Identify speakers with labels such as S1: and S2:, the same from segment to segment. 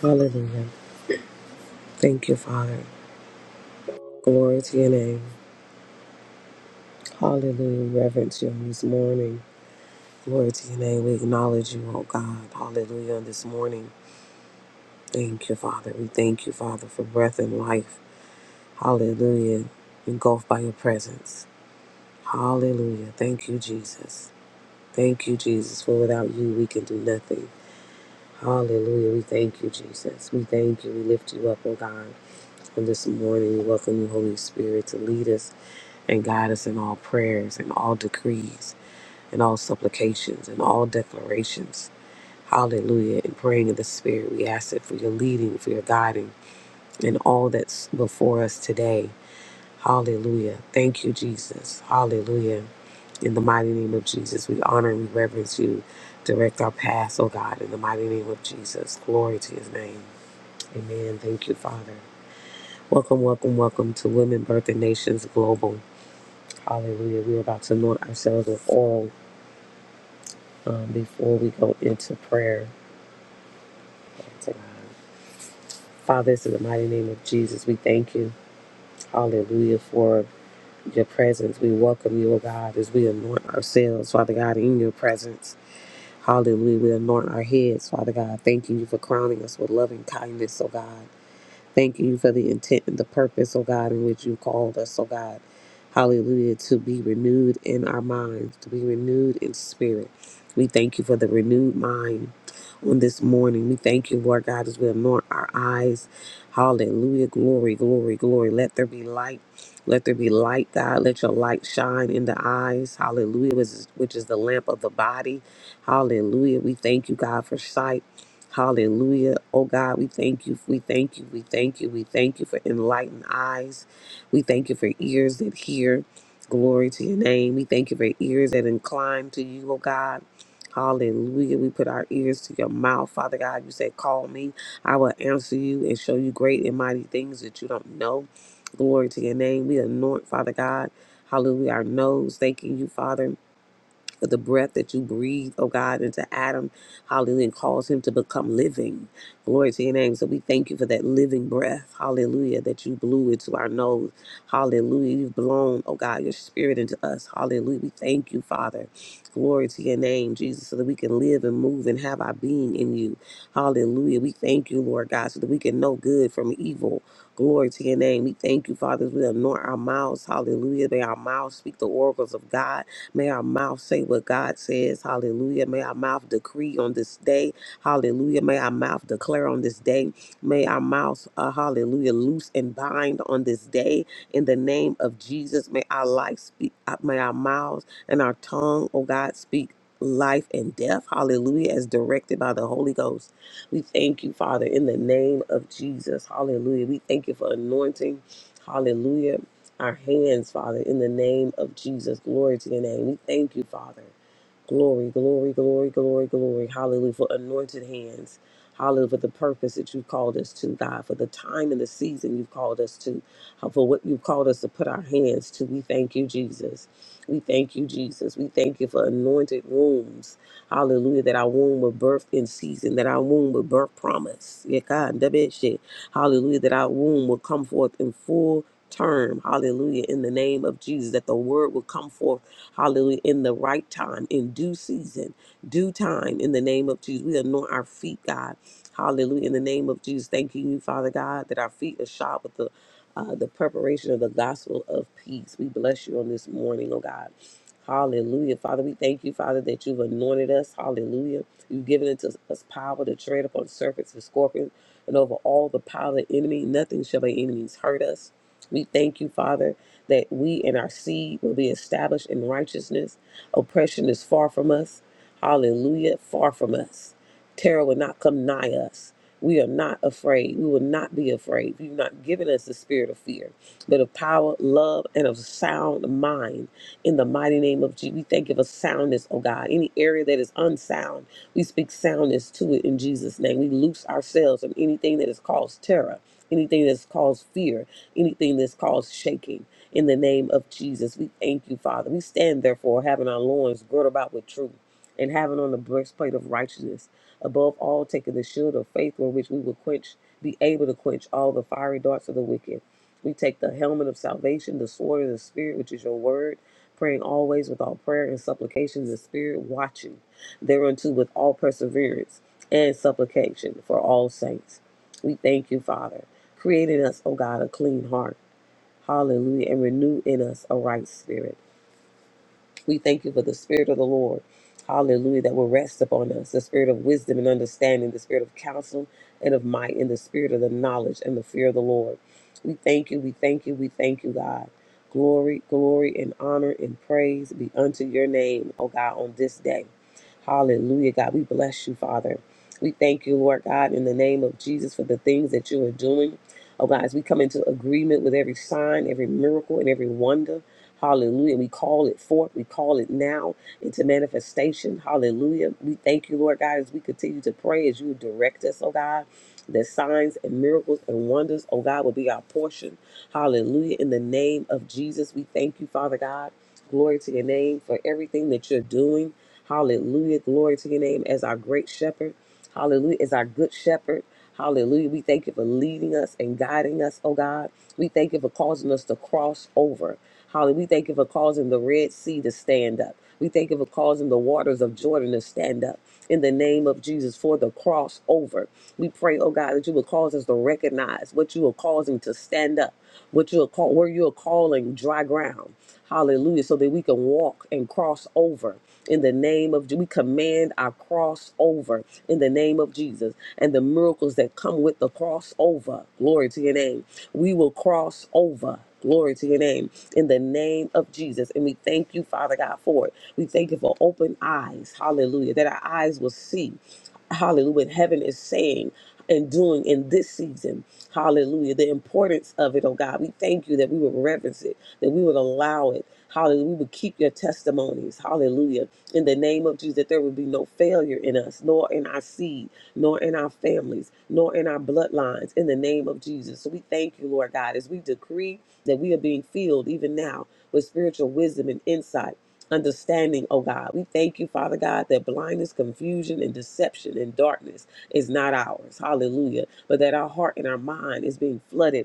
S1: Hallelujah. Thank you, Father. Glory to your name. Hallelujah. Reverence you on this morning. Glory to your name. We acknowledge you, oh God. Hallelujah. On this morning. Thank you, Father. We thank you, Father, for breath and life. Hallelujah. Engulfed by your presence. Hallelujah. Thank you, Jesus. Thank you, Jesus, for without you we can do nothing. Hallelujah. We thank you, Jesus. We thank you. We lift you up, oh God. And this morning, we welcome you, Holy Spirit, to lead us and guide us in all prayers and all decrees and all supplications and all declarations. Hallelujah. And praying in the Spirit, we ask it for your leading, for your guiding, and all that's before us today. Hallelujah. Thank you, Jesus. Hallelujah. In the mighty name of Jesus, we honor and we reverence you. Direct our paths, oh God, in the mighty name of Jesus. Glory to his name. Amen. Thank you, Father. Welcome, welcome, welcome to Women Birthing Nations Global. Hallelujah. We're about to anoint ourselves with oil um, before we go into prayer. To God. Father, this is the mighty name of Jesus. We thank you. Hallelujah for your presence. We welcome you, O God, as we anoint ourselves, Father God, in your presence. Hallelujah. We anoint our heads, Father God. Thanking you for crowning us with loving kindness, O God. Thank you for the intent and the purpose, oh God, in which you called us, oh God. Hallelujah, to be renewed in our minds, to be renewed in spirit. We thank you for the renewed mind on this morning. We thank you, Lord God, as we anoint our eyes. Hallelujah, glory, glory, glory. Let there be light. Let there be light, God. Let your light shine in the eyes. Hallelujah, which is, which is the lamp of the body. Hallelujah. We thank you, God, for sight. Hallelujah. Oh God, we thank you. We thank you. We thank you. We thank you for enlightened eyes. We thank you for ears that hear. Glory to your name. We thank you for ears that incline to you, oh God. Hallelujah. We put our ears to your mouth, Father God. You said, Call me. I will answer you and show you great and mighty things that you don't know. Glory to your name. We anoint, Father God. Hallelujah. Our nose, thanking you, Father for the breath that you breathe, oh God, into Adam, hallelujah, and cause him to become living. Glory to your name. So we thank you for that living breath, hallelujah, that you blew into our nose. Hallelujah. You've blown, oh God, your spirit into us. Hallelujah. We thank you, Father. Glory to your name, Jesus, so that we can live and move and have our being in you. Hallelujah. We thank you, Lord God, so that we can know good from evil. Glory to your name. We thank you, Father, as we anoint our mouths. Hallelujah. May our mouths speak the oracles of God. May our mouth say what God says. Hallelujah. May our mouth decree on this day. Hallelujah. May our mouth declare on this day. May our mouth, uh, hallelujah, loose and bind on this day in the name of Jesus. May our life speak, uh, may our mouths and our tongue, oh God, speak life and death. Hallelujah, as directed by the Holy Ghost. We thank you, Father, in the name of Jesus. Hallelujah. We thank you for anointing. Hallelujah our hands, Father, in the name of Jesus. Glory to your name. We thank you, Father. Glory, glory, glory, glory, glory. Hallelujah. For anointed hands. Hallelujah. For the purpose that you've called us to, God. For the time and the season you've called us to. uh, For what you've called us to put our hands to. We thank you, Jesus. We thank you, Jesus. We thank you for anointed wombs. Hallelujah. That our womb will birth in season. That our womb will birth promise. Yeah, God. that bit shit. Hallelujah. That our womb will come forth in full term. Hallelujah. In the name of Jesus. That the word will come forth Hallelujah. In the right time, in due season, due time, in the name of Jesus. We anoint our feet, God. Hallelujah. In the name of Jesus, thanking you, Father God, that our feet are shod with the uh, the preparation of the gospel of peace. We bless you on this morning, oh God. Hallelujah. Father, we thank you, Father, that you've anointed us. Hallelujah. You've given unto us power to tread upon serpents and scorpions and over all the power of the enemy. Nothing shall by any means hurt us. We thank you, Father that we and our seed will be established in righteousness. Oppression is far from us. Hallelujah, far from us. Terror will not come nigh us. We are not afraid. We will not be afraid. You've not given us the spirit of fear, but of power, love, and of sound mind. In the mighty name of Jesus, we thank you for soundness, oh God. Any area that is unsound, we speak soundness to it in Jesus' name. We loose ourselves from anything that has caused terror, anything that's caused fear, anything that's caused shaking in the name of Jesus. We thank you, Father. We stand therefore having our loins girt about with truth and having on the breastplate of righteousness. Above all, taking the shield of faith with which we will quench, be able to quench all the fiery darts of the wicked. We take the helmet of salvation, the sword of the Spirit, which is your word, praying always with all prayer and supplications, in the Spirit watching thereunto with all perseverance and supplication for all saints. We thank you, Father, creating us, O God, a clean heart Hallelujah. And renew in us a right spirit. We thank you for the Spirit of the Lord. Hallelujah, that will rest upon us the spirit of wisdom and understanding, the spirit of counsel and of might, and the spirit of the knowledge and the fear of the Lord. We thank you, we thank you, we thank you, God. Glory, glory, and honor and praise be unto your name, O God, on this day. Hallelujah, God. We bless you, Father. We thank you, Lord God, in the name of Jesus for the things that you are doing. Oh, God, as we come into agreement with every sign, every miracle, and every wonder. Hallelujah. We call it forth. We call it now into manifestation. Hallelujah. We thank you, Lord God, as we continue to pray, as you direct us, oh God, that signs and miracles and wonders, oh God, will be our portion. Hallelujah. In the name of Jesus, we thank you, Father God. Glory to your name for everything that you're doing. Hallelujah. Glory to your name as our great shepherd. Hallelujah. As our good shepherd. Hallelujah. We thank you for leading us and guiding us, oh God. We thank you for causing us to cross over. Holly, we thank you for causing the Red Sea to stand up. We thank you for causing the waters of Jordan to stand up in the name of Jesus for the crossover. We pray, oh God, that you will cause us to recognize what you are causing to stand up, what you are call where you are calling dry ground. Hallelujah. So that we can walk and cross over in the name of Je- we command our cross over in the name of Jesus and the miracles that come with the cross over. Glory to your name. We will cross over. Glory to your name in the name of Jesus. And we thank you, Father God, for it. We thank you for open eyes. Hallelujah. That our eyes will see hallelujah, what heaven is saying and doing in this season. Hallelujah. The importance of it, oh God. We thank you that we would reverence it, that we would allow it. Hallelujah. We would keep your testimonies. Hallelujah. In the name of Jesus, that there would be no failure in us, nor in our seed, nor in our families, nor in our bloodlines. In the name of Jesus. So we thank you, Lord God, as we decree that we are being filled even now with spiritual wisdom and insight understanding, oh God. We thank you, Father God, that blindness, confusion, and deception and darkness is not ours. Hallelujah. But that our heart and our mind is being flooded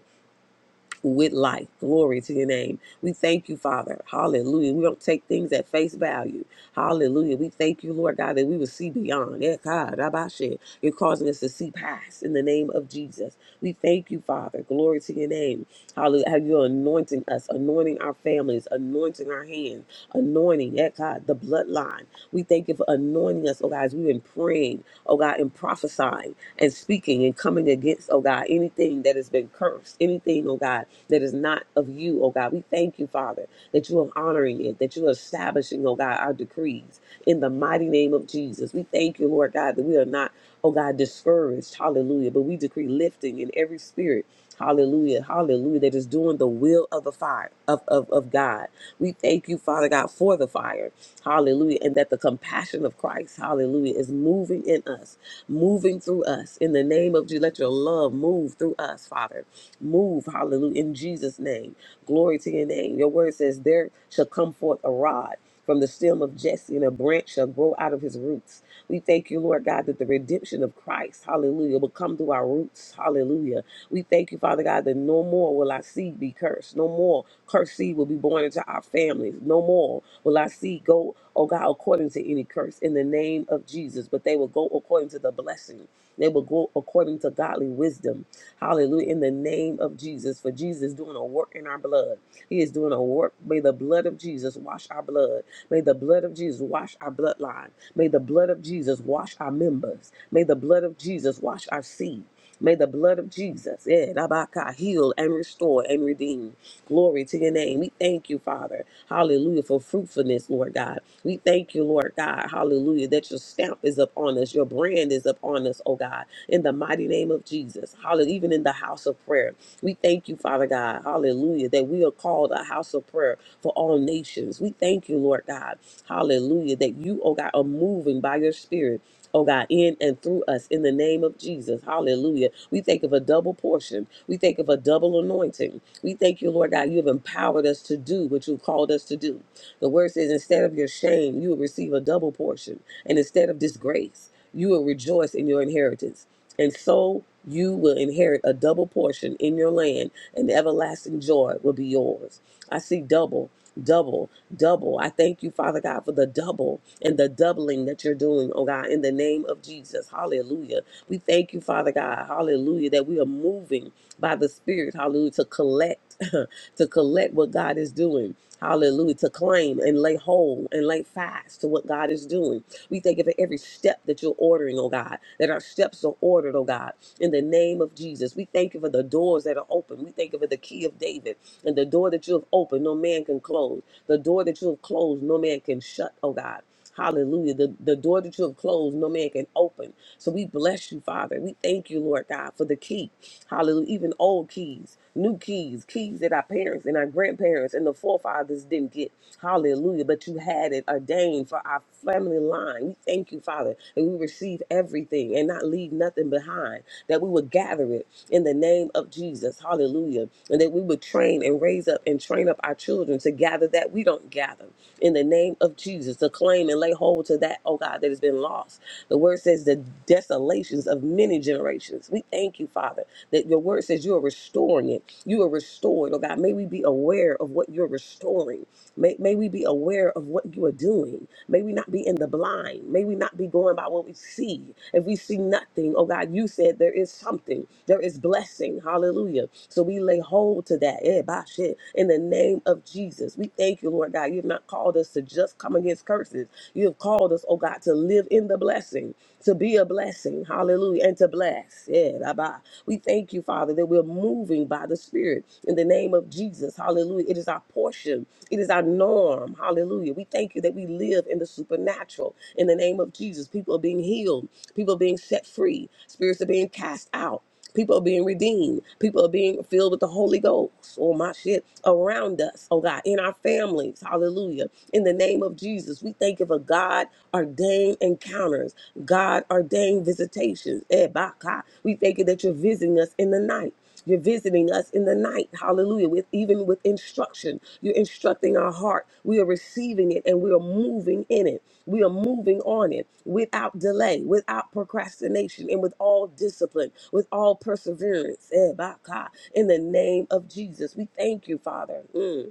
S1: with life. Glory to your name. We thank you, Father. Hallelujah. We don't take things at face value. Hallelujah. We thank you, Lord God, that we will see beyond. Eh, God, rabashe. You're causing us to see past in the name of Jesus. We thank you, Father. Glory to your name. Hallelujah. How you're anointing us, anointing our families, anointing our hands, anointing, eh, God, the bloodline. We thank you for anointing us, oh God, as we've been praying, oh God, and prophesying and speaking and coming against, oh God, anything that has been cursed, anything, oh God, that is not of you, oh God. We thank you, Father, that you are honoring it, that you are establishing, oh God, our decrees in the mighty name of Jesus. We thank you, Lord God, that we are not, oh God, discouraged, hallelujah, but we decree lifting in every spirit. Hallelujah, hallelujah, that is doing the will of the fire of, of, of God. We thank you, Father God, for the fire. Hallelujah. And that the compassion of Christ, hallelujah, is moving in us moving through us in the name of Jesus. Let your love move through us, Father. Move, hallelujah, in Jesus' name. Glory to your name. Your word says, There shall come forth a rod from the stem of Jesse, and a branch shall grow out of his roots. We thank you, Lord God, that the redemption of Christ, hallelujah, will come through our roots, hallelujah. We thank you, Father God, that no more will our seed be cursed. No more cursed seed will be born into our families. No more will our seed go, oh God, according to any curse in the name of Jesus, but they will go according to the blessing. They will go according to godly wisdom. Hallelujah. In the name of Jesus, for Jesus is doing a work in our blood. He is doing a work. May the blood of Jesus wash our blood. May the blood of Jesus wash our bloodline. May the blood of Jesus wash our members. May the blood of Jesus wash our seed. May the blood of Jesus, eh, Rabaka, heal and restore and redeem. Glory to your name. We thank you, Father. Hallelujah, for fruitfulness, Lord God. We thank you, Lord God. Hallelujah, that your stamp is upon us, your brand is upon us, oh God, in the mighty name of Jesus. Hallelujah, even in the house of prayer. We thank you, Father God. Hallelujah, that we are called a house of prayer for all nations. We thank you, Lord God. Hallelujah, that you, oh God, are moving by your spirit oh God, in and through us in the name of Jesus. Hallelujah. We think of a double portion. We think of a double anointing. We thank you, Lord God, you have empowered us to do what you called us to do. The word says, instead of your shame, you will receive a double portion. And instead of disgrace, you will rejoice in your inheritance. And so you will inherit a double portion in your land, and everlasting joy will be yours. I see double double, double. I thank you, Father God, for the double and the doubling that you're doing, oh God, in the name of Jesus. Hallelujah. We thank you, Father God, hallelujah, that we are moving by the Spirit, hallelujah, to collect, to collect what God is doing. Hallelujah. To claim and lay hold and lay fast to what God is doing. We thank you for every step that you're ordering, oh God, that our steps are ordered, oh God, in the name of Jesus. We thank you for the doors that are open. We thank you for the key of David. And the door that you have opened, no man can close. The door that you have closed, no man can shut, oh God. Hallelujah. The, the door that you have closed, no man can open. So we bless you, Father. We thank you, Lord God, for the key. Hallelujah. Even old keys, new keys, keys that our parents and our grandparents and the forefathers didn't get. Hallelujah. But you had it ordained name for our family line. We thank you, Father, that we receive everything and not leave nothing behind, that we would gather it in the name of Jesus. Hallelujah. And that we would train and raise up and train up our children to gather that we don't gather in the name of Jesus, to claim and lay hold to that, oh God, that has been lost. The word says the desolations of many generations. We thank you, Father, that your word says you are restoring it. You are restored, oh God. May we be aware of what you're restoring May, may we be aware of what you are doing. May we not be in the blind. May we not be going by what we see. If we see nothing, oh God, you said there is something. There is blessing. Hallelujah. So we lay hold to that. Eh, bah, shit. In the name of Jesus, we thank you, Lord God. You have not called us to just come against curses. You have called us, oh God, to live in the blessing, to be a blessing. Hallelujah. And to bless. Yeah, bah, bah. We thank you you, Father, that we're moving by the Spirit in the name of Jesus. Hallelujah. It is our portion, it is our norm. Hallelujah. We thank you that we live in the supernatural in the name of Jesus. People are being healed, people are being set free, spirits are being cast out. People are being redeemed. People are being filled with the Holy Ghost. Oh, my shit. Around us, oh God, in our families. Hallelujah. In the name of Jesus, we thank you for God ordained ordained encounters, God ordained visitations. Eh, bah, God. We thank you that you're visiting us in the night. You're visiting us in the night, hallelujah, with even with instruction. You're instructing our heart. We are receiving it and we are moving in it. We are moving on it without delay, without procrastination, and with all discipline, with all perseverance. Eh, bah, God. In the name of Jesus, we thank you, Father. Mm.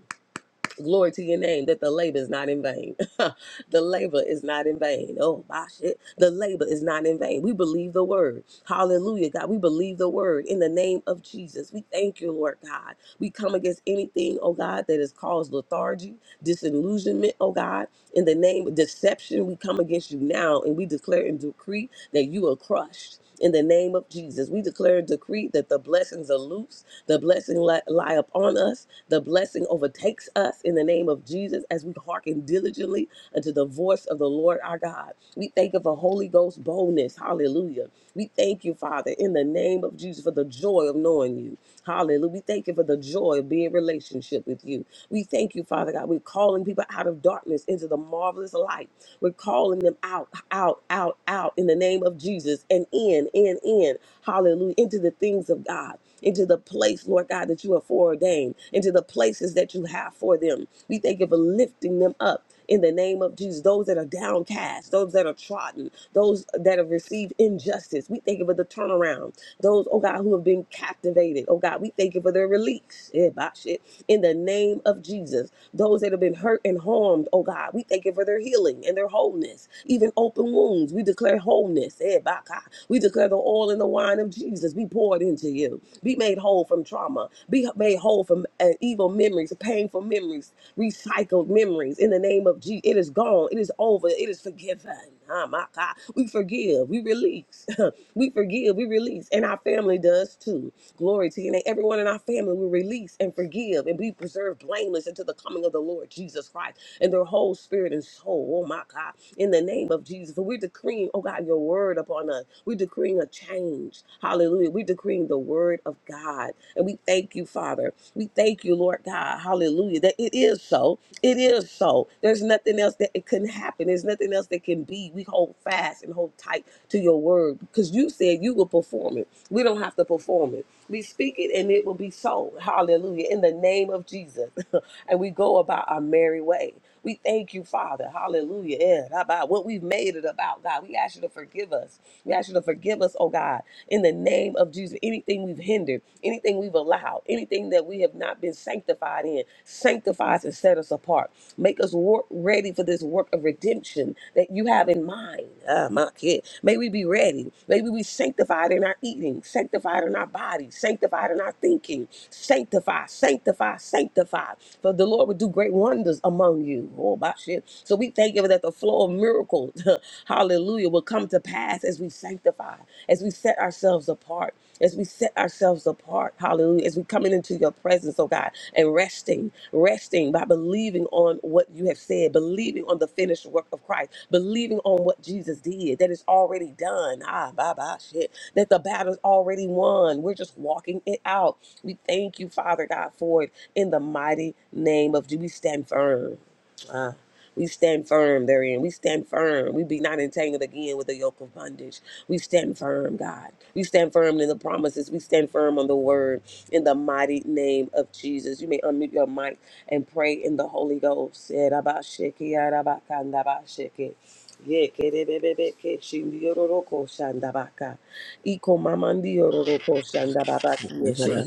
S1: Glory to your name that the labor is not in vain. the labor is not in vain. Oh, my shit. The labor is not in vain. We believe the word. Hallelujah, God. We believe the word in the name of Jesus. We thank you, Lord God. We come against anything, oh God, that has caused lethargy, disillusionment, oh God. In the name of deception, we come against you now and we declare and decree that you are crushed. In the name of Jesus, we declare and decree that the blessings are loose, the blessing li- lie upon us, the blessing overtakes us in the name of Jesus as we hearken diligently unto the voice of the Lord our God. We thank you for Holy Ghost boldness. Hallelujah. We thank you, Father, in the name of Jesus for the joy of knowing you. Hallelujah. We thank you for the joy of being in relationship with you. We thank you, Father God. We're calling people out of darkness into the marvelous light. We're calling them out, out, out, out in the name of Jesus of Jesus and in, in, in, hallelujah, into the things of God, into the place, Lord God, that you have foreordained, into the places that you have for them. We thank you for lifting them up. In the name of Jesus, those that are downcast, those that are trodden, those that have received injustice, we thank you for the turnaround. Those, oh God, who have been captivated, oh God, we thank you for their release. Eh, bah, shit. In the name of Jesus, those that have been hurt and harmed, oh God, we thank you for their healing and their wholeness, even open wounds. We we declare wholeness. Eh, baka. We declare the oil and the wine of Jesus be poured into you. Be made whole from trauma. Be made whole from uh, evil memories, painful memories, recycled memories. In the name of Jesus, it is gone. It is over. It is forgiven. Ah, my God. We forgive. We release. we forgive. We release. And our family does too. Glory to your name. Everyone in our family will release and forgive and be preserved blameless until the coming of the Lord Jesus Christ and their whole spirit and soul. Oh my God. In the name of name of Jesus. For we decreeing, oh God, your word upon us. We're decreeing a change. Hallelujah. We're decreeing the word of God. And we thank you, Father. We thank you, Lord God. Hallelujah. That it is so. It is so. There's nothing else that it can happen. There's nothing else that can be. We hold fast and hold tight to your word because you said you will perform it. We don't have to perform it. We speak it and it will be so. Hallelujah. In the name of Jesus. and we go about our merry way. We thank you, Father. Hallelujah. Yeah, how about what we've made it about, God. We ask you to forgive us. We ask you to forgive us, oh God, in the name of Jesus. Anything we've hindered, anything we've allowed, anything that we have not been sanctified in, sanctify us and set us apart. Make us work ready for this work of redemption that you have in mind. Ah, my kid. May we be ready. May we be sanctified in our eating, sanctified in our bodies, sanctified in our thinking. Sanctify, sanctify, sanctify. For the Lord will do great wonders among you through you. Oh, my shit. So we thank you that the flow of miracles, hallelujah, will come to pass as we sanctify, as we set ourselves apart, as we set ourselves apart, hallelujah, as we coming into your presence, oh God, and resting, resting by believing on what you have said, believing on the finished work of Christ, believing on what Jesus did, that it's already done. Ah, bye bye, shit. That the battle's already won. We're just walking it out. We thank you, Father God, for it in the mighty name of Jesus. We stand firm. We stand firm therein. We stand firm. We be not entangled again with the yoke of bondage. We stand firm, God. We stand firm in the promises. We stand firm on the word in the mighty name of Jesus. You may unmute your mic and pray in the Holy Ghost.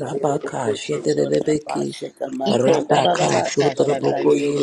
S2: Rabaka
S3: Dota
S2: shetelebeki
S3: Pashika Mata
S1: Ikon
S3: or
S2: Rabaka
S3: Patari,
S2: sutrabokoye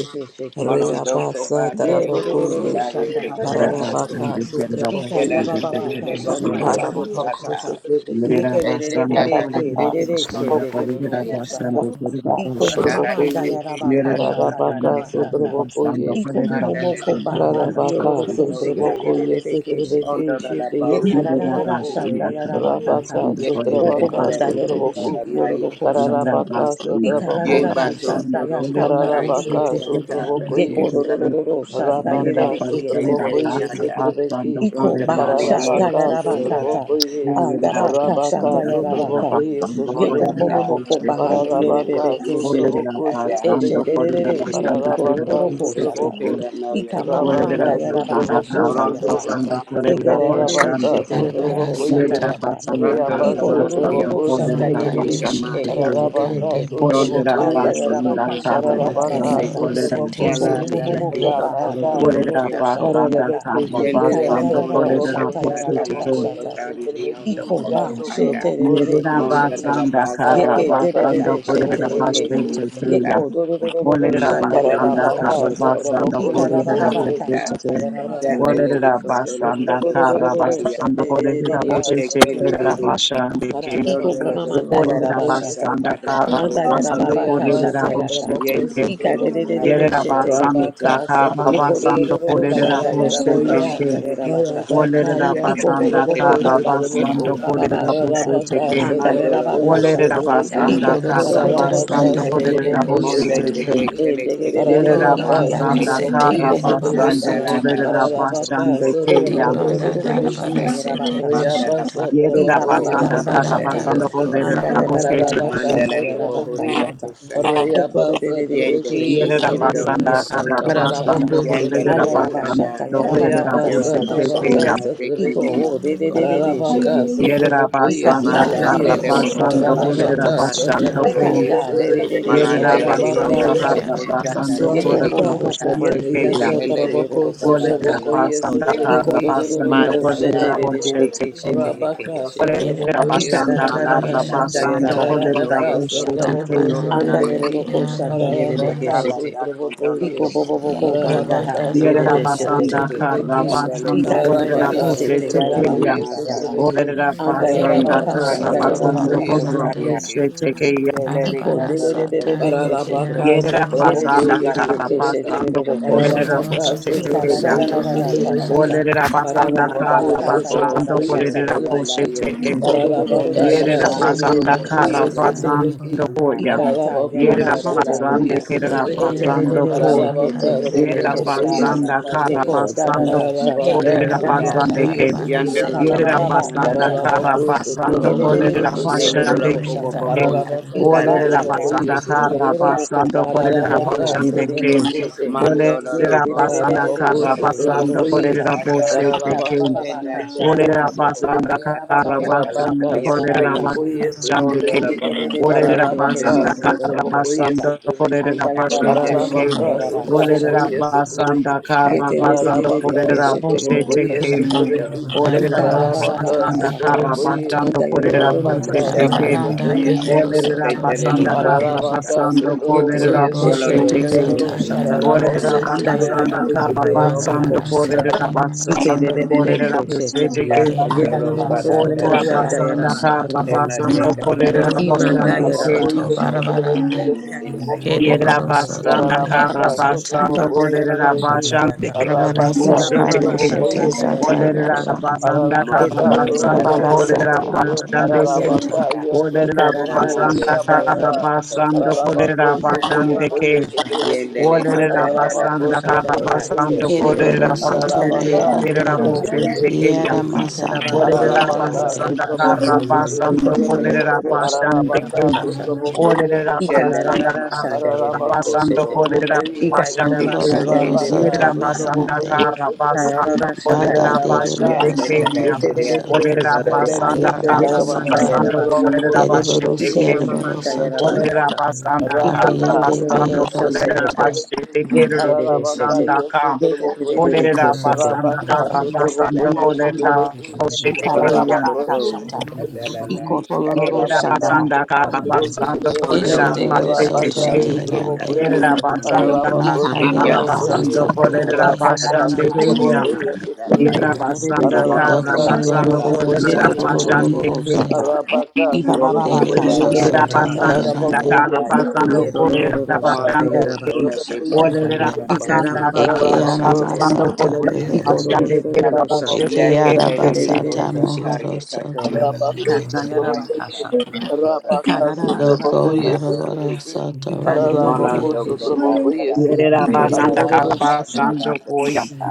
S3: Morondoko
S2: Reabasa
S1: Ye
S3: batire
S1: ro ro ro ro
S2: tarabokoye
S1: ro
S3: kosandaye
S1: shanda baba
S3: ketelanoko
S2: Rabaka
S1: kashata.
S4: Rabasando
S1: Ikanda
S2: sutrabokoye
S4: Kerabasando
S1: baba
S3: elanandana
S1: baka
S3: de
S1: shanda
S3: bohora
S4: Kerabasando
S1: ye ro ro ko
S2: Rabaka
S3: bahasata
S1: shata.
S2: sutrabeki
S1: Ye ke re re
S3: ete
S1: re re
S4: Lerabasando
S1: re
S3: kala de
S1: ke
S2: Rabaka
S1: re re
S3: de
S1: re she
S4: Kolerabasando
S3: kondo
S1: de ye ro
S2: sutrabokoye
S1: ro ko
S3: kaya
S1: shata.
S4: Kolerabasando
S2: Rabaka
S1: Iko
S4: Kerabasho
S1: mama
S3: anala de
S1: manda
S3: te
S2: sutrabokoye
S1: ya raba
S3: kitela no
S1: kashata ya
S2: Rabaka
S4: Yerabasando
S3: la
S1: raba kata.
S4: Karabasando
S2: sutrabokoye
S1: Iko momo
S3: andale de
S1: moko
S4: Kolerabasando
S1: ba
S3: kondo
S1: handi yo ro
S2: Rabaka
S1: ro ko
S3: kondo
S1: se
S4: Kerabasando Yerabasando
S1: ke
S2: sutraboko
S1: re re
S3: yanda
S1: re re ke she
S5: Thank
S1: te.
S2: yesutrabeki
S3: ondo da la
S2: shite
S1: Ye
S3: ba
S1: kara ra ra ra
S2: yesutraboko.
S4: Karabasando Kolerabasando Yerabasando
S1: shanda
S4: Karabasando
S1: ya
S3: prosesena
S1: raba
S2: Rabaka
S1: kata.
S3: yete
S1: Oko
S2: sutrabaka
S3: kela
S1: manda
S3: de
S4: Kolerabasando
S1: ya re de
S3: kondo
S2: sutraboko.
S4: Kerabasando
S3: la
S1: shiki yo ro ro
S3: naye
S1: ko shata.
S2: Kararabaka
S1: Ikara ra
S2: sutraboko
S1: ra
S3: yemba
S1: ra
S2: shite.
S1: shanda
S3: kondo
S1: ya kanda
S3: kota
S1: ba
S2: Kararabaka
S1: kiete.
S3: yekatala
S2: sutraboko
S3: de
S2: yesu.
S1: Yekororororo
S3: ketelanoko
S1: shanda
S2: Rabaka
S1: yerereki
S4: Yerabasando
S3: Ike
S2: sutraboko
S1: eterere shete.
S3: Perinaya,
S2: yesutrabeki.
S4: Karabasando
S1: Iko
S3: Ronda
S1: ba
S3: Mani
S1: shata
S3: Dio
S2: Kararabaka
S4: Kolerabasando
S3: Cosunta,
S1: yarabakata.
S2: sutraboko ye.
S4: Oh, let it up
S1: Andaba
S3: Alananda,
S1: ka
S4: and sing
S1: shata
S2: Rabaka
S4: that we have
S2: sutraboko
S1: yarabaka.
S4: a sound of what
S6: Shit.
S1: Yeko
S3: Monda,
S4: it
S2: yesutrabeki.
S4: up
S3: Da,
S1: momomo
S4: all
S1: ko
S4: shit
S1: baha
S3: Cantola de
S4: taken.
S3: Uri,
S2: Kararabaka
S1: dierebebe ke
S4: Oh,
S3: Bisi,
S4: let it
S1: shete.
S4: up
S2: sutraboko
S4: a
S3: Italia,
S4: sound
S1: Eshe
S4: of
S2: sutrabeki.
S4: what it up a
S1: dererere
S3: Ele de
S4: sound
S1: iyo
S4: of
S3: Cata,
S4: what it
S2: Kararabaka
S4: up
S1: toyororo
S3: de
S4: all
S1: ko
S4: shit
S3: Cristo,
S1: shata.
S4: taken.
S2: sutraboko.
S3: Teranoia,
S1: Ika
S4: Oh,
S1: mama
S3: Tota,
S4: let it
S1: manda
S4: up
S2: Rabaka
S4: a sound
S1: yarabaka
S4: of
S2: Sutraboko
S1: shata
S4: a
S3: Rondo,
S1: yaha.
S4: sound of
S3: Roba,
S2: Sutrabiki
S4: what it
S3: Africa,
S1: Eke
S4: up
S3: da
S4: a
S1: dererere
S4: sound
S3: Africa,
S2: Ararabaka
S1: shete
S4: of what it up
S1: yororo
S3: da
S7: Arabara
S4: all shit
S1: ko
S2: Sutraboko
S4: taken. Let
S1: shata
S2: Ye
S3: Africa,
S4: it up
S7: Santa
S4: a
S1: yaka.
S4: sound of
S3: Rondo,
S2: Reaba
S3: La
S4: a
S3: Mani
S4: sound
S3: Dio
S4: of
S1: Igororororo
S2: Sutraboko
S4: what
S1: shanda
S4: it up a sound of what it
S3: Cosunta,
S4: up
S7: Manda
S4: all shit
S2: Sutrabiki
S3: Ike
S4: taken.
S1: yerebeki
S7: Bishete
S1: ekete
S3: Mariato,
S2: Ararabaka
S7: Bakanda
S1: rebekete.
S4: Oh, let
S3: Ronda
S4: it
S7: Bushoto
S2: Sutraboko
S4: up a
S1: Anda
S3: Bayo,
S2: Ye
S4: sound
S3: Coto,
S1: yerabaka
S4: of
S1: shata
S3: Matana,
S4: what it up a sound
S2: Ararabaka
S4: of
S3: Kise,
S1: yerabakata.
S4: what
S7: Leriboro
S4: it up all shit taken. Oh, let it up a sound of what it up a sound of what
S7: Sete
S2: Sutraboko
S1: Iko
S2: Ye
S3: Shalanda, La
S1: momomomo
S7: Zabiende
S3: Dito,
S1: kombaha
S3: Tolo,
S2: Rabaka
S1: ndiyororoko
S3: Conchiaco,
S1: shata yaka.
S2: Mararabaki Shakaya
S3: Yendelele
S1: Itarararara
S3: kondo
S4: it up
S2: Sutraboko
S1: shata
S4: all shit
S3: shakata la
S1: yerabaka
S4: taken.
S2: Sutraboko Ye
S1: shata.
S3: tokotari riondo
S1: Iko
S2: Sutrabiki Ya
S3: koto
S1: ba shete
S3: paya.
S2: Sutraboko
S4: Yerera
S1: rereke
S5: you.
S2: Sutrabiki
S3: Mondala
S1: shete.
S3: la
S4: basanda
S3: basa
S4: kara
S1: Yeke
S2: Ararabaka
S3: kapata
S4: basanda
S1: debebebe shete
S4: kolerera
S3: kapato
S2: Sutraboko
S3: kobo
S4: başte
S1: yekeye.
S2: Ye
S4: çekeya.
S3: usata.
S1: Yeko
S5: Thank
S1: dororororo
S4: Olerera
S1: shanda
S3: Mandala de mo
S4: basanda
S1: yerabaka
S4: kara
S2: Pararabaka,
S1: shata.
S3: usoto
S4: basanda
S3: koto lo
S2: Satravokoye,
S6: Shit.
S3: vike
S4: kolerera
S1: Ikarabababa
S4: başte
S3: sata.
S2: Satravaki,
S1: kashata
S4: çekeya.
S6: It
S1: yerabaka
S6: is
S3: Sandele
S1: shata.
S3: de
S4: Olerera
S2: Pararabokoye,
S3: kodolo no
S1: Iko
S4: basanda
S2: Satravaki,
S4: kara
S3: kosanta
S2: Shitri,
S1: dororororo
S3: ya.
S4: basanda
S1: shete
S4: kolerera
S2: Pararabaka,
S1: rereke
S4: başte
S3: Yete
S1: shete.
S3: kele de
S4: çekerera
S2: Satravaka,
S3: de
S4: başande ke.
S1: Iko
S2: Pararabaka,
S1: mama
S3: de kobo
S1: mandaya
S4: Olerera
S2: Satravokoye,
S3: usata
S1: rabashata.
S4: basanda
S3: pada
S4: kara
S2: Satravaki,
S3: kobo.
S1: Andaya
S4: basanda
S1: rababaka
S4: kolerera
S2: Rayabasa,
S4: başte
S1: shatayaka.
S2: Traboko,
S3: Yete
S4: çekeya.
S1: Ika
S3: kele
S1: de de de
S2: Satravoko,
S1: de de
S3: katalando
S4: Yerera
S3: de
S1: shete
S3: kobo
S2: Parabaka,
S1: yekete.
S4: basanda kara
S1: Yeko do
S2: Satravaki,
S1: do
S3: ayike
S4: basanda
S1: do do do
S3: Sata
S4: kolerera
S1: shandaya
S4: başte
S1: rabaka
S2: Pararabakoya,
S4: çekeya.
S3: Rondola
S1: shataya
S3: le de cosa
S1: rabakata.
S3: dale
S4: Olerera
S3: de
S2: Parabakaya,
S1: Iko bo
S3: cante
S1: bo
S4: basanda
S1: bo
S3: le
S1: bo
S3: de
S2: Satravoko,
S4: kara
S1: ko
S3: canta
S1: ba
S3: la
S4: basanda
S2: Satravoko,
S1: baba ba ba ba
S4: kolerera
S3: rosa.
S1: shata.
S4: başte
S2: Pararabaka,
S4: çekeya.
S1: Andaya
S3: Andola la
S1: rabaka
S2: Satravokoye,
S3: broco
S4: Olerera
S1: shata.
S2: Satravaki,
S3: sandale
S4: basanda
S3: de
S1: Iko do
S7: Darabara
S1: do do
S4: kara
S3: casa
S1: do do
S7: Santa
S1: do
S2: Pararabaka,
S4: basando
S7: Banda
S1: shete
S3: caya.
S1: de de de
S4: kolerera
S1: ke
S7: Deriboro
S2: Satravokoye,
S4: bose
S1: shete.
S3: Monte
S7: Soto
S3: te
S4: teke.
S3: que
S2: Satravaki,
S3: tele
S1: Ende de
S3: de
S1: de
S3: le
S1: de
S3: de
S1: de de
S4: Yerera
S3: condola
S2: Paralabaka,
S3: da
S7: Kolarabara
S1: ikiata.
S4: basanda
S3: casa.
S2: Sotraboko,
S7: Sete
S4: kara
S1: Iko
S2: yes,
S1: mama
S7: Meriboro
S4: basando
S2: Sotrabeki,
S1: mandaya
S3: Dandala
S7: Soto
S3: da
S1: rabaka
S3: ba
S4: kolerera
S1: shata.
S3: soko
S2: Paralabaka,
S4: basande
S3: bo ota
S1: Eto
S7: Di
S4: keya.
S1: do
S2: Sotraboko,
S1: do
S3: na
S1: do
S3: ba
S1: do
S7: Banda
S3: da
S1: do ko
S7: Darabara
S2: Sotrabeki,
S1: shata ya
S3: kise.
S1: shataya
S7: Sete
S1: rabaka shata.
S3: Mandala ba
S7: Bashata
S2: Riabasa,
S4: Yerera
S3: soko
S2: Traboko,
S3: bo
S2: yes,
S3: bo
S4: basanda kara
S3: inanda
S7: Arabaranda
S2: Sotrabeki,
S1: Ibabababakashata.
S3: de
S4: basando
S3: ya
S2: yes,
S7: Boko
S4: kolerera
S3: casa.
S4: bose
S6: a
S7: Lorobarande
S2: Paralabaka,
S4: teke.
S1: Andayarabakashata
S3: Mandala de
S6: It is
S2: Sotraboko,
S3: bohoria
S1: yarabakashata.
S3: cosanta.
S2: Riabasa,
S3: Yendele
S2: Trabeki,
S3: de
S1: Ekoredededekeshete
S4: Yerera
S2: yes,
S3: condola
S7: Eriboro
S4: basanda
S1: yeredekiyata
S3: cosa.
S4: kara
S7: Soto
S1: yarabashata.
S4: basando
S2: Paralaboko,
S7: Meherande
S3: Yendele
S4: kolerera
S3: de
S2: Sotraboko,
S1: Ayarabashata
S3: canda.
S4: basando kolerera
S1: yarabakata
S3: Yo
S4: bose
S2: Riabasa,
S3: te lo
S4: teke
S2: Trabaka,
S1: yarabashata.
S4: ya.
S3: condara te
S1: Ito
S2: Sotrabeki,
S1: o
S3: cantara te condara
S1: dedededede
S3: te
S2: Paralabaka,
S1: shekete.
S3: acosé.
S4: Yerera
S2: Sotraboko, yes,
S1: Ika
S4: basanda
S1: ba
S4: kara
S1: dio
S3: Mandate
S2: Sotrabeki,
S7: Eriboro
S3: de
S1: o
S7: Soto
S3: bohoso
S4: basando
S3: to
S4: kolerera
S2: Paralabaka,
S1: korabashata.
S7: Mehero
S3: cotada
S7: Sata
S3: da
S4: basando
S2: Sotraboko,
S1: Ika
S4: ko.
S3: naya.
S2: yes,
S1: da
S2: Sotrabeki,
S4: Yerera
S7: Yeah,
S3: Malandele
S1: dedededekeshete
S3: de
S4: basanda
S7: Maka
S3: bohoso
S2: Paralabaka,
S4: kara
S1: yerekeshete.
S3: cocha
S7: Yarabara
S4: basando
S3: candale
S7: Sete
S1: Yeko
S3: de
S2: Wangaka,
S4: kolerera
S1: momo
S4: bose
S1: moko
S3: casa.
S2: yete
S1: man
S7: Borobarande.
S4: teke ya.
S2: yasa
S3: Shele
S1: yeredekete
S3: de
S2: taraboko,
S1: yerodoko
S3: cantara no
S4: Olera
S1: shata
S2: sotraboko,
S3: lo
S1: yaha.
S3: lo
S2: yesa
S4: basanda
S3: cosa.
S4: kara
S1: Iko do
S2: trabeki,
S1: do do do
S2: shete
S1: do
S4: basanda
S1: do
S2: yasa
S3: Manda
S1: shete
S4: kolera
S3: da da da
S4: boshe
S3: de de
S1: dedededekeshete
S4: tekin.
S3: bohoso
S2: rabaka,
S1: yekeyeshete.
S3: tocoya.
S4: Olera
S2: sotraboko,
S7: Ereboro
S2: yesa
S4: basanda
S7: Soto
S1: Ikarararara
S2: trabeki,
S4: kara
S3: Malandala
S7: Mehero
S3: te
S4: basanda
S1: shandayarara
S7: Sata.
S3: cantara do
S4: kolera
S2: yararabaka,
S3: coso
S4: boshe
S1: kandayekiaka.
S3: toco
S2: sotraboko,
S4: tekin.
S3: toro
S7: Darabaranda
S3: naya.
S2: sotrabeki,
S1: Andayeroroko
S7: Bekeara
S3: Shete
S2: ararabaka,
S7: Meherande.
S3: cala
S1: shandayerebekeshete.
S3: da
S2: sotraboko,
S3: condolo
S1: Iko
S3: do
S2: ye,
S3: cosa.
S1: boboboko
S3: Cana
S7: Ibanda
S1: mandaha
S2: ararabaka,
S4: Yerera
S7: Darabara
S6: a
S2: sotraboko,
S3: naya
S7: Sete
S4: basanda
S1: tiyereresheteyeke.
S4: kara
S7: Boboro
S2: sotrabeki,
S3: Candele
S7: Soto.
S4: basanda
S3: de
S4: kolera
S2: ararabaka,
S3: candela do
S4: boshe
S1: Ikararereshete
S3: futuro
S2: sotraboko,
S3: no
S4: tekin.
S2: yesa
S3: masa.
S1: yarabakatayaha.
S2: trabeki,
S4: Olera
S3: Dele
S4: basanda
S3: de
S1: Andayarabaka
S7: Ereboro
S2: ararabako,
S4: kara
S3: candelo
S7: Soto
S3: do
S2: sotraboko,
S4: basanda
S1: shandayarabaka
S3: coso
S2: yesa
S4: kolera
S1: shata.
S3: taya.
S7: Marabarande.
S4: boshe tekin.
S3: Dele de
S1: Iko
S7: Arabara
S3: candelo do
S7: Sata
S3: coso
S1: negerebebekeshete.
S3: do
S2: Pararabaka
S7: Rekeara
S3: coso
S4: Yerera
S7: Moro
S4: basanda
S2: Satrabokoye
S3: da
S7: Soto.
S3: da
S4: kara
S3: da
S1: Yerererekeshete
S2: Satrabeki,
S4: basanda
S3: da
S1: yororoko
S3: da
S7: Do
S1: shata.
S4: kolera
S2: Pararabaka
S4: boshe
S3: Sotoro
S7: Lodoboro
S4: tekin.
S2: Satrabokoye
S7: Soto
S1: Ikarararara
S3: Kutarandaya
S2: Satrabeki,
S3: Kate,
S1: kashata.
S7: Meherande.
S4: Olera basanda
S2: Pararabako
S4: kara
S1: Andayarabaka
S3: Mandara
S4: basanda
S3: Bohosa
S2: Satrabokoye
S1: tayarabashata
S4: kolera
S1: yaka.
S4: boshe
S2: Satrabeki,
S3: Sotorandaya,
S4: tekin.
S1: Iko
S3: Tonda
S2: Pararabaka
S3: da
S1: rorororo
S4: Yerera
S1: shate
S2: Yasu
S7: Yeshete
S3: Bahasa
S4: basanda
S7: Mahara
S2: Trabokoye
S3: Kotoro
S4: kara
S1: yererebekeshete.
S7: Sata
S2: Satrabeki,
S4: basando
S3: Lomaya,
S4: koya.
S1: Ikata
S2: Pararabako
S4: Yerera
S3: Kondara
S1: yarabashata
S4: basande
S2: Satrabokoye
S1: yaka.
S3: Masa
S7: de
S4: kerera
S7: que
S2: Satrabeki,
S1: Ete de de
S4: basando
S3: Kotoro
S1: de de
S4: kon.
S2: Pararabaka
S7: aramasata
S1: kete yere de
S3: Ele
S4: Yerera
S7: behero
S3: te
S2: Satrabokoye
S1: keshete.
S3: kala
S7: soto.
S3: la
S4: basanda kara
S3: padolo
S2: Satrabeki,
S3: la
S1: Yeko da da
S4: basando
S1: da
S3: bohosa
S6: Russia.
S7: Ye
S1: shata
S2: Pararabaka
S4: kolerera
S1: yarabaka
S3: yakanda
S7: aramanda
S4: basande
S1: shata.
S2: Satrabokoye
S4: ke.
S7: barabara
S1: Ika
S3: yandolo
S2: Satrabeki,
S1: ba
S3: la
S7: sete
S1: ba
S4: Yerera
S1: ba ba ka
S3: mosanda
S4: basanda
S3: la
S7: beherande.
S3: la
S1: shata.
S4: kara
S2: Pararabaku
S3: basa ko
S4: basando
S1: Eke de
S2: sutrabaku
S1: de de
S4: kolerera
S1: de
S7: Colorabara
S1: shi
S7: soto
S1: yororo
S3: yandolo
S2: yesutrabeki.
S4: basande
S1: ko
S3: ko
S1: shata.
S4: ke.
S3: bombo
S7: beherande.
S3: na
S2: Pararabaku
S1: Iba
S3: sadala
S1: ba
S3: la
S4: Olerera
S2: sutrabaku
S1: kata.
S3: ndele de
S4: basanda
S3: ko
S1: Anda
S4: kara
S2: yesutrabeki.
S1: yorobo
S3: praka
S4: basando
S1: baha.
S4: kolerera
S1: E
S2: Pararabaka
S3: salanda
S1: e de
S3: ya
S1: de
S4: basande
S1: de
S4: ke.
S2: sutrabaku
S1: keshete.
S2: sutrabeki.
S3: mandolo lo
S1: Ye
S4: Olerera
S1: de de
S3: boho
S1: de de
S4: basanda
S1: de
S3: kasa
S1: de
S2: Pararabaku
S4: kara
S1: sheke
S3: tebu
S6: Shut
S1: yororo
S2: sutrabaku
S4: basando
S3: ise
S2: yes.
S1: shata.
S4: kolerera
S3: kaya
S4: bosete
S1: Ika ba
S4: ke.
S2: Pararabaka
S1: ba ba ba
S3: kena
S1: ka
S2: sutrabaku
S3: dala
S1: shata.
S4: Olerera
S3: la boho
S4: basanda
S1: Anda
S2: yesutrabeki.
S3: kasa
S4: kara
S1: yarababa
S3: kata
S1: ka
S3: la na
S2: Parabaka
S4: basanda
S1: shata
S3: ya
S4: kolerera
S1: yarabaka
S3: kayi
S2: sutrabaku
S1: shata.
S4: basanda
S3: Onda
S4: ke.
S3: la
S2: yesutrabeki.
S1: Yete
S3: boho soda
S4: Olerera
S2: Ararabaka
S3: banderi
S4: basanda
S3: mosa
S4: kara
S2: sutrabokoye
S4: basanda
S2: sutrabeki.
S4: kolerera
S3: every day
S4: basete
S3: to
S4: ke.
S2: Ararabaka
S3: today
S4: Olerera
S2: sutrabokoye
S3: Lord
S2: sutrabeki.
S4: basanda kara basanda
S2: Ararabaka
S4: kolerera basete
S2: sutrabokoye
S4: ke.
S3: Sondero
S2: sutrabeki.
S3: kotola
S4: Olerera
S3: la
S7: Barabara
S3: bahasa
S2: Ararabaka
S7: sata
S3: para
S4: basanda
S3: la
S7: behero
S4: kara
S3: masa
S2: sutrabokoye.
S7: soto.
S4: basanda kolerera
S2: Rabaka
S4: basete
S3: mandara la
S4: ke.
S7: Arabaranda
S3: baba
S2: sutrabokoye
S3: baba
S7: behero
S4: Olerera
S2: sutrabeki.
S7: soto
S3: sekendele di
S4: basanda
S3: musik
S4: kara
S7: beherande.
S3: kala
S2: Ararabaka
S4: basanda
S3: ma
S2: sutrabokoye
S4: kolerera
S7: Zobo
S3: yolondo
S4: basete
S7: shoto
S2: sutrabeki.
S4: ke.
S3: kotola
S7: zata
S3: di musik
S7: yarabara
S2: Ararabako
S4: Olerera
S3: kanda la
S7: sata.
S3: kila
S4: basanda
S2: sutrabokoye
S4: kara
S2: sutrabeki.
S4: basanda
S7: Marabara sete
S4: kolerera
S2: Ararabaka
S4: basanda
S7: marabarande.
S4: kolerera
S2: sutrabokoye.
S4: basete
S3: ya
S4: ke.
S7: E
S2: Rabaka
S3: la para
S4: Orera
S7: aramasata
S3: dala
S2: ya.
S3: la
S4: basanda
S7: bohoro
S4: karra
S7: soto.
S3: ela
S4: basando
S3: teka kara
S4: kolerera
S2: Ararabaka,
S3: papa
S1: Imanda
S4: basando
S7: Colorabara
S3: baba
S4: ke.
S1: yarabaka
S7: soto
S3: basa do
S1: shanda.
S3: bobo
S7: barabarande.
S1: Ikara baba baba
S6: Russia,
S3: pusinaya
S4: Yerra
S7: Kereboro
S1: shata
S7: soto
S4: basanda
S7: mehero
S4: karra
S7: sata.
S4: basando
S2: Sotraboko,
S4: kolerera basande ke. Lora
S7: Arabara sata
S4: bushete ke.
S7: beshete zata
S1: yarabaka
S4: Olerera
S7: yaraba.
S1: shata.
S4: basanda
S3: mola
S4: karra
S1: Ikoro roro
S3: kara
S4: basando
S1: roro
S7: Arabara
S3: duria
S4: kolerera
S1: shata
S7: sata marabara
S4: basande ke.
S7: soto.
S3: oya
S4: Olerera
S3: malande
S4: basanda
S3: kara
S4: karra basando
S3: kotola la
S4: kolerera
S3: ya
S4: basande ke.
S2: yes,
S3: Yendele te
S4: Olerera
S3: candela
S4: basanda karra
S3: socotola tia
S4: basando kolerera
S7: Ereboro
S3: socotola
S7: soto
S4: basete
S2: Ararabaka,
S4: ke. Lora
S7: meherande.
S3: cabandero
S2: Sotraboko,
S4: bushete
S2: yes,
S4: ke.
S3: cotoria
S7: Yera
S3: sa
S2: Trebeki.
S7: masata
S4: Olerera
S3: monoto
S2: Ararabacas,
S3: bate
S7: beherande.
S4: basanda
S2: otro boco
S4: karra
S2: es
S3: basando
S2: otro
S3: le
S4: basando
S3: te
S2: bequí.
S3: te
S4: kolerera
S3: candela
S4: basande kem.
S1: yarabaka
S2: Ararabacas, otro
S1: shata.
S2: boco y es
S4: Olerera
S2: otro
S3: shendele
S2: bequí.
S3: le
S4: basanda
S1: Ikararara
S3: maso
S1: shanda
S3: tola
S4: karra
S1: yerebe
S2: Ararabacos,
S4: basando
S3: maso
S1: keshete.
S2: otro
S3: ole
S4: kolerera
S2: boco
S3: le
S2: y
S3: no
S2: es.
S4: basande
S3: te
S1: Ikayaraba
S4: kem.
S1: shanda
S3: dalia
S7: Oloroboro
S3: po
S1: yerebe
S7: soto
S4: Yerera
S1: keshete.
S4: basanda
S7: meherande.
S4: karra basando
S1: Kayarara shanda
S7: Banda
S4: kolerera
S1: yakiyata.
S3: yes
S4: basete
S7: dereboro
S3: te
S6: It
S3: te
S6: is a
S7: soto
S4: kem.
S3: tia
S1: Yeterebe
S7: bashata
S4: Olerera
S3: cosandora
S1: shete.
S7: sata
S4: basanda
S2: Rebeke
S3: casandela
S7: yarabara
S4: karra
S3: te la
S1: Yekomanda
S2: Satarabaka
S7: sata.
S4: basando
S1: yaraba shata.
S2: Satraboko
S4: kolerera
S7: Dereboro
S4: basete
S1: Iko
S2: Satrabeki
S4: kem.
S1: mama
S7: siereboro
S1: manda
S2: Satraboko
S1: yaraba
S7: soto.
S4: Olerera
S2: Yesi
S1: shata.
S4: basanda
S1: Iko
S4: karra
S2: Rabaka
S7: Abiende
S4: basando
S1: dedededede
S2: Satraboko
S7: behero
S1: shate
S4: kolerera
S3: masara
S1: yeke.
S7: soto.
S2: Yesatrabeki
S4: basete kem. Olerera basanda karra basando kolerera
S1: Yedededede
S2: Ararabaka
S1: shete.
S4: basete kem.
S2: Yesatraboko Ye
S1: Yedededede
S4: Olerera
S3: totoro
S1: keshete.
S4: basanda
S3: te
S2: Rabaka
S8: Rata
S4: kara
S3: candela
S2: Satraboko
S4: basando
S1: Ikararaba shata.
S4: kolerera
S2: Yesatrabeki
S4: boshete
S3: moloto
S4: kuyan.
S1: Ikararaba
S2: Ararabaka
S3: toto
S1: kashata.
S2: Satraboko
S3: catela
S2: Yesi
S3: na
S1: Iko torororo
S3: catele
S4: Yerera
S3: le
S2: Ararabaka
S1: shandaha.
S4: basanda
S3: na
S4: kara
S2: Satraboko
S4: basando
S2: Satrabeki
S3: Kondo
S4: kolerera
S1: Eshete
S3: do
S7: Bereboro
S1: yerebe
S3: batara
S4: basete
S7: soto
S2: Rabaka
S4: kuyan.
S1: keshete.
S3: dama
S2: Satraboko
S7: meherande.
S3: yakata
S2: Ye
S4: Yerera
S3: samambe
S4: basanda kara
S2: Ararabaka
S1: Ikamama
S3: ya
S7: Makayara
S2: Satraboko
S7: bara
S1: mahasa.
S2: Ye
S4: basando
S3: usoto
S7: sata
S4: kolerera
S7: behero
S2: Rabaka
S3: ukasata
S4: basande
S7: soto.
S2: Satraboko
S3: baba
S4: kuyan.
S1: Ikarararashadaha.
S3: usanda
S4: Yerera
S2: Yesatrabeki
S3: kaya
S4: basanda kara
S3: morondo
S2: Ararabaka
S7: Doko
S1: Yeterererererereshete.
S7: loro
S4: basando
S3: kasala
S7: boro
S2: sotrobokoye
S4: kolerera
S7: soto
S3: sakarana
S2: sotrobeki.
S4: basande kuyan.
S7: reherande.
S1: Yetorororororosata.
S3: yakasako
S2: Arabaka
S3: roke
S7: Dede
S2: sotrobokoye
S7: boro
S1: Ibabababakashata
S2: se.
S3: shelanda
S4: Yerera
S3: de
S7: soto
S3: kese
S1: yarabakashata.
S4: basanda
S7: meherande.
S2: Ararabokoye
S4: kara
S3: kalanda
S4: basando
S3: yako
S2: sotrobeki.
S4: kolerera
S1: Yerororororosata
S3: mando
S2: Arabaka
S4: basande kuyan.
S3: kotola te
S1: yarabakashata.
S2: sotrobokoye
S4: Olerera
S3: basanda
S2: sotrobeki.
S3: rabasu
S4: basanda
S7: Eke
S4: kara
S2: Ararabako
S7: ara
S1: Ikarabababakashata
S4: basando
S1: yaka.
S7: masata
S4: kolerera
S2: sotrobokoye
S6: Russia.
S2: se.
S7: beherande.
S4: basande
S1: Ikorororororosata.
S7: Eke
S2: Ararabokoye
S3: yate
S4: kuyan.
S7: ara
S3: terili
S2: sotrobeki
S7: basata
S3: kosa
S1: Ikererererereshete.
S7: mohoro
S3: taya
S2: sotroboko. yese.
S3: katola
S7: soto.
S3: la
S2: Arabaka sotroboko yese trebeki. Arabako
S3: pike sandaya
S2: sotrobokoye.
S1: Ikarayarabakashata.
S3: kato nora
S2: Arabaka
S3: taya kandara
S7: Doko
S2: sotrobokoye
S7: loro
S1: Ikararararakandayaha.
S3: kondora
S7: boro
S2: sotrobeki.
S3: kiko
S7: soto
S2: Ararabako
S7: reherande.
S3: Monondo kota
S1: Ikarerererereshete.
S2: sotrobokoye
S3: tara
S4: Yerera
S3: sate lili
S4: basanda
S3: oko
S1: Ikorororororosata.
S2: se.
S3: sata
S4: karabasando
S3: landa
S4: koya.
S3: yeta.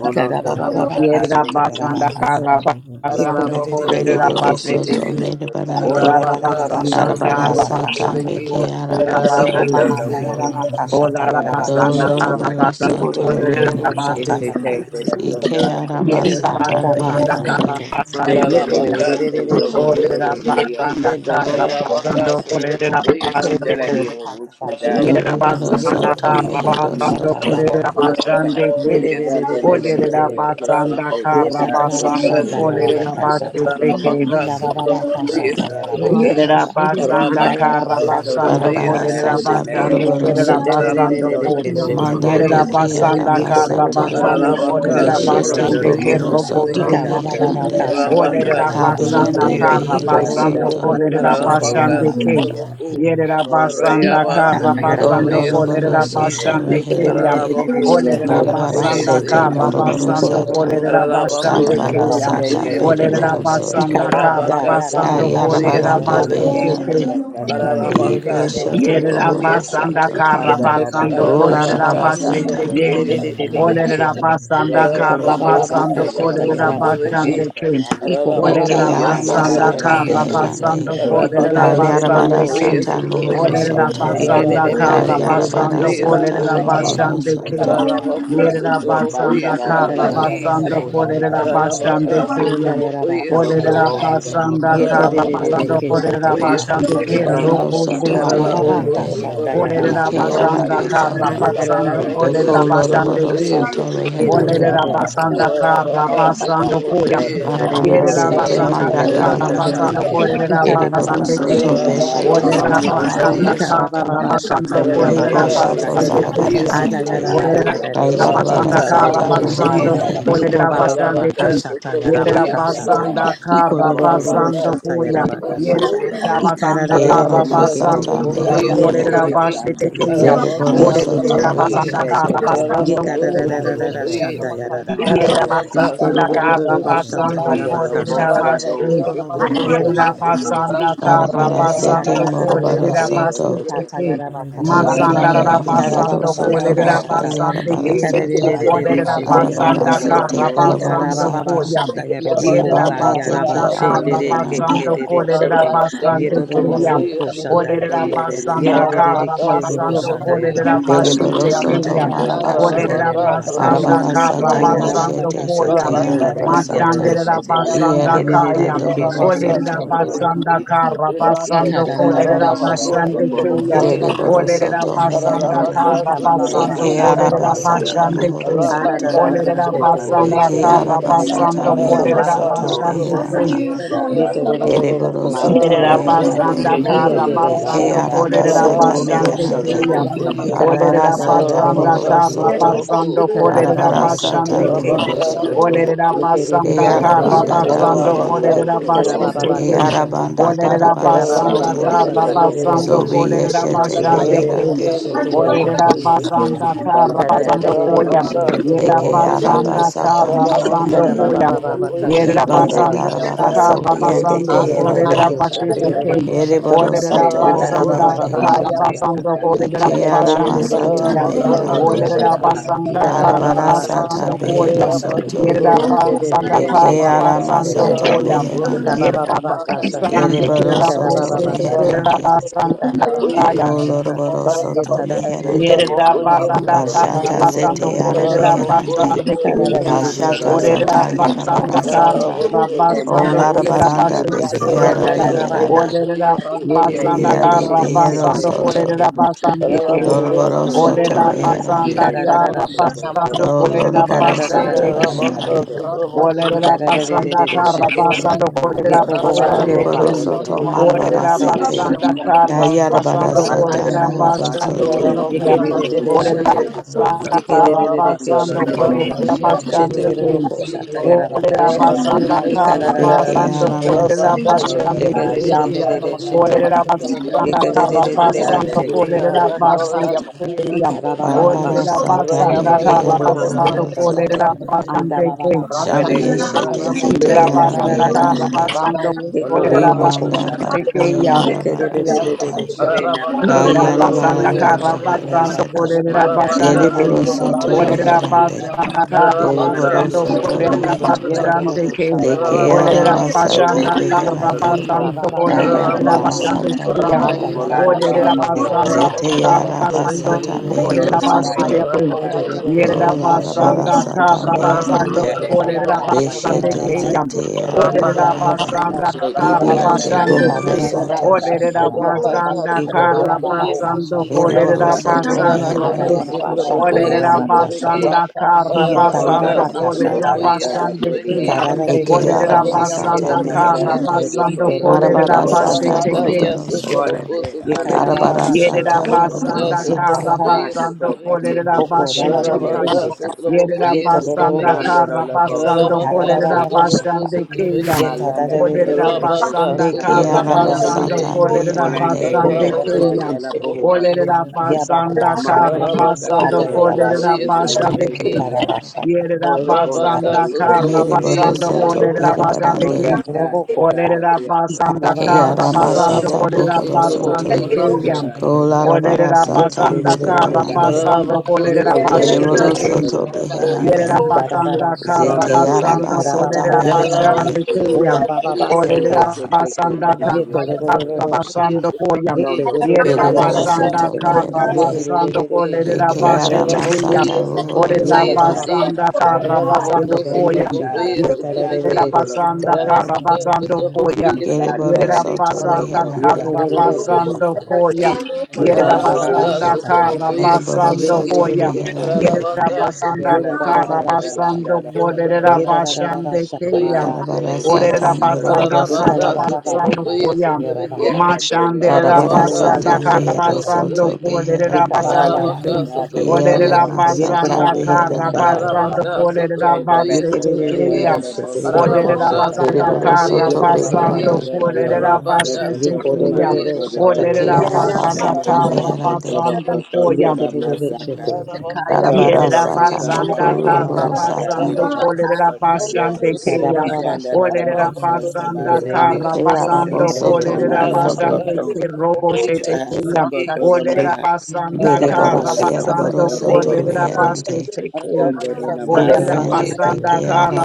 S3: Monondo kota
S2: Ararabaka
S4: Yerera
S3: rate
S1: Ikarabababakashata
S3: ki
S4: basanda
S3: eisa
S1: yarabakashata.
S3: tara
S4: karabasando
S1: Ekora de de
S2: Ararabakos,
S1: de
S7: Bere
S1: de
S4: kolerera
S1: de
S3: konomo.
S7: boro
S1: keshete.
S4: basete.
S7: soto mere
S3: Eko tanda
S7: barande.
S1: ikora
S4: Olara
S1: da
S3: rato koto
S1: Ekodadedededekeshete.
S4: basanda
S1: Ikodadadadadashata
S3: rodo
S7: Arabara sata
S3: namasa
S1: yarabakashata
S4: karabasando
S2: Ararabakos,
S3: kato.
S7: meke
S1: yara.
S7: ara
S4: kolerera basete.
S3: Ando
S7: basata.
S3: do boho sata
S1: Ekomahandayarabakashata
S4: Olara
S3: bata
S7: Do
S3: dara
S4: basanda
S1: yarabakashata.
S7: loro
S3: mohuri
S7: boro
S3: asho
S4: karabasando
S7: soto
S3: kete.
S4: kolerera
S7: reherande.
S1: Ikodororororoshata
S4: basete.
S3: Kese
S1: yaka.
S3: te tera kondo
S7: Ike
S3: ro
S7: ara
S3: konola
S4: Yerera
S1: Iba
S7: masata
S3: namasa
S4: basanda
S1: tabaka
S3: kete.
S7: beherande.
S1: shata.
S4: karabasando
S3: Sendele de
S4: koya.
S1: Yeko
S2: Ararabacá, Ararabacá,
S1: de de de
S2: seu
S3: kosondo
S1: kabakashata. Yekodedededeshete
S2: trabalho, seu
S4: Olerera
S3: kotoro
S1: yeke.
S3: mirio
S2: trabequi.
S4: basanda
S3: kosandara
S2: Ararabacá,
S4: karabasando
S2: seu
S1: Yenanayarabakashata.
S4: kolerera
S2: trabalho, seu
S3: Kondala
S4: basete.
S3: di
S2: trabequi.
S3: Ogushanda
S1: Ikomamamakatabashata.
S3: Nede
S2: Ararabacá,
S7: Doroboro
S2: seu
S3: Kamasa
S4: Yerabasanda
S6: Russia.
S7: soto
S2: trabalho.
S3: Kamoko
S7: mehero
S3: Kamo
S4: Karabasando
S1: Yetororororoshata
S7: soto.
S3: Kamaria
S2: Ararabacá,
S1: yarabaka.
S2: seu
S3: Kosata
S4: Kolerabashande Queen.
S2: trabalho, seu
S3: Sandala
S2: trabequi.
S3: Lamo
S1: Yededededekeshete
S3: Ore ke
S1: yekete.
S3: se
S4: Olerabasanda
S3: te
S2: Ararabacá, seu
S3: Sata
S4: Karabasando
S2: trabalho,
S3: Oguse
S2: seu trabequi.
S3: Masaka
S1: Yetarararashandayarabakashata.
S4: Kolerabashete
S3: Karamura
S4: Queen.
S2: Ararabacá,
S1: Anda
S2: seu
S1: baba baka
S2: trabalho,
S1: shata
S2: seu
S3: Sakandara
S1: yara baka
S2: trabequi.
S3: Bosa
S1: shata.
S4: Yerabasanda
S1: Anda
S2: Ararabacá,
S1: yara
S2: seu
S3: O
S1: baka
S3: Todo
S1: shata
S4: Karabasando
S2: trabalho,
S1: yara
S7: Barabara
S2: seu
S3: Patana
S1: baka
S7: sata
S1: shata.
S2: trabequi.
S3: Rekinele de
S4: Kolerabashande
S7: boroboro
S3: Casa
S1: Yete re
S7: soto.
S1: re re
S4: Kerabasando
S1: re re
S2: Araramaku
S3: Dota
S4: Queen.
S1: ke shete
S3: Pura
S1: ye
S7: Manda
S2: Sutrabokoye
S3: Mosa
S7: de
S1: kete.
S7: ke
S3: Tata de
S7: ara
S4: Yerabasanda
S1: Ye
S3: po
S2: Sutraveki,
S1: koro
S3: Ore
S1: ro ro ro
S7: basata.
S1: ro
S3: Akiasa
S1: ro
S4: Karabasando
S2: Ararabaka
S1: shoto ro ro ro ko
S7: Eshete
S3: Mondo
S4: Kolerabashande
S3: de
S1: shata.
S2: sotrobokoye
S3: Limo
S7: bohoro soto
S2: sotrobeki.
S1: Ika baba
S3: Sakata
S4: Kerobosete
S1: baba ka
S7: meherande.
S1: shata
S3: Tokotola
S1: yara
S2: Rabaka
S4: Olerera
S3: Taya
S1: baka shata.
S4: basanda
S7: Habiende
S2: sotrobokoye
S3: te
S4: kara
S3: te
S1: Iko
S7: behero
S1: ro
S3: Kala
S1: ro
S2: sotrobeki.
S1: ro
S3: da
S4: basando
S1: ro ro
S7: soto.
S1: ro ro
S3: Soko
S4: kolerera
S1: shata
S2: Ararabaka
S1: yara
S3: Rabosa
S4: basande
S1: baka
S4: ke.
S1: shata.
S3: Taya
S2: sotroboko.
S4: Yerera
S3: Mandara,
S4: basanda
S2: Rayaba
S1: Iba
S3: Masa,
S4: kara
S1: kata yara
S7: Go
S1: baka
S4: basando
S2: sotrobokoye
S1: shata.
S7: loroboro
S4: kolerera
S2: sotrobeki.
S7: soto
S4: basande ke ya.
S7: meherande.
S2: Ararabako
S4: Olerera
S7: Barabara
S2: sotrobokoye
S4: basanda
S2: se.
S7: sete
S4: kara
S7: moroboro
S4: basando
S7: sata.
S4: kolerera
S2: Ararabako
S4: basande ke
S7: Darabara
S4: ya.
S7: sata
S2: sotrobokoye
S4: Olerera
S2: sote.
S7: bereboro
S4: basanda
S7: soto.
S4: kara
S2: Rabaka
S4: basando
S7: Kayara
S2: sotrobokoye
S4: kolerera
S7: baranda
S2: sotrobeki.
S4: basande
S7: beherande.
S4: ke.
S6: Russia.
S2: Ararabaka
S7: Ibeshete
S4: Yerera
S2: sotrobokoye
S7: bohoro
S4: basanda
S7: soto.
S2: sotrebeke.
S4: kara basando kolerera
S2: Ararabaka
S1: Iko
S7: Bolarabara
S4: basande
S7: sata.
S9: Hallelujah.
S4: ke.
S2: sotrobokoye sotrebeke.
S4: Olerera
S1: Yededededekeshete.
S4: basanda
S1: Iko
S4: kara
S9: Thank
S1: baba
S2: Ararabako
S1: baba
S8: Ronda
S4: basando
S2: sotroboko
S1: kashata
S4: kolerera
S1: yaraba
S2: sotrebeke.
S4: basande
S1: kashata.
S4: kin.
S1: Iko mama
S7: Eke
S4: Olerera
S1: baba
S2: Ararabokoye
S7: arama
S1: kashata
S4: basanda
S2: sotrebeke
S7: sata
S1: yaraba
S4: kara
S2: yesu.
S1: kashata.
S3: Toko,
S7: beherande.
S3: Toko,
S4: basando
S3: Toko,
S1: Iko
S4: kolerera
S2: Arabaka
S3: Toko,
S1: rororororo
S7: Kayarabara
S4: basande
S2: sotrobokoye
S4: kin.
S1: koshata
S7: sata
S3: Toko,
S7: mohoro
S2: sotrebeke.
S1: yekeshete.
S4: Olerera
S7: soto.
S3: Dendele
S4: basanda
S2: Ararabako
S3: tesa
S1: Yekedebebebebe
S4: kara
S3: darara
S1: keshete
S7: Kayarabara
S4: basando
S2: sotrobokoye
S3: moso
S1: yororo
S7: sata
S4: kolerera
S3: totoro
S1: koshata.
S2: sotrebeke.
S3: moho
S7: mohoro
S4: basande kin.
S7: soto.
S3: saka.
S2: Ararabako
S4: Yerera
S1: Yerabakashata.
S3: Topa
S2: sotrobokoye
S4: basanda
S3: karari
S1: Anda
S3: di
S4: kara
S2: sotrebeke
S3: andala da
S4: basando
S2: yesi.
S1: yarabakashata
S3: koto de la
S4: kolerera
S3: moso
S1: yarabakasha.
S2: Ararabaka
S4: basande
S3: kaka.
S1: Anda
S4: kin.
S2: sotrobokoye
S3: Pato ke
S1: yarabakashata
S4: Olerera
S2: sotrebeke.
S3: boso
S1: yaka.
S3: da moso
S4: basanda
S1: Yete de
S3: kada
S4: kara
S1: de
S2: Araraboko
S3: da
S1: de de
S4: basando
S1: keshe
S2: sotoboko
S1: te
S4: kolerera
S3: namasate.
S4: basande kin.
S2: yesotorobeke.
S1: yarabakashata.
S3: Dondo
S7: Ereboro
S3: da
S4: Robo
S3: da
S7: soto
S1: Umba
S4: sete
S1: baba
S3: bahasa ko
S4: kin.
S2: Araraboko
S7: meherande.
S1: bakasha
S3: ora
S1: anda
S2: sotoboko
S3: bahasa
S4: Olerera
S3: ke
S7: Ike
S3: tele
S1: yarabakashata.
S4: basanda
S2: sotorobeke.
S7: araba
S3: niya.
S4: kara
S1: Anda
S7: sata.
S4: basando
S2: Araraboko
S3: Dendele
S4: kolerera
S7: Doko
S3: di
S1: yarabakashata
S3: koto
S4: basande
S2: sotoboko
S7: loroboro
S1: yarabakasha.
S4: kin.
S3: sobari
S7: soto
S6: Yeah.
S2: yesotorobeke.
S3: akata
S1: Yeto do do
S7: meherande.
S4: Olerera
S1: do do
S3: sandara di.
S4: basanda
S1: koshata
S4: kara
S2: Araraboka
S3: Mata
S4: basando
S2: sotoboko
S4: koya.
S2: ye.
S3: katolo toko
S7: Barabara
S4: Yerera
S8: Ronda
S3: toto
S1: Ikarerererere
S7: sete
S8: se
S4: basanda
S7: manda
S2: Araraboko
S8: quedaría
S3: kosaranda
S4: kara
S8: nada
S1: shetereroko
S8: más se
S3: yakasa
S4: basando
S1: shata.
S7: garabarande.
S2: sotobeke.
S8: quedaría de
S3: kaya.
S4: kolerera
S8: aquí.
S7: Ereboro
S4: basande
S1: Ikararararara
S4: kiri.
S7: soto
S3: Dendele la
S8: Y
S2: Araraboko
S3: mala
S8: hasta
S1: shatarabaka
S7: beshete
S3: lo
S4: Olerera
S1: shata.
S3: boko
S7: sete
S8: se
S2: sotoboko
S3: soko
S8: nada
S4: basanda
S7: araba
S2: yes,
S8: más se
S3: kaya.
S7: sata.
S4: kara
S1: Ikababababa
S8: quedaría
S1: shata
S4: basando
S7: Ibo
S4: kolerera
S3: Yandele
S1: yarabaka
S2: Tararabaka
S1: shata
S7: soto
S3: kesele
S4: basande
S1: yaka.
S8: se
S3: te
S2: sutrabokoye
S4: kiri.
S7: zarabara
S8: quedaría nada
S3: kanada
S8: más
S3: ba
S8: se
S2: sutrabeki.
S4: Olerera
S3: ariyo
S8: quedaría de
S1: Adayararararare
S3: koso
S7: Kayarabara
S2: Rabaka
S4: basanda
S3: kosa.
S4: kara
S8: Rara
S7: sata
S1: sheketerereke
S8: y se
S1: shete.
S2: sutrabokoye
S4: basando
S2: si.
S3: Bandara
S8: quedaría
S7: mohorande.
S8: más que
S4: kolerera
S3: masa
S8: nada más nada
S4: basande
S8: más.
S2: Tararabaka
S1: Gikobabababaka
S4: kiri.
S1: shata
S8: Y
S4: Yerera
S2: sutrabokoye
S1: yarabaka
S8: hasta
S1: shata.
S8: baba baba
S2: sutrabeki.
S4: basanda
S8: se
S4: kara
S8: quedaría.
S3: Monoto
S1: Ikororororo
S2: Rabaka
S4: basando
S1: shata
S3: basa
S8: Y
S4: koya.
S8: se
S2: sutraboko
S3: karada
S1: yarabaka
S8: nada más
S1: shata.
S3: mure
S2: sutrabeki.
S4: Yerera basanda kara
S1: Ikarararerere
S3: Lena
S7: Kayarabara
S2: Tararabaka
S1: shekete.
S4: basando
S3: broko
S7: sata
S3: tari
S2: sutrabokoye
S3: ya
S1: Ye ye
S7: meherande.
S1: ye
S4: kolerera
S1: ye
S3: mosha
S2: sutrabeki.
S3: kanda
S4: basete
S1: ye
S4: kiri.
S3: broko
S1: ye
S2: Tararabaka
S7: Zereboro
S1: ye
S3: tari.
S1: de de
S7: soto
S4: Olerera
S1: de de
S2: sutrabokoye.
S4: basanda
S7: rehero
S1: shete ye ke. Ye de de
S4: kara
S1: de de de
S7: soto.
S3: kata
S1: de
S4: basando
S1: ka ka
S2: Tararabako
S3: tara
S1: da
S4: koya.
S1: da da da
S3: maria
S1: da da
S2: sutrabokoye.
S3: topo
S1: shada ya da da
S3: orema aria
S1: shada ya
S2: Cararabaca,
S3: bosa
S4: Yerabasanda
S3: pandoro
S2: Sotraboco,
S4: Karabasando
S1: ya da
S2: Sotrabeki,
S1: ba
S3: Kandoro
S1: kasha
S3: boso
S1: ta.
S4: Koderabashu.
S1: Ye
S2: Cararabaco,
S3: dadaya
S1: ko do do do
S3: kasa
S1: do
S2: Sotraboco,
S1: do shata ya da ba
S8: Rada,
S1: kasha.
S4: Yerabasanda
S2: Sotrabeki,
S7: Barabara
S1: Ye ka da
S7: sete
S6: Russia.
S3: kata
S2: Cararabaca,
S4: Karabasando
S1: da da da
S3: tara
S7: moroboro
S1: shata.
S2: Sotraboco,
S3: toko
S4: Kolerabasta
S1: Ye
S7: soto.
S1: ka
S3: toko
S1: ta ya
S2: Sotrabeki,
S4: Tekin.
S1: da
S3: toko
S1: ba Yedididididishiteke. Yedidididididishiteke. Yekadadadadadadashadayaradakasha. Ikodododododoshatayarabakashata. Ikodododododoshatayarabakasha. Ikadadadadashata.
S3: naya.
S1: Ikatayarabakashata.
S4: Masanda
S7: Dibiane
S2: Cararabaca,
S3: Mandala
S7: behero
S4: Masandarabasando
S7: soto
S3: masa
S2: Rabba.
S1: Ikarabababakashata.
S3: kotolo la
S4: Kolerabasande
S7: makayarabara
S3: masa
S4: Kim.
S2: Rabaka,
S7: sata.
S3: kopaya.
S7: Arabara
S4: Olerabasanda
S3: Pandolo
S1: Yekarererererereshetagarabakata.
S3: la
S7: sete
S3: bohu
S7: boroboro
S3: soto
S4: Karabasando
S7: sata.
S3: basa
S4: Koyam.
S1: Ikarabababashatagaraboko
S7: Zibanda de
S4: Yerabasanda
S7: kayara
S3: mama masa. Tenere
S7: meherande.
S3: masa
S4: Karabasando
S3: kotolo
S1: yarabashederekegerereshete.
S3: la masa.
S4: Kolerabasande Kiyam.
S1: Yedorororokoshandayakiye.
S3: Tendere la
S4: Olerabasanda
S3: masa.
S4: Karabasando
S1: Yerererekiyeroroshandayarabakasha.
S3: Tama
S4: Kolerabashi
S7: Bereboro
S3: tama
S7: soto
S4: Tekiyam.
S3: kotolo
S1: Andayarabakasha,
S3: kotolo
S7: marabarande.
S3: kisari ya
S4: Olerabasanda
S1: andayarabakashata.
S7: Barabara
S3: kosa
S7: sata
S3: kaya.
S4: Karabasando
S7: moshete
S1: Ayarababakashata,
S4: Koyam.
S7: sete
S3: Tendera
S7: arabasata.
S4: Mashandera
S3: kutesa
S1: yarararekiyararashete.
S3: kana la
S4: basanda
S7: Iere
S3: kesa
S7: manda
S4: Kayam.
S3: kasa
S7: dohoro
S1: Yerererekeshete.
S2: Rabaka,
S4: Olerera
S2: so
S7: soto.
S2: trouble
S4: basanda kara
S1: Ika
S4: basando
S8: yes, the
S1: Ika Ika
S4: kolerera
S1: Ika shata,
S8: Canada,
S1: shata. shata
S4: basande
S1: shata
S4: keya.
S1: shata. ro ro ro
S8: Ronda
S1: ro ro
S8: y
S7: Deliboro
S8: este
S1: ro ro ro ro ro
S4: Olerera
S1: ro ro
S7: soto
S8: caleriando con
S4: basanda
S3: Thank
S7: meherande.
S1: ro ro ko
S4: kara
S1: ko ba ba ba ba
S7: De
S8: Shukriya
S1: ba
S4: basando
S7: ke
S8: Baba
S1: shata
S8: Baba
S4: kolerera
S1: yara
S8: Baba
S1: ba
S7: arabasata
S1: kata.
S8: Kundali
S4: basande
S7: mohoro
S4: keya.
S3: you.
S1: Ada da
S8: Kalerianda
S7: soto.
S1: da da da
S4: Olerera
S9: you.
S6: Russia.
S1: shete yere
S3: Marande
S7: De
S1: de
S4: basanda
S8: Rada
S1: ke
S7: ke
S8: y
S3: katara
S4: kara
S8: este
S1: shete.
S3: tere
S8: calera
S7: arabasata
S4: basando
S3: soso
S1: Iko
S8: Bakianda
S7: rehero
S1: ba
S4: kolerera
S1: ba
S3: batelo
S1: ba
S9: Thank
S7: soto
S8: Mostoko
S1: ba
S3: boho
S1: ka.
S4: basande
S1: shata
S4: kriya.
S3: nama
S1: ha.
S7: beherande.
S3: sakaba.
S8: Shukriya
S1: Yeto ro ro ro
S8: Baki
S1: ro ro
S7: Deliboro
S1: ko
S8: Kalerianda
S1: shata
S7: soto
S8: con
S3: Mandate
S4: Yerera
S1: yara ba ka
S7: reherande.
S4: basanda
S8: Shukriya
S3: ketele
S4: kara
S7: De
S1: shete
S8: Sekanda
S3: katana
S7: ke
S1: shete.
S4: basando
S8: y este
S3: nayo.
S8: calera
S4: kolerera
S7: arabasata
S8: Kundu
S4: basande
S3: Hatoro
S7: meherande.
S4: keya.
S8: Shukriya
S3: boso darara
S8: Namakianda
S4: Olerera
S8: Makaya
S3: baso
S7: Arabarasata
S4: basanda
S3: kotora
S7: mohoro
S4: kara
S3: naya.
S7: soto.
S8: Ronda y
S4: basando
S8: este calera
S4: kolerera
S3: Tetere
S8: Bakianda
S7: Arabarasata
S4: basande
S3: katara
S1: yere
S8: Mostoko
S1: de
S4: ke.
S1: ke
S7: mohoro
S3: nododo
S1: ha.
S8: Kalerianda
S7: soto.
S8: con
S3: kotoro
S4: Olerera
S3: ki.
S1: Iya de Ikararararashata. Yetororororokosata. Ikababababashata yarabakata.
S7: Ke
S4: basanda
S8: Shukriya
S1: Ararararashete yererekeshete. ke
S8: Baba
S4: kara
S3: Tete
S7: arabanda
S1: shete
S8: Baba Baba
S3: ketolo
S4: basando
S1: yarabaka.
S3: no
S7: darabarande.
S8: Kundali
S3: yo
S1: Iyadereshe. Yekororororosata. Ikararararararareshekiyata. Ikarararararashete yererekeshete. Yekererekeshete yekete.
S4: kolerera
S1: Ika
S3: koto
S1: da ba ba
S4: basete
S2: for
S1: ba
S7: Ke
S4: ke.
S2: you.
S1: ka
S3: sakandala
S1: shata.
S3: niki.
S7: arabanda
S8: Bakaya
S4: Olerera
S7: darabara
S8: Bakunda
S1: Ikarababa
S4: basanda
S8: y
S2: Tararabako
S7: soto.
S8: the
S3: Kendala
S4: kara
S1: kasata
S3: tete
S8: calerianda
S1: yerere
S8: con
S2: sotrabako.
S3: kodo
S4: basando
S7: Zobi
S3: tete
S1: keşeke.
S4: kolerera
S3: kodo
S8: Yanda
S7: yeshete
S3: de
S8: Kaya
S4: basande
S3: maso
S1: Yekerere
S4: ke.
S8: Bakunda
S2: Rebeke
S7: beherande.
S1: keşete
S8: y
S3: sokoya.
S1: yerere
S8: este
S2: sotrabako
S4: Olerera
S1: kasata.
S2: yesi.
S4: basanda kara
S3: Mandala
S8: Randa
S3: tete
S4: basando
S1: Ikararere
S4: koya.
S3: katara no
S2: Tararabaka
S1: şekete
S7: De
S4: Yerera
S1: yeroro
S7: ke
S2: sotrabako
S3: basa
S2: ye.
S1: koşata
S4: basanda
S1: yaka.
S3: kotoro
S7: arabasata
S4: kara
S2: Tararabaka
S4: basando
S3: kotora
S7: reherande.
S1: Ikarababa baba
S2: sotrabako
S1: kasata
S7: Ibanda
S2: yesi.
S1: yeraba
S4: koya.
S3: Lady
S1: kasata.
S3: Catalina,
S7: darabaraso
S2: Tararabako
S7: biende
S1: Yekete
S6: Russia.
S4: Karabasando
S2: sotrabako
S3: Yacatola,
S1: yerere
S4: Korera
S7: deherande.
S3: Boho
S2: yesi.
S1: keşete
S4: Bashete
S1: yeroro
S3: Casata,
S4: King.
S2: Rebeke.
S1: koşata.
S7: Ereboro
S4: Orera
S7: soto
S3: Jena
S2: Tararabako
S1: Yekarababa
S4: Basanda
S3: Landela,
S7: reherande.
S1: baba
S3: Tiki,
S2: sotrabako
S1: şata
S2: yesi.
S1: yaka.
S4: Karabasando
S3: Calada,
S4: Korera
S2: Rebeke.
S7: Ike ara
S4: Bashande
S1: Yekerere
S7: masata
S4: Kayan.
S1: keşete
S2: Tararabaka
S1: yeroro
S3: Honda,
S7: beherande.
S3: the
S4: Orera
S2: sotrabako
S1: koşata.
S3: Bahasa,
S4: Basanda
S2: yesi.
S1: Ikarababa
S3: Catella,
S7: Arabara
S1: baba
S3: Tikan,
S7: sata
S4: Karabasando
S1: kasata
S3: the
S1: yaka.
S7: behero
S4: Koyan.
S2: Rebeyaba
S1: Ye
S7: soto.
S3: Mukatu,
S4: Yerera
S1: kere de
S2: sotrabako
S1: de de de
S4: Basanda
S3: then
S2: yesi.
S3: they
S7: Ike
S1: keshete ye
S3: take
S7: ara
S1: de de
S3: out the
S4: Karabasando
S7: masata
S1: keshete.
S2: Tararabako
S4: Koyan.
S3: Catalina,
S1: Ye kaba
S7: beherande.
S2: sotrabako
S1: ba
S2: yesi.
S4: Yerera
S1: ba ba
S3: Yacataya,
S1: kashata.
S4: Basanda
S1: Ye
S7: Ereboro
S4: Kira
S1: kara ba
S7: soto
S1: ba ba
S4: Bosete
S3: Jacata,
S1: shata.
S4: Kira
S2: Tararabako
S7: beherande.
S1: Ye
S4: Basanda
S1: kara ba
S2: sotrabako
S3: Atacota,
S1: ba ba
S4: Kayan.
S2: ye.
S7: Iko
S3: Mosa,
S1: kashata.
S7: loroboro
S2: Para la
S1: Ye
S7: soto
S1: tada
S2: boca,
S1: da de
S2: su
S1: de de de
S7: meherande.
S3: Jete
S4: Yerera
S2: trabajo
S3: Landa,
S1: keshete.
S3: the
S4: basanda
S3: Bohosa,
S4: kara
S1: Ye
S7: Bashata
S1: ro ro ro ro
S4: basando
S7: zete
S1: ro
S3: Catella,
S1: ro
S7: ara
S4: kolerera
S8: Ikiata
S1: shata ha.
S8: bakiana
S7: beherande.
S1: Ye
S4: basande
S1: kara
S8: makunda
S1: da
S4: keya.
S1: de
S9: you.
S1: de de
S7: Bashata
S3: Andorola,
S1: shete.
S8: ikatelionda
S4: Orera
S7: zata
S3: Mosa,
S1: Mm.
S4: basanda
S7: yarabara
S3: Tocaria,
S4: kara
S7: sata.
S8: rakashiti
S1: Ye
S8: kiana
S1: ba ba
S7: O
S8: ki
S1: ba
S4: basando
S3: Jendela, the
S4: kolerera
S1: kasha.
S7: larabaranda
S3: Video,
S1: Ye
S4: basete
S8: ikiata
S7: beke
S1: ye
S7: ara
S1: da
S4: keya.
S8: bakaya
S1: ga ra ba
S8: makunda
S7: beherande.
S3: Tocaria,
S1: kasha.
S4: Orera
S8: ronda
S1: Ye de de
S8: yetu
S1: de
S4: basanda
S1: de
S3: Tetele
S1: de
S7: Ibiande
S4: kara
S8: kalerionda
S1: sheke
S8: kunda
S1: ye
S7: Behero
S4: basando
S1: de de
S8: makati
S7: Soto,
S1: sheke.
S4: kolerera
S3: Marakataya
S4: basande
S1: Ye ko ro
S8: ikiata
S4: keya.
S1: ro ro ro
S8: mababa
S7: Doroboro
S1: ko shata.
S8: kuna
S7: Soto
S4: Orera
S1: Ye
S4: basanda
S3: Malandere
S7: Reherande,
S1: kara da
S8: ikiana
S1: da
S3: Boho
S1: da
S4: kara
S3: Soto
S8: makunda
S1: shata ye
S7: Do
S4: basando
S3: Korana
S1: Ye
S4: kolerera
S8: masatelionda
S1: kara
S7: Loroboro
S1: da da
S8: kiana
S1: da da
S4: basande
S7: Soto
S1: da
S8: ki
S3: Yekata
S1: shata ye
S4: keya.
S7: Reherande,
S3: Malatoto
S4: Orera
S3: Korotoko
S8: rakashiti kuna
S4: basanda
S1: Ikararererere
S3: Nayakaya
S4: kara
S1: shekete.
S8: ikatelionda
S4: basando kolerera
S1: Yeko
S3: Matoko
S8: ronda
S1: bobo
S4: basande
S8: yetu
S1: boko
S3: ya
S7: Ereboro
S4: keya.
S1: baha.
S3: Koso
S8: kalerionda
S7: Soto
S1: Anda
S8: makunda
S3: Matoro
S7: Marabara
S4: Orera
S1: yarababa
S3: Kupiri
S7: Sete,
S4: basanda
S1: shata
S8: masatelionda
S3: Yakasa
S8: ki
S1: yaka.
S4: kara
S7: Gayarabara
S4: basando
S1: Yeko
S7: Sata
S4: korera
S3: Malandara
S8: rakashi
S1: rorororo
S7: Mohoro
S1: shata.
S4: basando
S3: Rabasola
S8: yonda
S7: Soto,
S4: kuya.
S8: kunda
S3: Kitele de
S1: Yekerererere
S8: masate
S4: Orera
S1: shete.
S3: Kandare
S2: y
S3: de Koso
S4: basanda kara
S1: Yekerererere ke
S2: Karabaka,
S3: Pandolo
S4: basando
S1: shete
S3: lo
S1: yeke.
S3: Bosa
S2: Sotraboko,
S4: korera
S8: rakashi
S2: yes, I
S1: Shete
S4: basando
S8: kuna
S2: believe
S3: Talateka
S2: we
S4: kuya.
S1: yeroko
S6: Russia.
S2: receive
S1: shata
S8: masatelionda
S4: Orera
S1: yarabakasha.
S3: Yekatandara
S2: answers to the
S8: Ronda
S4: basanda
S8: is the
S4: kara
S2: mysteries,
S3: Nilanda
S8: colada
S2: God.
S7: Beke
S1: Ikarararara
S4: basando
S1: shata
S8: vacuna,
S7: Arama
S1: yaka.
S4: korera
S2: Karabaka,
S7: Sata
S2: yes,
S3: Ronda
S4: basando
S3: Bayo
S4: kuya.
S7: Reheroto,
S2: Sotrabeki, I
S8: Sofiana
S3: Catara
S1: Yekerererere
S3: La
S2: believe I
S8: Macuna,
S1: shete.
S4: Orera
S3: Musa
S2: receive
S3: Cota,
S4: basanda
S8: Mastelerionda,
S2: the
S4: kara
S2: answers to the
S1: Yekerererere
S3: Manda de
S4: basando
S2: mysteries,
S1: shete
S4: korera
S3: Vicesa,
S2: God. I
S1: yoroko
S2: call it
S3: de
S1: shata.
S8: Bakaya
S2: out the
S4: basando
S2: spirit
S8: Macuna,
S3: Vicasa,
S4: kuya.
S2: into the natural.
S1: Ikarabababa
S7: Barabara
S4: Orera
S1: shata.
S7: Sata
S4: basanda
S3: Shele
S2: Rayaba,
S3: de
S7: Meke
S8: Lipiana
S1: Yeko
S4: kara
S2: Sotraboko,
S8: Macuna,
S1: mama
S3: Cantara
S4: basando
S9: Thank
S7: Arabohoro
S2: yes,
S3: Toto
S1: shata.
S2: we
S9: you.
S3: Tora
S4: korera
S2: receive
S7: Soto,
S2: the
S3: Naya,
S8: Mastelerionda,
S1: Anda
S4: basando kuya.
S1: baba
S2: manifestation.
S1: kata
S8: Rata
S3: Tele
S7: Shabi
S1: in
S3: de
S1: their
S8: Shuba,
S3: Bu,
S2: Rabaka,
S7: Eshete
S1: household.
S3: Shina
S4: Orera
S7: Zete
S8: Kanamakiana,
S6: Russia,
S7: Ara
S3: Moto
S8: Kiana,
S4: basanda
S3: Kobo
S4: kara
S3: Ose,
S7: Meherande,
S8: Rara
S4: basando
S8: is the
S1: Yeko bo
S4: korera
S3: Olondo
S1: bo
S8: Kalala
S1: bo
S3: Bo
S4: basando
S1: ko
S7: Rimanda
S1: shata.
S3: Osaka,
S7: Baka
S8: Makiana,
S3: Dola
S4: kuya.
S3: Bo
S1: Yeke de
S7: Yarabara
S1: de
S3: Osaka,
S1: de de
S8: Kiata
S1: de de
S7: Sata,
S1: shete.
S8: Makiana
S3: Shena
S8: Macuna,
S3: Mata
S1: Yeko do
S3: Solo
S1: do do do
S4: Lerabasanda
S1: do
S3: Bosa
S1: do
S7: Gayarabaranda
S8: Lipiana
S1: shata
S3: Takaya,
S8: Macuna,
S7: Bohoro
S4: Karabasando
S1: yarabaka
S7: Soto
S1: shata.
S3: Manda
S8: Mastelerionda,
S3: da
S4: Kolerabasande
S1: Ika da
S7: Deriboro
S4: King.
S3: Tere
S1: yaraba
S3: Cotoro
S7: soto
S8: Rata
S1: shata ya.
S8: Shuba,
S7: beherande.
S3: Tokotaya,
S8: Kiana
S4: Olerabasanda
S1: Yeke de
S8: Macuna,
S1: de de de
S3: Manda
S7: Deriboro
S1: de
S4: Karabasando
S7: soto
S3: Dolo
S1: shete.
S8: Lipiata
S3: Cosa,
S1: Yero
S7: beherande.
S1: do
S8: Makiana,
S1: do
S4: Kolerabasande
S1: do
S4: King.
S3: Data
S1: shanda
S7: De
S3: Naya,
S7: keara
S1: yarabaka.
S8: Rata Shuba,
S3: Shele
S7: masata
S4: Olerabasanda
S3: santo
S8: Yonder
S3: de
S7: beherande.
S8: from the
S3: po
S1: Iba
S4: Karabasando
S1: babaka
S3: utapayo
S8: Mastelerionda,
S1: shanda
S7: Kayarabara
S1: ha ha.
S4: Kolerabasande
S3: kutaya.
S7: sata
S4: King.
S8: Rara
S1: Anda
S8: este
S7: meherande.
S1: yaraba
S3: Molandele
S8: kalala
S3: de
S1: shanda
S8: bakia
S3: bodo de
S4: Olerabasanda
S8: baba
S3: la
S1: yarabaka.
S7: Zete
S8: konda
S3: masaka.
S1: Yeke de
S4: Karabasando
S1: de
S7: arabasata
S1: de de
S7: mehero
S3: Ronda
S1: shete.
S3: paya
S8: akaya
S4: Kolerabasande
S7: soto.
S4: King.
S8: bakonda
S1: Yede
S3: katara
S1: de
S3: la
S1: de
S8: este
S1: de de
S3: moto
S1: de de
S8: kalalion da
S1: shiro
S8: ko
S7: Olarabara
S3: kotoya.
S4: Yerabasanda
S1: no
S7: sata
S1: kosha.
S8: ronda
S4: Karabasando
S1: Anda
S7: meherande.
S8: este
S3: Mandele de
S8: kalala
S1: yarabaka
S8: bakia
S3: katere
S1: shanda
S3: de
S8: nama
S4: Kolerabasande
S7: Beshete
S8: konda
S3: koto
S1: yarabaka.
S4: King.
S7: zete
S8: este
S3: kototaya.
S8: asta
S7: aramaharande.
S8: bakia
S4: Olerabasanda
S3: Shete
S2: Rabacas,
S8: nama
S1: Yekerebebebebeshekeke.
S3: kada
S7: Libiyande
S8: mastaka
S2: otro
S4: Karabasande
S3: landa
S2: poco
S3: da
S7: bohoro
S4: King.
S2: y
S3: da
S2: ese.
S3: da
S7: soto.
S8: orata
S3: da da
S4: Olerera
S8: sheria
S1: Yekarararararashakayaka.
S3: toro
S8: nama
S3: koto
S2: Rabacas,
S4: basanda
S9: Thank you.
S6: Get
S2: otro
S8: sekreyon
S4: kara
S2: poco
S8: da
S2: y
S8: ko
S3: kotaranaya.
S2: ese,
S4: basando
S2: y ese.
S4: kolerera
S7: Deriboro
S8: rata
S9: Thank
S1: Ikobabababakashandayarabaka.
S3: Shete
S7: soto
S8: sheria
S4: basande
S3: kasanda
S8: bakia
S3: da
S8: nama
S4: ke.
S2: Rabacas,
S7: meherande.
S2: otro
S3: tukobo
S2: poco
S8: kandakia
S2: y
S4: Olerera
S2: ese,
S3: osatana da ma.
S1: Adayarabashakayarabakashata.
S2: trebequi.
S4: basanda
S8: rata
S4: kara
S8: sheria nama
S3: Ronda
S4: basando
S2: Rabacas,
S8: mama
S2: otro
S3: rabashe
S4: kolerera
S8: sekreya
S2: poco y
S1: Iyatayarabakashatayaka.
S2: ese,
S3: kantara
S4: basande
S3: de
S4: ke.
S2: trebequi.
S8: ronda
S7: Eke
S3: dioso
S8: este
S4: Olerera
S8: kalalion
S2: Rabacas,
S8: da
S7: aramasata
S8: ko
S4: basanda
S2: otro
S3: Sema
S8: nama
S2: poco
S1: Ikarararerekesheteyerebekeshe.
S2: y
S4: kara
S2: ese,
S3: karate
S7: beherande.
S3: di
S8: sekreyon da
S4: basando
S8: ko
S3: koto
S2: trebequi.
S3: bo
S4: kolerera
S7: Arabara
S3: uri
S9: you.
S1: Itororororokosha.
S8: rata
S7: sata
S4: basete
S3: Afrika.
S4: ke.
S8: sheria
S7: boroboro
S2: Rabacas, otro
S3: Ola
S7: soto.
S2: poco,
S3: te
S2: otro
S3: ale di
S2: bequi.
S7: Arabara
S3: kanto do
S4: Yerera
S1: Yekarabababashata.
S7: sata
S3: roko
S7: moroboro
S4: basanda
S2: Rabacas,
S3: sata.
S2: otro
S4: kara
S7: sata.
S2: poco y
S1: Yekarararash.
S2: ese,
S3: Matoko
S4: basando
S2: trebequi.
S4: kolerera
S3: batuko ote maria
S4: basheteke.
S8: bakaya
S2: Rabacas,
S3: tika
S1: Okorarararereshete.
S2: otro
S3: sata.
S2: poco
S4: Yerera
S2: y ese,
S4: basanda
S3: Rando
S2: trebequi.
S4: kara
S1: Yetorororoshata.
S3: rolo bo
S4: basando
S8: bakonda
S3: sandala
S2: Rabacas,
S4: kolerera
S2: otro
S3: tika ya.
S2: poco,
S1: Ikararararashata.
S4: basande
S2: otro
S4: keya.
S3: Malanda de
S4: Olerera
S3: lukete se
S2: Rabaka
S4: basanda
S7: Beke
S3: kanta
S1: Ye
S4: kara
S3: da
S2: Sutraboku
S7: arama
S3: toko.
S4: basando
S2: Sute,
S7: sata
S4: kolerera
S3: Molende
S7: beherande.
S3: le
S4: basande
S3: tika
S2: Rabaka
S4: keya.
S3: de la bohura
S2: Sutrabokuye,
S4: Olerera
S1: Oh,
S3: kasa.
S1: ba ba ba
S4: basanda
S1: sha
S3: Mana
S1: ta.
S4: kara
S3: tika
S2: Rabaka
S4: basando
S1: Ada
S3: toro
S1: ya ra ba,
S3: kobo
S4: kolerera
S2: Sutrabokuye
S6: Get
S3: sunaya
S6: it
S4: basande
S2: Sutrabeki,
S1: ka
S3: tete
S1: ba sha ta.
S4: basanda
S3: Poto bona
S1: Ada
S2: Rabaka
S4: basanda
S3: redi bo
S1: ya
S4: kara
S3: useke
S7: Mereboro
S2: Sutrabokuye
S4: basando
S2: Si,
S7: soto
S3: taya.
S4: kolerera
S1: ra ba
S4: basande
S1: sha
S3: Bonda
S7: berebarande.
S4: ki.
S1: ta.
S3: ta
S1: Robo ko sha.
S3: katala
S4: Olerera
S3: tia
S4: basanda
S1: Ikara ba
S6: out
S7: Ke
S1: ba
S4: kara
S1: ba
S6: of
S1: sha
S7: arama
S1: ta
S3: kosakala
S1: la.
S4: basando, Yerabasanda
S7: sata
S2: Rabaka
S7: bohoro
S1: Ye ko
S3: Shondo
S1: de
S4: Karabasando Korabasande
S1: de
S7: soto.
S1: de
S2: Sutrabokuye
S3: toko
S1: de de
S2: Si,
S1: sha
S4: King.
S3: tora
S1: ta.
S3: te kate
S7: Kolarabara
S4: Orabasanda
S3: ala
S1: Ye te
S3: te
S7: sata
S1: de
S4: basanda
S1: de de de de
S4: kara
S1: she te.
S7: merebarande.
S3: katarandaya.
S4: basando, Orabasanda
S2: Rabaka
S1: Ye te de de
S3: Sendele
S1: de
S4: Karabasando
S8: Thank
S3: de
S1: de
S7: Dereboro
S1: de
S2: Sutrabokuye,
S1: de
S4: Korabashite
S3: kontoro
S1: she
S7: soto
S1: te.
S3: la
S4: Yerera
S7: beherande.
S1: Ye
S3: bahasata.
S1: da ra ra ra
S4: Basanda
S1: sha ta.
S3: Ronda
S7: Zete
S3: maya
S7: araba
S4: Yerabasanda Karabasanda
S1: Ikara ba ba
S7: sata
S3: katoto
S1: ba ba sha ta.
S2: Rabaka
S3: kotaya
S4: Koderabasanda
S7: meherande.
S3: te.
S1: O ba
S4: Kuyam.
S1: ba ba ba
S2: Sutrabokuye
S1: ka
S2: Si,
S3: Sende
S1: da ba
S3: te
S1: ha.
S3: te te la
S4: Koderabasanda
S2: Para
S1: Ye
S3: naya
S1: to do do do do
S3: kotoro
S1: do
S3: tayi.
S1: saha.
S4: Karabasanda Kuyam.
S1: Ye ke
S3: Rondo
S1: de de de de de
S3: koprando
S7: Bereboro
S1: se
S3: la
S1: ke de
S4: Yerabasanda
S7: soto
S1: ke.
S3: bokota ya
S1: Ye de
S7: meherande.
S1: de de
S4: Karabasanda
S1: de
S3: kasata.
S1: de de se ke.
S3: Ya
S7: Beke
S4: Koderabasanda
S7: arama
S3: kasata
S4: Kuyam.
S7: sata
S3: katoto
S7: rohoro
S1: Ye
S3: kototo
S1: ko ba ba
S7: soto.
S1: ba
S4: Koderabasanda
S1: ka sa
S3: katarandaya.
S1: ka. In the
S4: Karabasanda
S1: name
S3: Sete
S1: of
S4: Kuyam.
S3: kala
S1: Jesus. E ta da
S3: sela
S1: de de
S4: Olerera
S1: de
S3: koto
S1: de
S3: lo
S6: Yeah.
S1: se
S4: Basanda
S1: te.
S3: kota
S2: la vaca,
S3: sekeya.
S4: Karabasanda Kuyam.
S3: Madanda
S7: Kereboro
S3: la le
S7: soto
S3: koto
S4: Yerabasanda
S1: Ye
S7: reherande.
S3: ora
S1: to do do do
S3: kapele di
S1: ko sa
S4: Karabasanda
S3: mosa
S1: ka ya.
S3: kota.
S4: Kuyam.
S1: Ye ka da ba
S3: Bandolo
S1: ba
S2: Ararabaka,
S3: la
S1: ba
S4: Yerabasanda
S1: sa ta
S3: proko
S2: Sutra
S1: ya.
S2: Bokoye,
S3: sate
S7: Ereboro
S3: kete
S1: Ye
S4: Karabasanda
S1: de
S3: le
S1: de
S7: soto
S1: de de
S4: Kuyam.
S1: de
S3: kaya
S1: ke se
S3: kaya.
S7: meherande.
S1: te.
S4: Yerabasanda
S1: Ye
S3: kala
S1: da da
S3: te
S1: da da da
S3: kata
S1: sa
S3: la
S1: ta
S3: nda
S1: ya.
S4: Karabasando
S3: la
S8: you.
S1: Ye da da
S3: tasha.
S1: da da da
S4: Kolerabashande
S1: sa da ya
S4: Kayam.
S1: ka.
S3: Malande
S7: Darabara
S3: di bohu
S7: Sata
S3: kosa
S4: Orerabasanda
S7: Mirabaro
S1: Ye
S3: sayo
S1: ka da ba
S7: Soto.
S1: ba ba ba
S3: sekeli.
S4: Karabasando
S1: ka sa ta
S4: Koyam.
S1: ya da ba
S3: Ia
S1: ka sa.
S3: kate le
S4: Mashande
S3: di mosa
S7: Darabara
S3: kala
S4: Rabasanda
S7: Sata
S3: kata
S7: Mehero
S3: ora
S1: Yedododododoshatayara.
S3: kata.
S4: Karabasando
S7: Soto Beherande.
S3: Pala
S4: Kolerabasande
S3: te
S4: Kayam.
S3: kata
S6: yeah,
S3: le
S1: Yekabababakashatayara.
S7: Kiera
S3: bosa
S2: Sutra
S3: koko
S2: Beki,
S7: Masata
S4: Orerabasanda
S3: bayu kuta ma.
S7: Beherande.
S4: Karabasando
S2: Ararabaka
S1: Yekobobobokoshatayarabakasha.
S3: Shendele
S2: sotrobokoye
S3: te
S4: Kolerabasete
S3: kata
S2: sotrebeke.
S4: Kayam.
S3: la mosa
S2: Ararabaka
S3: tabata
S4: Orerabasanda
S1: Yekededededesheteredokoshatayara.
S3: taba.
S7: Eriboro
S2: sotrobokoye
S7: Soto
S2: sotrebeke.
S4: Karabasando
S7: Beherande.
S3: Shandarada
S1: Yekababababashatayaka.
S2: Ararabaka
S3: Masaka
S4: Kolerabasete Kayam.
S2: sotrobokoye
S3: Makotoda
S2: sotrebeke.
S7: Kiara
S1: Yekododododoshatayarabakashata.
S4: Orerabasanda
S3: Shama
S2: Ararabaka
S7: Basata
S3: Mama
S6: yeah.
S7: Meherande.
S3: Kotoro
S2: sotrobokoye
S4: Karabasando Koyam.
S3: Kototora
S2: sotrebeke.
S3: Masaka
S6: Russia.
S1: Yetebudodesheterede.
S2: Ararabaka
S8: Sakaya
S1: In the
S7: Darabara
S8: before
S1: name
S3: Shondoro
S1: of
S8: my
S2: sotrobokoye
S7: Sata
S8: eat The Kaya performers'
S4: Yerabasanda
S7: Moko
S3: Tokantara
S2: sotrebeke.
S8: experience of
S7: Loroboro
S3: Takatara
S1: Kabababakasha.
S7: Sata.
S3: Didi
S4: Karabasando
S9: Yeah,
S2: Ararabaka
S4: Kolera
S8: Jakarta's
S3: Okosota
S9: Thank
S2: sotrobokoye
S3: Ya
S4: Bashande
S8: multiculturalism
S2: sotrebeke.
S4: Kayan.
S1: Yekabababashata.
S3: Shandarada
S4: Olera
S2: Ararabaka
S3: Masa
S1: In the
S4: Basanda
S3: Sabasa
S1: name
S2: sotrobokoye
S1: of Jesus.
S7: Kiara
S2: sotrebeke.
S4: Karabasando
S7: Bosoto
S1: Yekededede.
S3: Shondorada
S4: Kolera
S8: and
S7: Libiande.
S2: Ararabaka
S4: Basande
S3: Masokoto
S8: the
S4: ke
S8: city's diverse
S4: Robo
S8: population.
S2: sotrobokoye
S4: Sete
S3: Shaha
S4: Kayan.
S3: Sokotoro
S8: Yonder,
S4: Olera
S2: sotrebeke.
S3: Ma
S1: Thank you.
S4: Basanda
S2: Ararabaka
S7: Bereboro
S3: Sano
S1: Yekarabashata.
S7: Siereboro
S4: Karabasando
S2: sotrobokoye
S7: Soto
S1: Thank
S3: Sokotoro
S1: you, Lord.
S4: Kolera
S2: sotrebeke.
S3: Sokono
S7: Reherande.
S4: Basete
S2: Para la
S4: Kayan.
S3: Shondorada
S4: Olera
S3: Masa
S7: Kabiende
S3: was
S4: Basanda
S1: Yebabashatayaka.
S7: Bekeara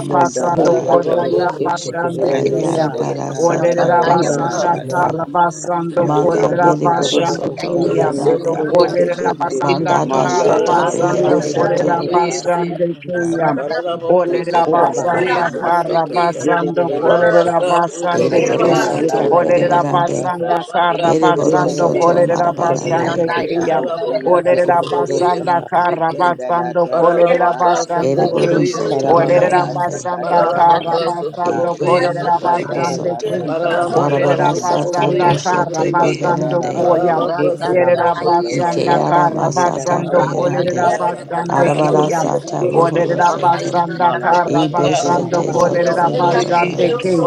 S1: Ye
S7: Masata.
S3: Koto
S4: Kolera
S1: Ye
S4: Basande Kayan.
S3: Shandarada
S7: Yarabara Sata
S4: Olera
S3: Atarada
S7: Buhoro
S4: Basanda
S3: Masa
S7: Soto.
S4: Karabasando
S7: Manda
S4: Kolera
S3: Chandorolo
S7: Beriboro
S3: basa
S4: Basande
S7: Soto
S3: kotorola
S4: keyan.
S3: basa
S7: Beherande.
S3: kaya.
S4: Orera basanda
S7: Manda
S4: kara
S3: Mondo
S7: Dashata
S3: bokoto
S2: boca,
S7: Behero
S4: basando
S2: se
S3: tada
S2: tomó
S4: korera
S7: Soto.
S3: papa basa
S4: basande
S3: kaya.
S4: keya.
S2: Pararabaku
S3: Tete
S4: Orera
S6: Get
S3: chandara
S2: Sutrabokuya
S4: basanda
S3: damaso
S4: kara
S2: Sutrabeki,
S3: koto
S4: basando
S3: kaya.
S4: korera
S2: Parabaka
S3: Tete
S4: basande
S7: Eriboro
S4: keya.
S2: Sutrabokuya
S3: kala
S7: Soto
S3: landa la
S2: Sutrabeki,
S4: Orera
S3: loko
S7: Beribarande.
S3: tasa.
S4: basanda
S2: Parabaka
S4: kara
S7: Eriboro
S4: basando
S3: Tete
S2: Sutrabokuya
S7: Soto
S3: tete
S4: korera
S3: tete
S2: Sutrabeki,
S3: tete
S7: Marabarande.
S4: basande
S3: tata
S4: keya.
S3: o
S2: Pararabaku
S3: iya
S4: Orera
S3: kese di.
S2: Sutrabokuya
S4: basanda
S9: you.
S4: kara
S2: Sutrabeki,
S3: Chandara
S4: basando
S3: tada la
S9: Thank
S4: korera
S2: Pararabaka
S3: basa
S4: basande
S3: koto.
S7: Eriboro
S4: keya.
S2: Sutrabokuya
S7: Soto
S3: Rondo
S4: Orera
S2: Sutrabeki,
S3: basa
S7: Reherande.
S4: basanda
S3: katara
S4: kara
S2: Pararabaka
S3: damasa ba.
S4: basando
S7: Eco
S2: Sutrabokuya
S4: korera
S7: Loroboro
S2: Sutrabeki,
S3: Chandara
S4: basande
S3: basa
S4: keya.
S7: Soto.
S3: kato
S2: Pararabaka
S3: koto
S4: Orera
S7: Darabara
S3: la
S7: Sata
S3: basa.
S4: basanda
S2: Sutrabokuya
S4: kara
S7: Boshete
S2: Sutrabeki,
S3: Rondo
S4: basando
S3: la
S7: Beherande.
S4: koya.
S3: mario
S8: Rata
S2: Pararabaka
S3: koso to
S4: Yerera
S2: Sutrabokuya Sutrabeki,
S4: basanda
S3: koto
S7: Ikeara
S4: kara
S7: Masata
S4: basando
S3: Shele de
S4: kolerera
S7: Beherande.
S2: Para la
S3: kataranda
S4: basande
S2: boca,
S3: de
S2: se
S7: Arabara
S4: keya.
S3: loko
S7: Sata
S2: trabó,
S7: Rohoro
S3: satanye.
S4: Olerera
S7: Soto.
S4: basanda
S3: Malando
S4: kara
S3: kotara
S4: basando
S7: Ibeshete
S3: te
S7: Soto
S4: kolerera
S3: kesena
S4: basande
S3: naya.
S4: keya.
S7: Yorobarande.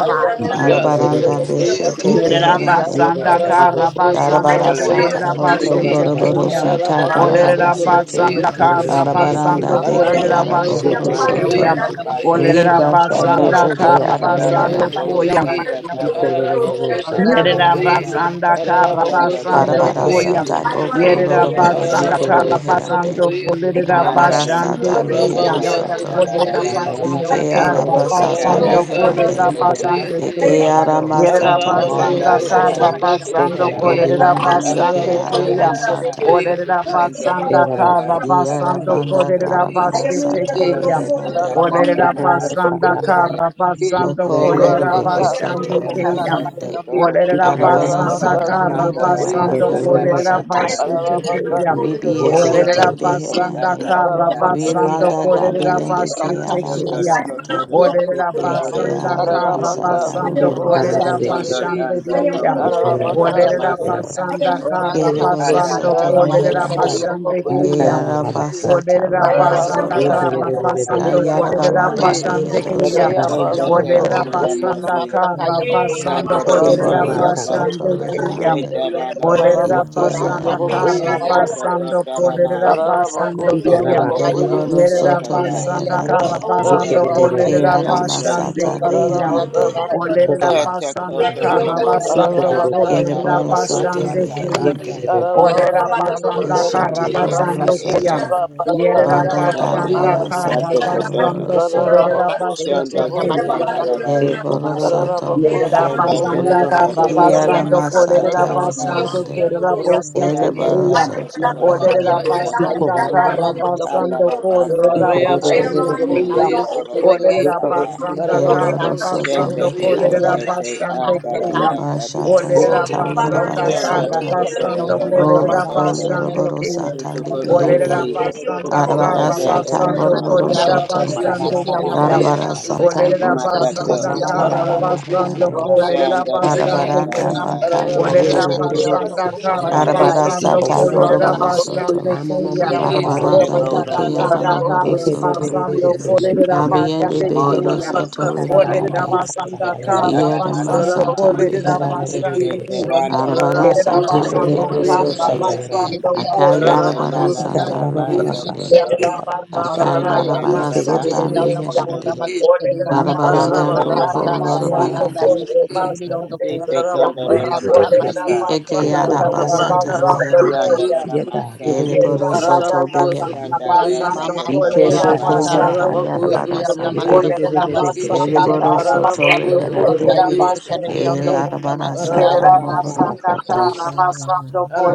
S3: Shendo
S2: se
S3: do
S7: Arabaranda Beshete
S4: Yerera
S7: Beherande.
S3: masa
S4: basanda
S3: katata.
S4: kara
S6: it
S4: basando
S7: Darabara
S3: Ala
S7: sata
S4: kolerera
S1: Thank
S3: kototo
S7: boko
S6: It
S3: da
S1: you.
S4: basete
S7: loroboro
S4: keya.
S7: sata
S3: bahasa
S7: barabara
S4: Olerera
S3: kobaya
S7: sete.
S4: basanda
S3: kotoba.
S4: kara
S7: Arabaranda
S4: basando
S3: Shele de
S7: deke
S4: kolerera
S3: katana da
S7: arabohoro
S4: basete
S3: bahasa
S4: keya.
S7: soto.
S3: kobaya.
S4: Olerera
S7: Liba sata
S4: basanda
S9: you.
S7: zete
S4: kara
S6: is
S3: Yakandala do
S4: basando
S7: arameherande.
S3: boho
S9: I
S4: koya.
S9: don't
S3: santa da da masa kotora da
S4: Yerera
S3: masa.
S4: basanda kara
S3: Shendo
S2: trabó, se
S3: do
S4: basando
S7: Barabara
S3: kotora
S4: koya.
S3: te
S7: sata
S9: want to
S7: boko
S9: know
S3: katana
S2: trabó,
S9: who
S4: Yerera
S3: na
S9: you're
S3: da
S7: loroboro
S4: basanda
S7: soto
S3: masa
S2: Ararabako
S4: kara
S3: kotoya.
S7: reherande.
S4: basando
S2: Sotrabokoye
S4: kolerera
S2: Sotrabeki
S7: Arabara
S3: Mandara de
S4: basando
S7: sata
S3: Bo,
S7: mehero
S4: koya.
S3: Sata
S2: Arabaka
S7: soto.
S3: Catara
S4: Olerera
S2: Sotrabokoye
S3: Ramo,
S4: basanda
S7: Ike
S2: Sotrabeki
S4: kara
S7: arabasata
S3: Ushikanda,
S4: basando
S2: Ararabaka
S3: the
S7: meherande.
S4: kolerera
S3: Catare de
S2: Sotrabokoye
S4: basando
S3: Masa
S4: koya.
S7: Eke
S3: Totoko,
S4: Yerera
S7: aramasata
S8: Rata
S2: Ararabakos,
S7: bohoro
S4: basanda
S3: Monda La La
S4: kara
S7: soto.
S3: Lira
S2: Otrabakos,
S4: basando
S3: Cosola
S2: Otrabeki,
S4: kolerera
S3: Tehike
S7: Dobiende beke
S4: basando
S3: Sanagada
S2: Ararabakos,
S3: da
S4: koya.
S3: Casa,
S7: aramasata.
S2: Otrabakoyes,
S4: Olerera
S2: Otrabeki,
S3: Sende de
S4: basanda
S3: Casa
S4: kara
S3: La La
S2: Ararabakas,
S4: basando
S3: La
S7: Diarabanda
S4: kolerera
S3: Cototo,
S2: Otrabakoyes,
S7: darabara
S4: basete
S6: a
S7: sata
S2: Otrabeki,
S4: koya.
S3: Shondo do
S7: reherande.
S2: Ararabakos,
S3: Cata
S4: Olerera
S3: Dama
S6: Russia.
S3: Axo
S4: basanda
S2: Otrabakoyes,
S3: Cotaya,
S4: kara
S2: Otrabeki,
S4: basando
S3: Sende
S4: kolerera
S3: de
S7: Okoloroboro
S2: Rabakas,
S7: soto
S4: basando
S3: Catare de
S2: Otrabakos,
S4: koya.
S3: Masa
S7: reherande.
S2: Otrabeki,
S3: Totoro
S4: Olerera
S3: Kumaya,
S7: Arabara
S4: basanda
S2: Ararabakas,
S7: sata
S4: kara
S7: meke
S3: Nandora
S2: Otrabakoyes,
S4: basando
S3: Masa Da
S7: araboro
S3: Da
S2: Otrabeki,
S4: kolerera
S3: Da
S7: soto.
S3: Bahasa,
S2: Ararabakas,
S4: basitekeya.
S7: Ribi
S9: Hallelujah.
S2: Otrabakos,
S3: Shondo Lo
S4: Olerera
S7: eshete
S2: Otrabeki,
S3: Toko
S4: basanda
S9: Yeah,
S7: beherande.
S3: Tata Da
S4: kara
S3: Da
S2: Ararabakas,
S4: basando
S3: Da
S7: Rimanda
S3: Da Da
S4: kolerera
S3: Da.
S2: Otrabakoyes,
S7: dabiende ke
S2: Otrabeki,
S3: Chanda da
S4: basitekeya.
S3: kata
S7: aramasata.
S3: da
S4: Olerera
S2: Sutrabaka,
S3: kunda
S7: Eke
S3: da da
S4: basanda
S3: kunda
S4: kara
S3: da
S2: Ararabaka,
S3: da
S7: arabasata
S4: basando
S7: rohoro
S2: Sutraboko,
S4: kolerera
S7: soto.
S3: Chanda
S2: Sutrabeki,
S3: danda da
S4: basandekeya.
S3: kata da da
S2: Ararabaka,
S3: da
S4: Olerera
S3: masa
S2: Sutraboko,
S4: basanda
S3: kata
S4: kara
S2: Sutrabeki,
S7: Kereboro
S3: Anda
S4: basando
S7: soto
S3: basa
S2: Ararabako,
S3: kata
S4: kolerera
S3: ba
S7: meherande.
S3: ya
S2: Sutraboko,
S7: Ke
S3: kabari
S4: basandekeya.
S3: anda
S2: Sutrabeki,
S7: arabasata
S4: Olerera
S7: rohoro
S3: Mara
S4: basanda
S3: ribu
S2: Ararabaka,
S7: soto.
S4: kara
S3: bushanda da
S2: Sutraboko,
S3: da da
S4: basando
S3: da basa
S4: kolerera
S2: Sutrabeki,
S7: Kayarabaranda
S3: kata
S4: basande
S7: behero
S4: keya.
S7: soto
S2: Rayaba,
S3: Kente
S1: Rabababa,
S3: kete
S4: Olerera
S3: da
S2: Sutraboko,
S7: merebarande.
S3: da
S8: Makono
S4: basanda
S3: masi
S2: Sutrabeki,
S4: kara
S8: masakaya makonai,
S4: basando
S3: Chanda da da
S4: kolerera
S2: Rabaka,
S3: masa
S7: Ereboro
S8: yekiel na
S1: Etarabasata,
S3: kata
S7: soto
S2: Sutraboko,
S4: basande
S8: makoma
S4: keya.
S2: Sutrabeki,
S8: insekere
S7: reherande.
S3: Chanda da
S8: beyond the
S3: da
S8: coast,
S6: Thank
S4: Olerera
S3: masa
S2: Ararabako,
S7: Ike
S3: kata
S4: basanda
S8: ratatse
S9: yeah,
S8: na
S4: kara
S2: Sutraboko,
S8: kaya
S7: aramasata.
S3: Chanda
S8: makon,
S3: kata
S4: basando
S3: da
S9: yeah,
S3: da
S4: kolerera
S2: Ararabako
S4: basando
S8: beyond
S4: koya.
S8: the
S3: Chanda
S2: sotraboko
S1: Ikarabasa,
S3: da
S9: yeah,
S8: kaya
S3: bahu
S7: Deriboro
S8: makona
S9: yeah.
S4: Yerera
S3: sota
S7: soto
S2: yesotrabeke.
S8: insekere
S3: kata
S4: basanda
S8: beyond the
S4: kara
S7: meherande.
S8: coast,
S2: Rabaka
S9: Oh, yeah,
S4: basando
S3: Chanda
S9: Baba.
S2: sotraboko
S1: Yekerere,
S7: De
S3: kati
S4: kolerera
S8: ratatse,
S7: ara
S2: yesotrabeke.
S3: ese
S4: basande
S8: beyond
S7: masata
S8: the kono
S4: keya.
S2: Ararabaka
S7: beherande.
S8: masakai,
S1: Iko
S2: sotraboko
S4: Olerera
S1: Baba,
S3: Yata
S4: basanda
S9: Yani
S2: yesotrabeke.
S3: kotoro
S9: yo
S8: beyond
S4: kara
S9: ho
S8: the
S9: lo
S8: kaya
S9: ke
S1: Iko
S4: basando
S9: da
S3: mosata
S8: makona,
S9: sa
S2: Ararabaka
S9: ke
S1: Dororo,
S4: kolerera
S9: su
S3: katada
S7: Kereboro
S3: da
S2: sotraboko
S7: soto
S4: basande
S2: yesotrabeke.
S9: ye
S3: basata
S9: lo
S4: keya.
S7: beherande.
S3: basata da
S1: Yekerere,
S9: Hai ra
S8: beyond the
S9: ba
S4: Orera
S2: Ararabaka
S3: basa
S9: ba
S8: kia
S9: do
S8: na
S4: basanda
S8: makon,
S9: ni
S3: kotoro
S2: sotraboko
S4: kara
S7: Eshete
S9: ni
S3: unana
S9: ni su
S2: yesotrabeke.
S9: re
S3: masi
S7: bohoro
S4: basando
S8: ratatse,
S4: koya.
S3: eye
S7: soto.
S9: sa ko
S2: Rabaka
S9: do
S8: beyond the
S9: na
S4: Yerera
S9: na
S1: Kororo,
S8: kia
S7: Banda
S8: sa
S9: sa
S2: sotraboko
S3: yana
S9: sia.
S4: basanda
S8: babara,
S7: darabara
S2: yesotrabeke.
S9: Ai ra
S4: kara
S8: kere
S3: basato
S9: ba
S7: sata
S8: beyond the
S9: ba
S3: kotoro
S7: rohoro
S4: basando
S9: na na
S7: soto.
S4: kolerera
S9: sa
S2: Ararabako
S8: ratatse
S9: sia.
S8: na
S3: shondo
S8: kaya
S9: Ai
S2: sotraboko
S4: basheteke.
S9: ra ba
S8: makiona,
S3: takanda da
S9: na
S2: yesotrabeke.
S9: na
S3: da
S1: Eko
S9: sa
S7: Deriboro
S1: Bababasa,
S7: soto
S2: Tararabako
S9: Era da
S4: Yerera
S3: shondo
S7: meherande.
S9: manuna,
S2: sotraboko
S3: do
S4: basanda
S9: era da
S4: kara
S1: Ikarababasa,
S3: kotoro da
S9: manuna,
S8: beyond
S2: yesutrabeki.
S3: na
S8: the
S7: Kiara
S9: era
S4: basando
S9: na.
S8: insekere
S3: masata
S4: kolerera
S7: masata
S9: Ele
S8: beyond the
S2: Tararabaka
S3: kata
S9: suia,
S8: kona,
S4: basande
S9: suia, era
S7: beherande.
S9: quando
S4: kerera
S2: sotraboko
S9: eu saí.
S8: ratatse,
S2: sotrabeki.
S3: shanda
S4: bosheteke
S7: Kereboro
S3: da
S4: ya.
S9: Aí
S1: Okaraba,
S9: eu
S7: soto
S8: beyond
S3: kotoro
S8: the
S3: lolo
S2: Tararabaka
S8: kaya
S4: Orera
S7: meherande.
S9: era da
S8: makona
S3: mosata
S1: Iko
S9: era da era
S4: basanda
S9: da
S3: ta
S9: da,
S8: insekere
S4: kara
S1: Bababa,
S2: yasutrabako
S8: beyond the coast,
S9: era
S3: panda
S2: sotu.
S4: basando
S3: da
S9: da da.
S3: basa
S4: kolerera
S8: Ronda
S3: maba
S8: is
S2: Tarayaba
S9: Aí
S8: the
S9: era da
S4: basande
S1: Iterere,
S3: iseke
S8: Pocona
S2: sotraboko
S9: manina,
S4: keya.
S9: eu
S6: you.
S8: is the
S3: yukotoro
S9: olhei,
S3: lo
S2: yesutrabeki.
S8: Pelion
S4: Orera
S8: of the
S9: eu
S6: Thank
S3: masaka
S9: suia,
S1: Yekororo,
S9: eu
S4: basanda
S9: suia,
S2: Tararabako
S9: na
S4: kara
S7: Kereboro
S9: casa,
S8: Rockastic,
S7: soto
S3: shende
S4: basando
S9: suia,
S2: sotraboko
S8: if
S9: suia.
S3: teke
S8: they are
S4: kolerera
S7: meherande.
S8: not
S2: yesutrabeki.
S3: teke
S8: the
S4: basande
S3: andara
S8: Basaka,
S4: keya.
S3: da
S7: Iba
S3: da
S2: Tararabako
S7: shata
S3: taka
S2: yesutrabeki.
S4: Orera
S9: Olha,
S7: zata
S8: no
S9: babahana,
S4: basanda
S7: yarabara
S1: Yekororo,
S9: era
S8: Kona
S9: o
S8: is
S4: kara
S3: Shandara
S9: número,
S7: sata.
S9: era o
S4: basando
S3: Kotara
S8: the
S9: número.
S7: Olo
S4: kolerera
S7: ko
S1: Yibababasa,
S3: Kosata
S4: basande
S7: yoroboro
S4: keya.
S7: sata
S2: Tararabako
S7: libiande.
S4: Olerera
S3: Kusukotusi
S9: E aí
S2: sotraboko
S8: Rwanda
S1: Yerororo,
S4: basanda
S8: yake kokona yake
S9: eu olhei,
S1: Soko,
S7: Arabara
S4: kara
S3: Shandai
S8: pelelean
S2: yesutrabeki.
S7: sata
S1: Dororo,
S8: doko
S9: era o
S3: Erede
S4: basando
S3: Mama
S7: moroboro
S9: número,
S4: kolerera
S3: Mama
S8: rakati yake
S7: soto.
S2: Tararabako
S8: na
S3: Mama
S8: tabasaka
S9: era a casa.
S4: basande
S8: nokona
S2: sotraboko
S1: Ikabababasa,
S8: yake
S3: Kakaka
S4: keyam.
S7: Arabara
S8: pelelean doko na pelelean doko
S7: sata
S8: rakati yake
S2: yesutrabeki.
S4: Olerera
S8: na mkona masakai yake na mkona yake na
S7: boshete
S1: Iko
S3: Matata
S4: basanda
S8: tabaki
S7: zete
S8: na
S4: kara
S7: yara
S8: mko
S1: Mamababasa,
S2: Ararabakos,
S4: basando
S7: meherande.
S8: Rwanda
S4: kolerera
S2: Trabocosa,
S8: yake
S3: Shandara
S1: Rababasa,
S3: da
S2: Trebeke,
S8: pelelean
S3: da
S4: basande
S8: doko
S3: da
S7: Arabaranda
S8: na
S3: da
S4: keyam.
S9: E
S3: da
S7: baka
S9: era quando
S1: Yes,
S4: Olerera
S2: Ararabakos,
S9: eu
S7: yarabarande.
S9: era
S8: pelelean
S9: essa,
S4: basanda
S8: doko
S2: Trabocosa,
S9: eu
S8: na
S1: God.
S4: kara
S9: suia,
S2: Trebeke,
S3: Shandai
S8: masakai
S7: Arabara
S9: suia,
S3: Tiko
S4: basando
S7: sata
S3: Tara
S9: suia,
S4: kolerera
S3: Lama
S7: boroboro
S8: rakati
S2: Ararabacuia,
S4: basande
S7: soto.
S3: Masata
S2: se
S4: keyam.
S8: yake na
S9: Glory
S2: trabequece.
S8: mkona
S3: Ote
S7: Darabaranda
S4: Olerera
S8: masakala
S7: deke
S3: Bora
S7: yara
S4: basanda
S8: leonda
S3: Nandara da
S7: bohoro
S2: Ararabacuia,
S4: kara
S2: se
S3: Kisa
S7: soto.
S3: Kisa
S4: basando
S8: rakati
S2: trabequece, se
S3: Kende
S4: kolerera
S2: trabeque.
S8: yake
S7: Kabiende
S4: basande
S8: na mkona
S7: behero
S3: Mondoro
S4: keyam.
S3: la
S2: Arabacá,
S7: soto
S2: se
S4: Olerera
S3: Bahusata
S8: yake
S2: trabecuia,
S7: reherande.
S2: se
S4: basanda
S3: Kototo
S2: trabeque.
S4: kara
S8: Rasa
S3: Dada
S7: Iere
S8: Yuri
S4: basando
S3: Masata
S7: masata
S2: Ararabacuia,
S4: kolerera
S2: se
S8: Yamakiyamaku,
S7: beherande.
S2: trabeque.
S4: basande
S3: Shete
S4: keyam.
S8: Rona
S3: Landa la
S7: Arabara
S3: Lala
S4: Yerera
S2: Ararabacuia,
S3: la
S2: se
S7: sata
S8: Yukariyando Kuna
S4: basanda
S7: rehero
S3: Kototo
S2: trabecuia,
S8: Matake,
S2: se
S4: kara
S7: soto.
S3: Kotaya
S2: trabeque.
S4: basando
S8: Yetiata
S4: kolerera
S3: Shene
S8: Makiyama
S7: Akayarabara
S2: Ararabacuia,
S3: Nana
S8: Kuna,
S3: la
S7: sata
S3: la Basa
S7: reherande.
S8: Shipiata
S3: Kototo
S4: Yerera
S8: Makuna
S4: basanda
S3: Shende
S8: Matakaya,
S4: kara
S3: da da
S7: Akayarabara
S3: da
S4: basanda
S3: baha
S7: sata
S8: Yetiana
S3: sako
S4: kriya.
S8: Makuna
S7: meherande.
S3: toko.
S4: Orera
S8: Matakayanda,
S7: Barabaranda
S3: Yoko
S4: basanda
S3: no
S6: you.
S3: no
S7: boko
S4: kara
S3: no
S8: Rata
S3: baha
S8: sheni
S3: sako
S4: basanda
S8: yanda
S7: lorobarande.
S3: sa.
S4: kore
S8: yese
S6: Thank
S8: kebiri yondo
S4: basanda
S8: ko
S3: Rite
S4: kriya.
S3: kondo lo
S10: Ora
S3: lo
S8: rata ma
S4: Orera
S3: masata.
S8: yese
S7: Eke
S8: kebiri
S4: basanda
S8: yondo
S4: kara
S8: ko
S7: arabasata
S2: Rabaka
S4: basanda
S7: reherande.
S2: sotraboko
S3: Ganda da
S4: kriya.
S3: la
S2: sotrabeki.
S3: masa.
S1: Yes,
S7: Ereboro
S4: Yerera
S1: God.
S7: soto
S4: basanda
S2: Ararabako
S7: behera.
S4: kara
S3: Shanda
S2: sotraboko
S3: ta
S8: Yukiyana
S2: ye
S3: ta
S4: basanda
S8: mama
S3: koto
S4: kore
S7: Ike
S3: da
S2: sotrabeki.
S3: da
S8: sukura
S3: ba.
S7: shete
S8: saka,
S7: zata
S4: basanda
S2: Ararabako
S1: Yekarababakashata.
S4: kriya.
S8: yukiyana
S2: sotraboko
S7: yarabarasata.
S8: masa
S2: ye
S4: Orera
S8: kuna masi
S2: sotrabeki.
S4: basanda
S8: kaniri
S1: Yekerebebebekeshete
S7: Ereboro
S1: yeke.
S4: kara
S8: yondoko,
S7: soto
S2: Ararabako
S4: basanda kore
S7: reherande.
S8: ronda
S2: sotraboko ye
S8: yisi
S4: basanda
S8: kaniri
S7: E
S2: sotrabeki.
S4: kriya.
S1: Ikodororororoshatakayata.
S8: yondoko
S7: larabarasata
S2: Ararabako
S4: Yerera
S7: mohoro
S4: basanda
S2: sotraboko
S7: soto.
S2: ye
S1: Ikarababababakatabasa.
S4: kara
S2: sotrabeki.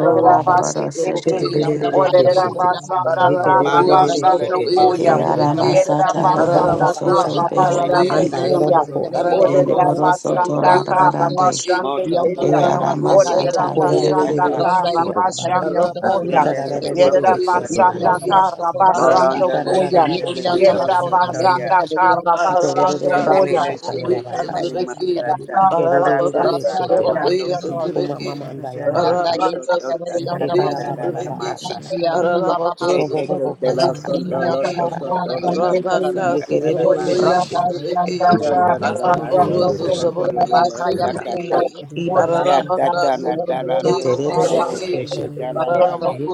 S7: O larabarasete
S8: Yanda
S7: beherande.
S8: kaya
S1: Sheterererekeshete.
S8: bakuna
S3: Malon
S8: bakuna
S3: do lo di
S1: Yekerererekeshekete
S3: bo
S8: yesekereri
S7: Ke
S1: yara.
S8: yanda
S3: santa
S8: kuna
S3: ta ta
S7: aramasata
S8: masekerere
S3: ta.
S8: ko
S7: bohoro soto
S1: Ikarabababashata.
S8: shikalala
S3: Shete da
S7: beherande.
S1: Anda
S8: bakiyana
S3: maso
S1: yorobokoa.
S3: koto
S8: masekerere
S3: lo lo
S8: yoto
S7: Ereboro
S3: masata
S7: soto
S3: ya.
S8: rakake
S7: marabarande.
S3: Moto
S8: yanda
S7: Ke
S3: kota
S8: kuna
S3: landa li li
S8: masakaya
S7: aramasata
S3: ka
S8: bako
S3: sa ta
S7: beherande.
S3: ta.
S8: ronda
S1: Ikororererereshikiyarabaka.
S8: yesekerere
S4: basando
S8: yanda kuna
S3: Shende li
S8: masake
S3: li baho
S1: Ikararererereshete
S3: sata.
S8: yeti yanda
S1: yororokoshata.
S8: masako
S3: Malon
S8: rasaka
S3: do lo te te
S8: yeti
S3: li li
S8: yanda
S1: Ikararararashata
S3: koto
S8: makona
S1: yarabaka.
S3: to ya.
S8: lesekerere yanda ko
S2: Arabacos,
S8: rata
S3: Tendelele
S4: koya.
S1: Ikorororororoshata
S2: Trabocoyes,
S8: shemikana
S3: tiketele
S1: yarabakashata.
S8: yesekerere
S3: masata.
S8: yanda
S6: you.
S1: Ikerererere
S8: rata
S3: Alabasata
S1: shete.
S6: Shit.
S3: matoko.
S8: shemakiyana
S1: Ikoma mamanda
S3: Shendo
S8: Randa
S4: Thank
S1: yarabakasha.
S3: toko
S8: yesi
S3: tota
S8: kabari yanda
S3: kanda da
S8: makoni.
S3: da da masa.
S8: shikia
S1: Ekarababababakashata.
S8: yasa baba
S3: Shete
S8: makoni.
S3: kutela
S8: Yiki
S3: kondolo
S8: yanda
S3: toko
S1: Ikobobobobobakashata
S8: makona
S3: toro
S1: yaka.
S3: na
S8: yesi
S3: masa
S8: kanala makoni.
S3: kata da ma.
S1: Yekerererere
S8: Rata shina
S1: shete.
S8: kama.
S3: Shondolo na maso
S1: Ororororokosata.
S3: tukondolo na
S8: Baka ya
S3: masa
S8: bakona
S3: kate.
S8: yesi kabari
S1: Ibabaka
S8: yanda.
S3: Shatata na
S8: Olukura
S3: dalando
S8: maka ya
S3: orobo
S8: bako.
S1: sheterererere
S3: shete
S1: shete.
S3: dalanda
S8: Bakana
S3: ye.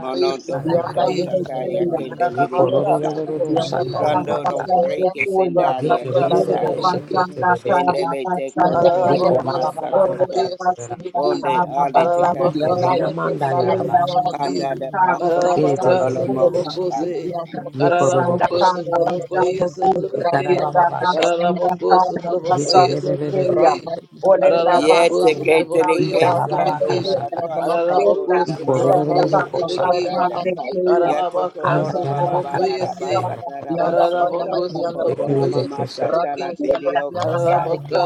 S3: Monondo
S8: yanda
S3: koto
S1: yarabaka.
S8: yesi kabari
S3: takaya
S8: yanda.
S3: kendele
S2: Ararabacas,
S3: mosa.
S2: outra
S1: Yekorororororo
S8: Yanda
S1: shanda
S2: bocoíça,
S8: kona
S2: outra
S3: Rando
S8: maka
S3: no
S2: daqui.
S1: yarabakasha.
S8: kabari
S3: Horeke Sendaria
S8: Bakona
S2: Rabacas, outra
S1: Yekerererere
S8: yesi
S3: Kisande.
S2: bocoíça, outra
S1: sheketerereke.
S2: daqui.
S3: Shendele Teko
S8: yanda kaya
S4: you.
S3: Toroda
S2: Ararabacos,
S8: bako.
S2: outra
S4: Orera
S3: Masakoto.
S2: bocoíça,
S1: Yekobabababakashata
S2: outra
S4: basanda
S2: daqui.
S1: yarabakasha.
S3: Onde
S4: kaba
S3: Ale
S4: basando
S3: Tekate
S2: Ararabacos,
S8: Yanda
S4: koya.
S2: outra
S8: yesi
S3: Leloko
S1: Ikomamamanda
S8: kanala
S3: So.
S2: bocoíça,
S4: Yenda
S2: outra
S8: bakona
S1: yarabasha.
S2: daqui.
S8: yanda.
S4: basanda
S3: Panda da
S4: kaba
S3: Basso
S1: Ye
S8: Rata
S1: te
S4: basando
S2: Ararabacas,
S3: Kotolo
S1: gere de
S8: shina
S2: outra
S4: koya.
S1: keshe.
S3: Mosaka.
S8: yiki
S2: bocoíça.
S8: yanda
S4: Yenda
S1: Ye
S8: makona
S1: koro ro
S4: basanda
S8: maka
S2: Ararabacos,
S1: koshe.
S8: kabari
S4: kaba
S2: outra
S8: yanda.
S4: basando
S2: bocoíça,
S4: koya.
S2: outra
S8: Randa
S2: daqui.
S1: Itara
S8: yese
S4: Yenda
S1: baba basha.
S4: basanda
S2: Ararabacos,
S4: kaba
S2: outra
S1: Ye kere
S2: bocoíça,
S4: basando
S1: de de
S2: outra
S1: de de
S4: koya.
S2: daqui.
S1: keshe.
S4: Orera
S2: Ararabacos,
S3: Yete
S4: basanda
S2: outra
S3: Ketere
S4: kaba
S1: Ita
S2: bocoíça, outra
S1: baba
S4: basando
S2: daqui.
S1: baka
S3: Keselandola La
S4: koya.
S1: shata.
S3: Caso
S4: Yenda
S3: Kotola
S2: Ararabacos,
S1: I
S3: La
S2: outra
S1: koro ro ro
S4: basanda
S1: ro
S2: bocoíça,
S1: ro
S3: Masakoto
S2: outra
S4: kaba
S1: kosha
S3: Uri
S8: kare
S1: ta.
S2: daqui.
S3: Kanda.
S4: basando koya.
S3: Yato
S2: Ararabaka
S1: Anda
S4: Yenda
S3: Kotora
S1: gara baka
S3: Bababana
S4: basanda
S1: shata
S2: sotabokoyese.
S1: ro
S4: kaba
S1: ro
S3: Rabasa
S1: ro
S4: basando
S1: kosha.
S8: yanda
S3: Tarabasoko.
S2: Ararabako
S11: Thank
S4: koya.
S1: Te
S3: Hoto
S8: Kanamakianamako,
S1: kere de
S3: Mama
S2: sotabokoyese
S1: keshe.
S2: tebeki.
S3: Masatala
S8: Ratas
S3: Tedioko Sa.
S2: Ararabaka
S8: Kamakianamasaki,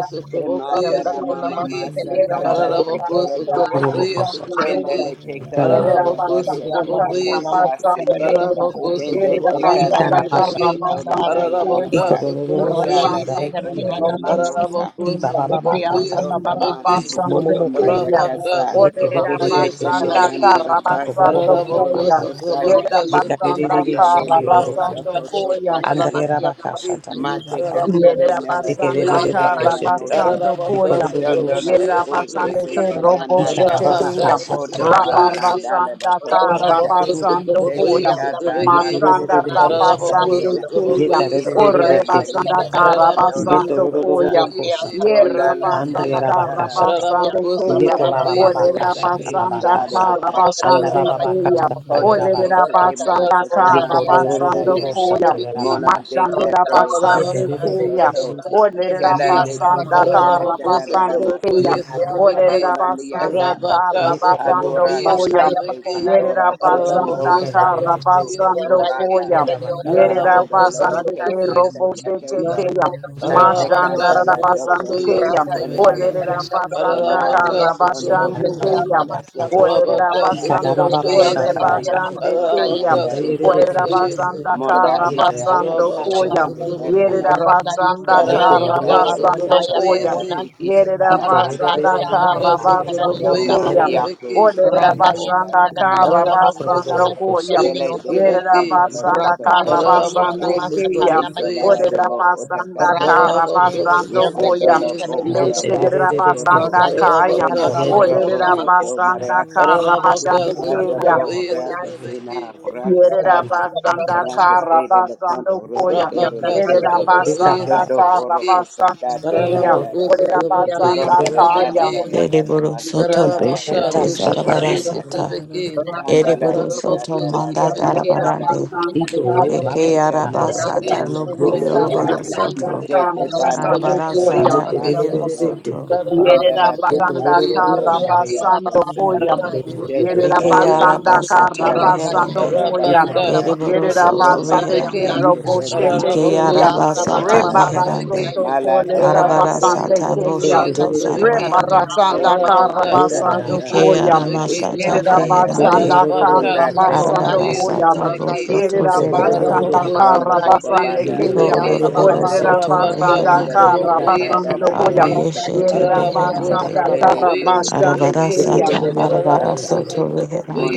S8: yanda
S2: sotabokoyese
S3: Shematara mama
S2: tebeki.
S3: masa kanda
S2: Ararabako
S3: kotolo
S1: I
S3: doka.
S1: koro ro
S2: sotabokoyese
S1: kosha.
S2: tebeki.
S3: chendele te
S1: Itara
S3: kandala la
S2: Ararabako
S3: baso kotolo la
S2: sotabokoyese.
S3: basike.
S2: Ararabako
S3: chende te
S2: sotabokoyese
S4: Yerabasanda
S3: kandala
S1: itara
S3: to
S1: basha
S2: tebeki.
S1: ta.
S3: kotolo ndaya
S8: asataya.
S1: I
S2: Ararabaka
S3: kesa.
S1: koro ro ro ro ro
S8: Randa
S3: Shala
S1: shanda
S2: sotabokoyese.
S8: yese
S3: te
S1: re ki
S8: kare
S1: ye te
S3: kandala no
S1: beshe.
S8: yanda
S3: mosa.
S2: Ararabako
S1: I baba baba
S2: sotobokoye
S8: Ekeyasa
S1: kata.
S3: Boto
S8: Baba
S2: sotobeki.
S3: tamata
S1: I ko
S8: kukunda
S1: mo mo
S3: bukoto
S1: mo
S8: yeki
S1: ko
S3: maya
S8: kanero
S1: baha.
S8: po
S2: Rabaka
S3: kasa.
S1: Ye kere de
S8: ronda
S1: de
S6: Yeah.
S2: sotobokoye
S1: de
S8: yeki
S3: Shete
S8: kanada
S3: mada
S2: sotobeki.
S8: baki
S3: nara
S1: I ko bo
S3: basa
S1: bo
S6: Shana
S1: bo ko
S8: biliyon
S2: Ararabako
S3: kotolo
S1: basha ta.
S3: kosaya.
S2: sotoboka
S8: ronda
S1: Ye
S8: yeki
S4: Karabasando
S2: soti.
S1: kere de
S8: kanada
S1: de de
S8: yeki
S3: Pandalele
S8: nabaki
S1: shikiro ro
S3: mosa
S2: Rabaka
S3: koto
S4: Koya.
S2: sotobokoye
S8: kanada
S3: takaya.
S1: Andayera
S8: baki yana
S2: sotobeki.
S1: bakashata
S8: makunda yeki
S3: Mate
S1: bakasha.
S2: Ararabako
S8: kanada
S3: katare
S8: yoktu
S3: nala te
S4: Yerabasanda
S2: sotobokoye.
S8: asa
S1: Ekerebebebe
S3: katara da
S8: bayi
S1: keshete.
S8: kanada
S3: mosa.
S4: Karabasando
S8: yoktu
S2: Ararabaka
S4: Koya.
S8: kunda
S3: Don't
S8: yeki
S1: Vikorururu
S3: don't Dondono
S2: sotrobokoye
S1: shata
S3: Urike
S4: Yerabasande
S1: bakasha.
S2: sotrobeki.
S4: Ke
S3: Seta
S8: kanada baki
S4: Robo
S8: yana
S3: Nanaya.
S1: Ikaraba
S2: Arabaka
S8: makunda
S4: Sheteya.
S1: bakasha
S8: yeki
S3: Kota
S8: Video
S3: Bala
S2: sotrobokoye
S8: yoktu
S1: bakasha.
S2: se.
S3: Nandala the
S4: Rabarasanda
S3: Koto
S8: ronda
S3: Sha.
S2: Ararabako
S8: yeki
S1: Itorururu
S4: Karabasando
S1: shata.
S8: yeki
S3: Sete
S2: sotrobokoye
S4: Koya.
S8: yana
S3: Kata
S8: baki
S2: sotrobeki.
S3: La
S8: yana
S4: Masanda
S3: Koto
S8: makunda
S1: Yekerebebebe
S8: yeki
S3: Koto
S1: keshete.
S2: Ararabako
S8: kanada
S4: Rabasande
S3: Tayena.
S8: yoktu
S4: Keya.
S2: sotrobokoye
S8: ronda
S1: Yetarebebebe
S3: Iketa
S2: sotrobeki.
S8: yeki
S4: Orebasanda
S1: keshete.
S3: Nayika
S8: kanada
S2: Ararabaka
S3: Tarandola
S8: yoktu
S3: the
S4: Karabasando
S3: Kota.
S1: Yetorururu
S4: Koya.
S2: sotrobokoye se.
S1: koshata.
S2: Believe we
S3: Ponda Landa
S2: receive.
S4: Yerabasanda
S1: Andayera
S3: Katala
S1: bakashata.
S4: Karabasande
S2: Ararabako
S4: Keya.
S1: Yeko baba
S3: Kondalele
S2: sotrobokoye
S1: baba
S3: boho sate
S2: sotrobeki.
S1: kashata baba
S4: Olerabasanda
S3: madale
S1: kasha.
S3: le kata
S2: Ararabaka
S1: Anda
S4: Karabasande
S1: baba
S3: sato.
S2: sotrobokoye
S4: Keya.
S1: bakashata
S3: Hoto
S1: yera
S2: sotrobeki.
S3: voto ke
S1: bakashata.
S4: Olerabasanda
S3: masate
S2: Ararabako
S1: Yeko
S3: mandala
S4: Karabasando
S2: sotrobokoye
S3: daya.
S1: dorururu
S4: Koya.
S1: shata yera
S2: sotrobeki.
S3: Mola de
S1: bakashata.
S4: Masandera
S3: katele
S2: Rabaka,
S3: kato
S4: basande
S1: Yebebebe
S4: keya.
S3: sokoto.
S1: keshete.
S4: Olerera
S1: Yeko
S3: Kelande te
S1: mama mama.
S4: basanda
S3: ketele
S4: kara
S3: tele dada
S4: basande
S3: maso
S1: Ye
S4: keya.
S3: kotono
S1: karaba baba
S4: Olerera
S3: kodona
S4: basanda
S3: niasa.
S4: kara
S1: ye
S11: you.
S4: basando
S3: Alora
S1: kororo
S3: que te
S4: koya.
S8: Makaya
S6: Get
S8: makana
S3: ekandora
S4: Yerera
S8: yusa kalalata.
S11: Thank
S1: ye
S4: basanda
S3: kusundora
S1: karebe
S4: kara
S3: rakantu
S1: beshete
S8: Yana
S4: basando
S8: yusa
S3: kusuranda.
S4: koya.
S1: oda
S8: kalalata.
S1: batata
S4: Yerera
S3: Shalando lo do
S4: basande
S3: que
S8: Rata
S4: ke
S8: ki
S3: sata
S4: robo shete
S8: yana
S3: yakenda.
S4: keya.
S8: kona yusa
S3: Shete
S1: ikaraba
S2: Rabaka,
S4: Masandara
S3: kandala
S8: kalalata.
S4: basande
S3: dokoto
S4: keya.
S8: Rata yusa
S3: sanaya.
S4: Olerera
S8: kalalata. kona
S4: basanda
S8: yusa
S3: Shanalia
S4: kara
S3: kondo
S8: Randa is
S4: basande
S1: ikaraba
S4: keya.
S3: tukandara te
S1: batata
S8: the
S4: Olerera
S3: okasata.
S4: basando
S1: ikaraba baba
S3: Ronda
S4: kore
S1: shata
S3: bayo
S1: yata
S4: basande
S3: koto
S4: keya.
S1: ikunda
S3: manandarike
S1: yerere
S4: Orera
S3: se.
S1: keshete
S4: basanda
S3: Monda
S4: kara
S1: ye
S3: lide
S1: kanda
S4: basando
S1: yata
S3: akoso ta
S1: shata
S4: koya.
S3: ketele
S1: yata
S3: na.
S4: Yerera
S2: Rabaka,
S4: basanda
S3: Tele
S1: ye
S3: te
S4: kara
S2: Ararabaka
S1: kondororo
S3: kandale latik
S4: basando
S2: sotraboko
S1: kosata
S3: koto
S4: koya.
S3: la
S2: yese.
S3: tik ishe
S4: Yerera
S1: iterebe
S3: kandale
S4: basanda
S3: te
S2: Rabaka
S4: kara
S1: keshete
S2: sotraboko
S4: basando
S2: yese
S3: Uma
S4: koya.
S1: yera rara
S3: Yako
S2: trebeki.
S4: Orera
S3: Shakana
S1: yera
S3: Oka
S4: basanda kara
S3: Yako
S2: Ararabako
S3: Santa
S4: basando
S1: kororo
S2: sotraboko
S4: koya.
S1: kosata
S3: Sele
S2: yese
S3: Dele
S4: Yerera
S2: trebeki.
S3: Kondolo
S4: basanda
S6: it,
S4: kara
S3: Tokoto
S1: karaba
S2: Ararabako
S3: Osala
S4: basande koya.
S2: sotraboko
S3: Isala
S2: yese.
S4: Orera
S3: Dobo
S4: basanda
S3: Otakatare
S4: kara
S2: Ararabako
S1: kororo
S4: basando
S1: kosata
S2: sotraboko
S4: koya.
S3: Isandoro bo
S2: yese.
S1: ye
S3: oraba
S4: Mesherera
S1: terebe
S3: sokoto.
S4: basanda
S1: keshete
S4: kaya.
S2: Ararabaka
S3: Chendo
S8: Canada
S1: yera
S8: Bakion
S3: orobo
S1: baba
S4: Orera
S2: sotraboko.
S3: soto
S1: shata
S8: Namako,
S4: basanda kara
S3: mariakasa.
S1: yata
S2: Ararabaka
S3: Pata
S4: basande
S3: bo
S8: Akaya
S2: sotraboko yese
S8: Bokona,
S3: orakasina
S2: trebeki.
S8: the Kunayet,
S3: orakatana.
S8: the
S4: Yerabasanda
S8: Kadabakana,
S3: Orakatele le kondo
S4: Karabasando Koya.
S3: orakatele
S2: Rabaka
S3: le
S8: Yamdakaya
S3: kende.
S8: Bokre,
S2: sotraboko
S4: Yerabasanda
S2: yese
S1: Ikarababa,
S3: Chendo
S2: trebeki.
S3: oroko
S4: Karabasando
S3: sanda
S4: Kaya.
S3: tatanda
S2: Ararabako
S3: rada.
S2: sotraboko
S8: Luciana
S4: Orabasanda
S2: yese
S3: Ronda da da
S8: Makaya
S3: da
S4: Kaya.
S3: da
S2: trebeki.
S8: Bokona,
S3: da da da
S7: Ereboro
S3: masa ta
S7: soto
S8: Luciana
S3: da da
S2: Ararabaka
S3: da
S7: beshete
S8: Makona,
S3: bo
S8: the
S3: soto
S2: sotraboko
S7: zarabara
S3: baya
S8: Kadabakona,
S3: se.
S7: sata.
S2: sotrabeki.
S8: Raka,
S11: you.
S3: Pandala
S7: Ereboro
S3: te
S2: Ararabaku
S7: soto
S3: kanda
S7: manda
S3: randa
S8: Luciana
S3: te
S8: Makona,
S2: Satrabekisi,
S3: kanda.
S7: darabarando.
S8: the
S4: Yerabasanda
S3: Shete
S8: Kadabakona,
S7: Eke
S2: Ararabaku
S3: teke
S4: Karabasando
S7: araba
S3: nara
S2: Satrabeki,
S4: Koya.
S8: Raka,
S3: dodo
S7: sata
S3: doko
S7: loko
S2: Satrabeki,
S3: sota.
S7: yoroboro
S8: Shumakia,
S4: Yerabasanda
S7: soto.
S3: Shete
S8: and
S2: Rayabasa
S3: banda
S8: Ronda
S3: da
S4: Karabasando
S8: is
S2: Trabaku
S8: the
S7: Arabara
S3: da da
S4: Koya.
S3: da
S7: sata
S2: Satrabeki,
S8: Kadabakian
S7: rehero
S3: basoto.
S7: soto.
S8: Makuna,
S2: Ararabaku
S8: Raka,
S4: Yerera
S3: Pandala te
S2: Satrabaku
S4: basanda
S3: pasato
S4: kara
S8: Luciana
S6: Shit.
S2: Satrabeki,
S3: Maria
S4: basando
S8: Makona,
S3: kosa.
S8: the
S4: koya.
S2: Ararabaku
S3: Shete
S4: Yerera
S7: Eke
S2: Satrabaku
S8: Kadabakona,
S3: kandala
S7: araba
S4: basanda
S3: teke
S2: Satrabeki,
S4: kara
S7: sata
S8: Rana
S6: Russia.
S3: tako
S8: is
S4: basando
S8: the
S7: reherande.
S3: ora
S4: koya.
S2: Arabaka
S8: Kalabiyanda
S3: basata.
S7: Ereboro
S8: Pakuna
S4: Yerera
S2: Satrabaku
S8: Master
S7: soto
S3: Porondo
S4: basande
S2: Satrabeki,
S3: tata
S7: reherande.
S4: kero
S8: Kalayanda
S3: kepela
S4: boshete
S7: Ike
S3: ndele
S2: Ararabaku
S3: di
S4: keya.
S7: araba
S2: Satrabaku
S7: sata
S3: kosotana.
S2: Satrabeki,
S7: meherande.
S4: Rebarasoto
S3: Mala
S4: kolera
S3: teka
S7: Arabara
S2: Ararabaku
S3: dala no
S4: basande
S7: sata
S2: Satrabaku
S4: keya.
S3: kosoto
S7: boshoto
S3: koya.
S2: Satrabeki,
S7: zarabarande.
S4: Rebarasanda
S3: Shende de
S4: kara
S2: Ararabaka
S3: katala
S4: basando
S2: Satrabaku
S3: dana
S7: Eke
S4: koya.
S3: da
S7: arama
S2: Satrabeki,
S3: moso
S7: sata
S4: Yerera
S3: kotaya.
S7: beherande.
S4: basanda
S2: Ararabaka,
S4: kara
S3: Sundatele
S4: basando
S7: Arabara
S2: Sotrabokoye,
S3: akese
S4: koya.
S7: sata
S3: tele
S2: Sotrabeki,
S7: boshoto
S4: Yerera
S3: kosoteya.
S7: zerebarande.
S4: basanda
S2: Ararabako,
S3: Rondo
S4: kara
S11: Thank
S3: baba
S2: Sotrabokoye,
S4: basande
S3: banda la
S4: keya.
S7: Iko
S2: Sotrabeki,
S3: basa
S7: loroboro
S3: kande.
S4: Olerera
S7: soto
S2: Rabaka,
S4: basanda
S3: Shendele
S7: reherande.
S3: te
S4: kara
S2: Sotrabokoye,
S4: basando
S3: kandala
S4: koya.
S3: toro
S2: Sotrabeki,
S3: koto
S7: Abiyeshete
S4: Yerera
S3: hise.
S2: Ararabako,
S7: beherande.
S4: basanda
S3: Kele
S4: kara
S3: te
S2: Sotrabokoye,
S4: basande
S3: ilele
S7: Arabara
S2: Sotrabeki,
S4: kuya.
S7: sata
S3: kondolo
S7: marabara
S3: kotasa.
S2: Ararabako,
S7: soto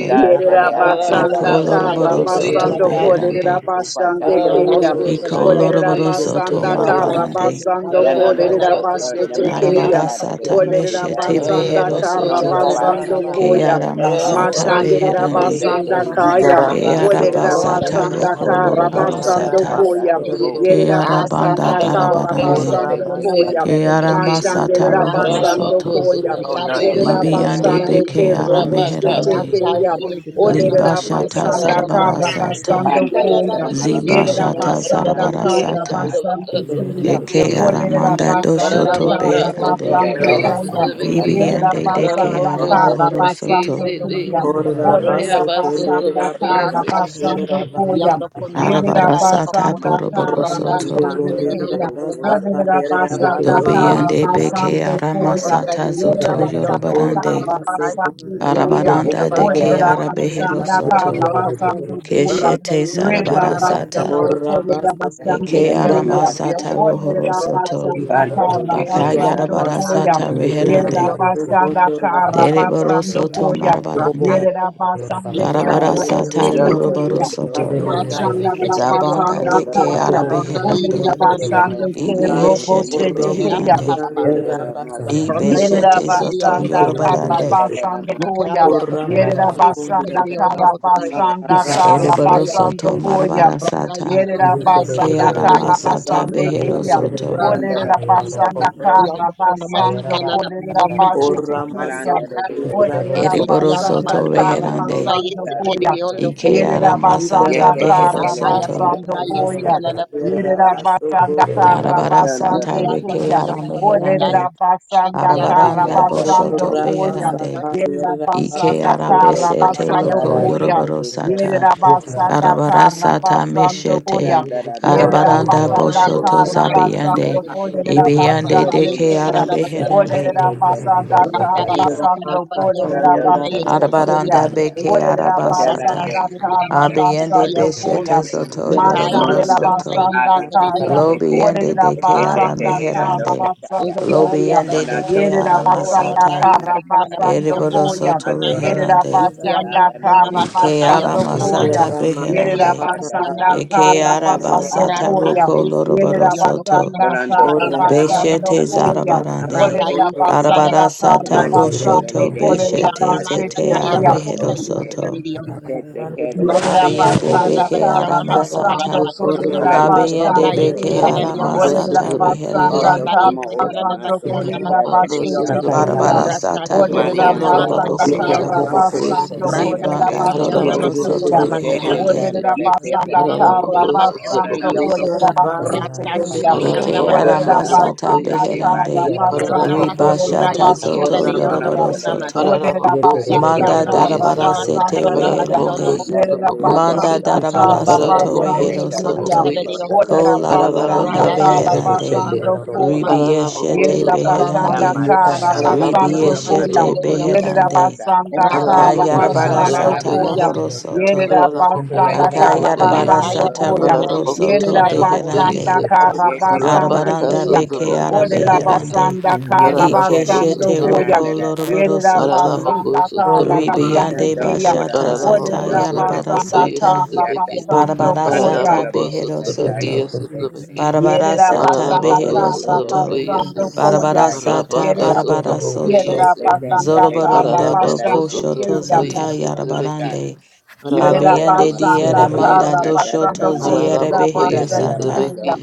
S1: Thank you.
S3: tele
S4: Yerera basanda
S2: Ararabaka,
S7: Iko
S3: akasandele leo
S4: kara
S7: loroboro
S2: Sotrabokoye,
S3: kosa
S7: soto
S4: basando
S3: paya.
S2: Sotrabeki,
S4: kolerera
S7: beherande.
S4: basande
S3: Upatala
S4: kuya.
S3: base
S2: Ararabako,
S3: de
S7: Iko
S3: banda
S4: Olerera
S3: de
S7: loroboro
S2: Sotrabokoye,
S3: bo
S7: soto
S6: Russia.
S4: basanda
S3: oria
S2: Sotrabeki,
S4: kara
S3: Casa
S8: Rakashin,
S7: marabarande.
S4: basando
S8: Tanya
S3: Shenandoah,
S8: Makuna,
S4: kolerera
S2: Ararabaka,
S3: uh,
S4: basete
S2: Sotrabokoye,
S4: kuya.
S7: Darabara
S3: Namasakara, the
S7: sata
S4: Olerera
S8: Ikiatabakiamamakuna,
S7: meshete
S3: Kisikaria,
S4: basanda
S7: behero
S2: Ararabako,
S4: kara
S7: soto.
S3: Pronto Baye,
S4: basando
S2: Sotrabokoye,
S11: you.
S4: kuya.
S8: Ikiatabakiamaka,
S7: Keara
S3: Casada, the Casa,
S7: masata
S2: Ararabako,
S8: Rasa
S4: Mashanderera
S11: Thank you.
S7: beherande.
S3: Ponda
S2: Sotrabeki,
S4: basanda
S3: de
S4: kaya.
S3: Nananda,
S8: Shiriamakiamaki,
S3: the
S7: Keara
S4: Olerera
S3: Delco
S8: Ronda
S7: basata
S3: Sota,
S4: basanda
S7: roko
S2: Ararabaka,
S4: kara
S7: loroboro
S3: Ponda da
S4: basando
S7: sata.
S3: Basa,
S4: kuya.
S8: Yisakalayamakukunamaki,
S2: Sutra
S3: Cabo,
S4: Yerera
S7: Keara
S8: Asaba
S7: banda
S3: Yosokota,
S4: basanda kara
S7: darabarande.
S3: Sendere,
S4: basando
S3: the
S4: koya.
S8: Yisakunamakukunamaki,
S3: Candere,
S7: Keara
S3: Delino,
S7: masata
S4: Mashanderera
S8: Randa
S7: rohoro
S3: Yosotaya,
S4: basando
S7: soto.
S4: koya.
S3: Ponda da
S4: Yerera
S3: Basa,
S7: Libiande
S4: basande
S8: Yisakalayamakukunamaki,
S4: ke
S7: beke ara
S4: robo sete ke
S7: meherande.
S8: Rasa
S4: ya. Olerera
S7: Libashata
S4: basanda
S8: Shiriamakukunamaki,
S4: kara
S7: zarabarasata.
S4: basando
S3: Pandara da
S4: koya.
S3: Maso,
S4: Yerera
S7: Zibashata
S3: Cotoro,
S4: basanda
S3: Cotara
S4: kara
S3: da
S8: Ikalamakiamakunamaki,
S7: zarabarasata.
S3: Masa,
S4: basando koya.
S8: Yukio
S7: Eke
S4: Olerera
S7: aramanda
S8: Tomokumani Kukana
S4: basanda
S8: de
S7: doshoto
S4: kara
S8: Ondakun,
S7: beherande.
S3: Pandara da
S4: basando
S8: Ora
S4: koya.
S8: Sashi,
S4: Yerera
S8: Hilana
S3: Masa,
S7: Ibiande
S8: Nama
S7: deke
S4: basanda
S7: ara
S8: Masaka,
S3: Ponda
S4: kara
S8: Yukio
S4: basando
S7: mohorosoto.
S6: Get
S4: koya.
S8: Namakana Makete de
S4: Olerera
S10: basso con
S8: Ondakun,
S4: basanda
S3: da
S4: kara
S8: Ratashi,
S10: la
S4: basando koya.
S10: bassa,
S8: Yandakun
S3: Don't
S8: Namasaka
S7: Arabarasata
S8: Yabakun,
S4: Yerabasanda Karabasando
S8: Ronda
S10: Oramaso
S7: boroborosoto.
S8: Yisekana de
S10: kundera
S8: Ondakuna,
S10: basa kandera
S8: Shikia
S10: baso
S8: Sababa,
S7: Dobiande
S10: kutura
S7: beke
S10: basa.
S7: ara
S8: Ronda
S7: masata zoto
S8: Yisekana de Ondakuna
S7: yorobarande.
S10: Oramaso
S8: Masaka,
S10: kundera
S8: Yikia
S1: Iko
S10: basa
S1: bobo
S7: Arabaranda
S1: boko ba.
S8: Sabakion
S7: deke
S10: kandera
S7: ara
S11: Thank
S8: Namakuna
S11: you.
S10: basa
S8: Yisekana
S1: Yoko
S8: de
S7: beherosoto.
S1: de de
S10: kakara
S1: de de
S8: Ondakun,
S10: masa.
S1: de de.
S8: Ronda
S7: Keshete
S1: Yoko
S8: Yisekana
S1: ba ba ba
S8: Bakion
S7: zarabarasata.
S1: ba.
S8: Namasaki,
S10: Orabaso
S8: Yet
S7: Eke
S10: kundera
S1: Iya ra
S8: come
S10: basa
S7: arama
S8: at
S1: ba ba.
S8: the
S7: sata
S8: other,
S10: kakara
S7: rohoro
S8: God that
S7: soto.
S8: is the
S1: Ika ra
S8: spirit
S1: ba.
S8: of prayer,
S7: Baka
S8: God
S7: yarabara
S10: basa
S8: has
S7: sata
S8: him,
S1: Yete de
S10: kandera
S1: de
S8: the
S1: de
S7: reherande.
S8: other
S1: de
S10: baso
S1: de.
S8: woman of the
S10: kutura basa.
S8: Hanalabato,
S7: Dereboro soto
S4: Koya.
S1: Iko Bobo
S8: God has
S1: boko
S7: marabarande.
S8: him, the
S1: de ra ba ba
S4: Yerabasande
S1: ka.
S8: Piata
S7: Darabara
S4: Kiribobo
S7: sata
S10: Ayandera
S4: Sete
S8: Bayon,
S6: it,
S10: robo
S7: moroboro
S4: Kaya.
S1: Ike de
S7: soto.
S1: de
S8: Run
S1: de
S10: shikandera
S1: de
S8: like
S10: basa
S1: de
S8: eight
S1: de.
S4: Mashandara
S6: Yeah.
S8: secretary on the
S7: Zabanda
S4: basanda
S8: whole,
S10: robo.
S7: deke
S1: Iko
S4: kaya.
S1: de de
S8: run
S1: de
S8: the eight
S1: de
S4: Olenda
S7: arabeherande.
S1: de de
S8: secretary
S1: ra
S8: on
S1: ba.
S4: basande ke
S7: Ibi
S8: the
S10: Ati
S4: robo
S7: yeshete
S4: shete
S10: korobo
S8: Piata
S7: beherande.
S8: Baba,
S10: shikandera basa
S8: run
S7: Ibe
S8: the eight
S4: Yerida
S7: shete
S10: kandera
S8: secretary on
S7: soto
S8: the
S1: Ike
S4: basanda
S1: de de de de de de. Ike de de de
S8: Ponamata.
S4: karda
S1: de
S7: yorobarande.
S1: de.
S4: basando koya.
S8: Nikaya, the
S10: Ora
S1: Ika ra
S8: Pona
S1: ba
S4: Yerida
S1: ba ba.
S8: is the
S4: basanda
S8: secretary
S10: Yerda
S8: on the
S4: karda
S10: Basa,
S8: Motai,
S4: basanda
S1: Ika
S10: Yerda
S1: ra ba
S4: karda
S1: ba.
S7: Ereboro
S8: Nikaya, the
S4: basando
S7: soto
S8: fool,
S4: koya.
S7: marabara
S8: run the eight
S7: sata.
S4: Yerida
S1: Yete
S8: secretary on
S1: de
S8: the
S1: de
S7: Ke
S1: de de
S4: basanda
S8: Motai,
S1: de
S4: karda
S7: arama sata
S4: basande
S7: behero
S1: Yete
S4: keya.
S1: de de de
S7: soto.
S8: run
S1: de de
S8: like
S4: Oderida
S8: Ronda
S4: basanda karda
S8: Yanda kona
S4: basando
S1: ra ba
S8: matsakala
S1: ka.
S8: na
S4: koderida
S1: Ika
S8: yanda
S1: ra ba ba.
S4: basete keya.
S3: Marandara
S8: kupatatu.
S1: Ika
S3: Dios
S1: de
S4: Oderida
S1: de
S8: Yeti
S7: Ereboro
S3: Ekatata
S8: yama
S4: basanda
S7: soto
S8: makiyanda
S4: karda
S3: Atanona
S8: makona
S7: reherande.
S3: Mosa
S4: basando
S8: yesi kedi
S3: Talia
S4: koya.
S8: yondo
S3: Cosa
S8: ko
S7: Ike
S1: de de
S4: Yerida
S7: arama sata
S4: basanda
S7: behero
S4: karda
S3: Yetekatele
S1: de.
S8: bakaya
S7: soto.
S3: Maria
S4: basando
S8: bakona
S3: Cosa
S10: Basa,
S8: yesi
S4: koya.
S8: kala
S1: Yarabakasha,
S8: la
S3: Totora
S8: bakona.
S4: Yerera
S3: Masa
S4: basanda kara
S7: Darabara sata
S8: Yeti
S3: Sandara
S4: basande
S8: yata
S3: Masa
S7: reke
S4: kuya.
S7: ara
S8: bakiyama makona.
S4: Olerera
S7: meherande.
S8: Sheti
S4: basanda
S8: yata
S1: Yarabakasha,
S4: kara
S7: Arabaranda
S6: Russia.
S8: bakiyama
S3: Sandara
S4: basando
S7: boshoto
S3: Masa
S8: makona
S4: kuya.
S7: beherande.
S8: rakashi.
S4: Yerera
S7: Ike
S4: basanda
S7: ara
S3: Sundo
S4: kara
S7: besete
S3: Toko
S8: Bakaya
S4: basando
S7: loko
S3: Tara
S8: bakona
S4: kuya.
S3: Nere
S7: yoroboro
S3: de
S7: sata.
S4: Yerera
S3: Casato Orana
S4: basanda
S3: Mosa
S7: Arabara
S4: kara
S7: sata
S4: basando
S7: meshete.
S4: kuya.
S11: Thank you,
S3: Sandara
S8: yanda
S4: Yerera
S3: Rabo
S8: yesi
S7: Arabaranda
S3: Ora
S8: kala la
S4: basanda
S7: boshoto
S3: Bakusa
S4: kara
S8: bakona yesi
S3: Tamasa
S7: zabiyande.
S4: basando
S8: kedi ko.
S4: olerera
S7: Ibiyande
S8: Randa
S4: basande
S3: Toko
S8: yesi
S7: deke
S3: Nere
S8: kala
S4: kuya.
S7: ara
S8: la
S3: Mosa
S8: bakiyama
S7: beherande.
S4: Olerera
S3: Vateke
S8: makona.
S4: basanda
S3: Taranda
S4: kara
S8: Randa yesi
S3: Yakata
S8: kala
S4: basando
S8: la bakiyama
S4: olerera
S8: makona
S3: Sandara
S4: basete
S8: yesi
S3: Cosa
S8: kedi
S4: kuya.
S7: Arabaranda
S8: yondo
S3: Talia
S8: ku.
S7: beke
S4: Olerera
S7: arabasata.
S4: basanda
S3: Shalanda
S8: Ratakshiriam
S4: kara
S7: Abiyande
S8: Namasakaya
S4: basando
S8: Bukon,
S7: beshete
S4: kuya.
S3: Yakata
S7: zoto
S8: Yukaya
S7: yoroboro
S4: Mashandela
S3: Molondo
S8: Bukonai
S10: Yerda
S7: soto.
S4: basanda
S3: Kabaya
S10: Basa,
S3: Kise
S4: kaya.
S8: Istikaririon Lupo,
S3: Pepe,
S7: Lobiende
S4: Orera
S7: de
S8: Ak
S3: Zekete
S7: Keara
S4: basanda kara
S3: Teledondo
S7: Meherande.
S3: Kataya,
S4: basando
S8: Ekea
S4: koya.
S7: Lobiende de
S3: Manato
S8: Dabatan,
S4: Yerera
S7: Keara
S3: Koto
S4: basanda
S8: Orada
S3: Sokota
S7: Masata.
S4: kara
S8: Yustikala
S3: Narakata,
S4: basando
S8: Dabakion
S7: Eriboro
S4: koya.
S7: Soto
S8: Namasakunan,
S3: Adoro
S4: Yerera
S7: Reherande.
S3: Bosa
S8: yikia
S4: basanda
S8: Namakun
S3: Talanda
S4: kara
S3: Yeke
S8: Namasakaya
S7: Ikeara
S6: Shaggy.
S4: basando
S10: Ante
S3: Taladoka,
S8: Bukonai,
S4: koya.
S7: Masata
S10: Rama
S8: yikia
S3: Tete
S4: Yerera
S10: Saka
S7: Beherande.
S8: Tabakion
S3: Candela
S10: Rama
S4: basanda
S10: Saka
S3: Toko
S8: Namasako,
S4: kara
S3: Tola
S7: Ekeara
S2: Bokoye,
S3: No
S4: basando
S7: Basata
S3: Yetala
S2: Sutra
S4: koya.
S7: Roko
S8: Arakashi,
S3: Natu
S2: Bokoye,
S7: Loroboro
S4: Yerera
S3: Sekina,
S8: Yondokun
S7: Soto.
S4: basanda
S10: O
S3: Molondo
S8: Namasakala
S4: kara
S2: Araraba
S10: Rama
S3: Kotada
S8: Dabakion
S3: da
S4: basando
S10: Saka
S7: Beshete
S8: Namakun,
S10: Rama
S3: Basa
S4: koya.
S10: Saka
S7: Zarabarande.
S8: Randa
S3: Kapahando
S4: Orera
S10: Rama
S3: Opesa,
S8: Yustikala
S7: Arabara
S4: basanda
S8: Dabakion
S4: kara
S7: Sata
S3: Mata
S8: Namasakun,
S4: basando
S7: Roshoto
S3: Tedele de
S2: sutrabaku.
S8: Yikia
S7: Beshete
S3: Mosa,
S7: Zete
S3: Tete
S8: Namasakaya
S7: Ara
S4: koya.
S10: Rama
S3: Tele de
S7: Mehero
S10: Saka
S8: Bukondai
S3: Yeke,
S7: Soto.
S8: Istikaririon Lupo.
S10: Rama
S3: Tete Candela
S8: Ronda
S4: Yerera
S8: is the yese
S3: Demo
S7: Kabiende
S3: Ora
S8: karada
S4: basanda
S7: Beke
S4: karra
S7: Ara
S8: bakiyanda
S3: Tessa
S8: masta karada
S4: basando
S7: Masata.
S10: O
S2: sutra
S8: bakiyanda.
S4: kolerera
S10: Rama
S2: boku, sutrabaku.
S3: Palate
S10: Saka
S3: ale
S8: Ronda
S7: Kabiende
S3: de
S4: basande
S10: Rama
S8: is the yese
S7: Beke
S3: koto
S4: keya.
S3: ba
S7: Ara
S8: karada
S2: ko
S8: the
S3: mamasa.
S4: Orerera
S8: buku.
S7: Masata
S2: sutra beki ya
S4: basanda
S7: Reherande.
S3: Oto
S8: Ronda
S2: sutra
S4: karra
S8: is
S3: kama
S8: the
S2: boku,
S3: ora
S8: yese the
S4: basando
S3: masa
S8: bakiyanda
S4: kolerera
S8: masta
S2: araraba
S3: katara
S2: ka
S3: te
S8: karada
S4: basete
S8: the
S2: sutra
S3: kanda
S2: boku
S3: ye.
S4: keya.
S7: Barabara
S2: yese,
S8: Rata
S10: O
S7: sata
S10: Rama Saka
S8: shiri
S7: boko
S10: Rama
S4: Orerera
S8: yanda
S3: Marianda ra
S8: masta
S2: araraba
S7: loroboro
S4: basanda
S2: ko
S3: te
S8: karada
S10: Saka
S7: soto.
S8: yanda
S4: karra
S2: sutra
S8: ku.
S3: katara
S2: boku yese
S3: toko
S4: basando
S2: te,
S8: Rata
S4: kolerera
S7: Zibanda
S3: pariante
S8: shiri
S3: sete.
S8: yanda
S2: araraba
S7: doroboro
S4: basete
S2: ko
S8: masta
S7: soto
S4: keya.
S8: kona
S2: sutra
S8: masta
S3: Te
S2: boku
S3: te
S8: ki.
S7: reherande.
S4: Orerera
S3: kandara
S8: the
S3: te
S8: yanda
S4: basanda
S8: masta
S3: katara te
S4: karra
S8: kona
S3: ko
S8: masta
S3: ola
S8: karada
S4: basando
S3: la
S8: yanda.
S3: mosa
S2: te
S4: kolerera
S6: Yeah.
S10: Rama
S3: kata.
S2: beki,
S10: Saka
S4: basete
S8: Rata
S4: keya.
S8: shiri
S3: Mondo
S7: Ike
S8: yanda
S2: araraba ko
S8: masta
S3: kota la
S4: Orerera
S7: arama
S3: la
S2: sutra
S8: kona
S2: boku
S7: sata
S8: the
S3: basa
S8: karada.
S4: basanda
S3: ke
S7: beherande.
S3: bana
S4: karra
S3: la
S8: Yete
S3: la
S8: yanda
S4: basando
S3: basa
S8: masta kona
S4: kolerera
S7: Ribashata
S3: kotaria.
S1: Yarabakasha,
S8: yese
S10: O
S7: zoto
S8: karada
S4: basete
S10: Rama Saka Rama
S8: yanda
S4: keya.
S7: yoroboro
S3: Malando la
S8: kona
S3: le
S8: masta
S7: soto.
S8: ki.
S1: Yarabakasha,
S4: Orerera
S3: kasanda ye
S8: the
S4: basanda
S7: Manda
S8: yanda masta
S1: Yarabakasha,
S4: karra
S2: Ararabakosotrobokoyese,
S8: kona
S7: darabara
S3: basa
S8: masta
S3: kata.
S7: sete
S1: Yarabakasha,
S4: basando koya.
S7: reherande.
S1: Thank
S8: the
S3: Malanda
S8: bakiyanda
S3: de
S4: Yerera
S3: le
S2: Ararabakosotrobokoyese,
S7: Manda
S4: Basanda
S3: akosa.
S4: Yerabasanda
S1: you.
S8: Rakashni,
S7: darabara soto
S3: Dendele
S8: Yondo
S3: de
S7: rehero
S4: Karabasando
S3: kato
S8: Kolamasa
S4: Kuyam.
S7: soto.
S8: Kalali
S2: Ararabakosotrobokoyese,
S3: sopota
S8: Yondo
S7: Ko
S8: Ko,
S7: larabaranda
S4: Orabasanda
S8: Rada is the
S3: Shelele
S7: beherande.
S8: Kalala
S2: Ararabakasotrobokoye,
S4: Karabasando
S3: kotoro
S8: Bakion
S3: kota
S4: Kuyam.
S3: kata.
S7: Ribieshete
S8: Randa
S2: Ararabakosotrobeke,
S7: beherande.
S4: Yerabasanda
S8: is the
S3: Samata da
S8: Kalala Bakion
S3: baso
S4: Karabasando
S3: no
S8: Namasa
S3: mata
S4: Kuyam.
S7: Ribieshete
S8: Kalali
S3: koto
S8: Yondo
S2: Ararabakosotrobokoyese,
S8: Ko,
S7: beherande.
S3: okata ba.
S4: Yerabasanda
S8: Rada is the
S3: Ababa
S7: Akayarabara
S8: Kalala
S4: Karabasando
S3: narara
S7: sata
S8: Bakion
S3: maso
S4: Kuyam.
S2: Ararabakosotrobokoyese,
S7: mohoro
S3: koto
S8: Namasa
S7: soto.
S3: sa.
S4: Yerabasanda
S3: Alaite ke
S2: Ararabakosotrobokoye,
S3: teleni
S7: Akayarabara
S4: Karabasando
S8: Bakaya
S3: kondoro
S7: sata
S3: ne
S4: Kuyam.
S8: Bakuna
S7: ruhoro
S8: is
S3: mire
S8: the
S7: soto
S3: kosa
S8: Kalala Bakuna,
S3: tamai.
S4: Yerabasanda
S2: Ararabakosotrobokoyese,
S7: beherande.
S3: Yete
S4: Karabasando
S3: kamato
S7: Arabaranda
S4: Kuyam.
S7: beke
S3: kotoro tokota.
S2: Arabakasotrobokosotrobeke,
S7: arabeherande.
S4: Orabasanda
S3: Yesa tere ke
S4: Karabasando
S7: Ikeshete
S4: Kuyam.
S7: roko
S2: Ararabakosotrobokoye,
S3: tarandara tero
S7: loroboro
S3: kotoro
S7: soto.
S3: no
S4: Yerabasanda
S3: masa.
S6: Russia.
S2: Ararabakosotrobokoye,
S4: Karabasando
S7: Ribiande
S3: Sando
S4: Kuyam.
S3: ora
S7: bashata
S3: maso
S7: zata
S4: Olele
S2: Ararabako
S3: do tura
S7: yarabara
S3: ke
S2: sotoboko
S4: basanda
S3: te te
S4: ka
S7: sata.
S3: lianda.
S2: yesetobeki.
S4: basando
S7: Barabara
S3: Andolo
S4: koya.
S7: sata
S3: la
S2: Ararabako
S3: mo
S7: behero
S3: sa ta
S2: sotobeki
S7: soto.
S3: yeke te se.
S2: yesetobeki.
S7: Barabara
S4: Yerera
S7: sata
S4: basanda
S3: Shekete
S2: Ararabako
S4: ka
S7: behero soto.
S2: sotoboko yese.
S4: basando koya.
S7: Barabara sata, Barabarasata
S2: Rabaka
S4: Yerera
S2: sotoboko
S7: barabarasoto.
S4: Yerera
S2: yese.
S10: Saka
S4: basanda kara
S7: Zorobarondo do
S2: Ararabako
S4: basando
S7: koshoto
S2: sotoboko
S4: koya.
S7: zata
S2: yesetobeki.
S7: yarabarande.
S4: Yerera
S2: Ararabako
S7: Abiende diere
S4: basanda
S2: sotoboko
S7: manda
S4: kara
S2: yese.
S7: do
S4: basando
S7: shoto ziere
S4: kolerera
S2: Ararabako
S7: behero
S4: basando
S7: sata.
S2: yesetobeki.
S4: koya.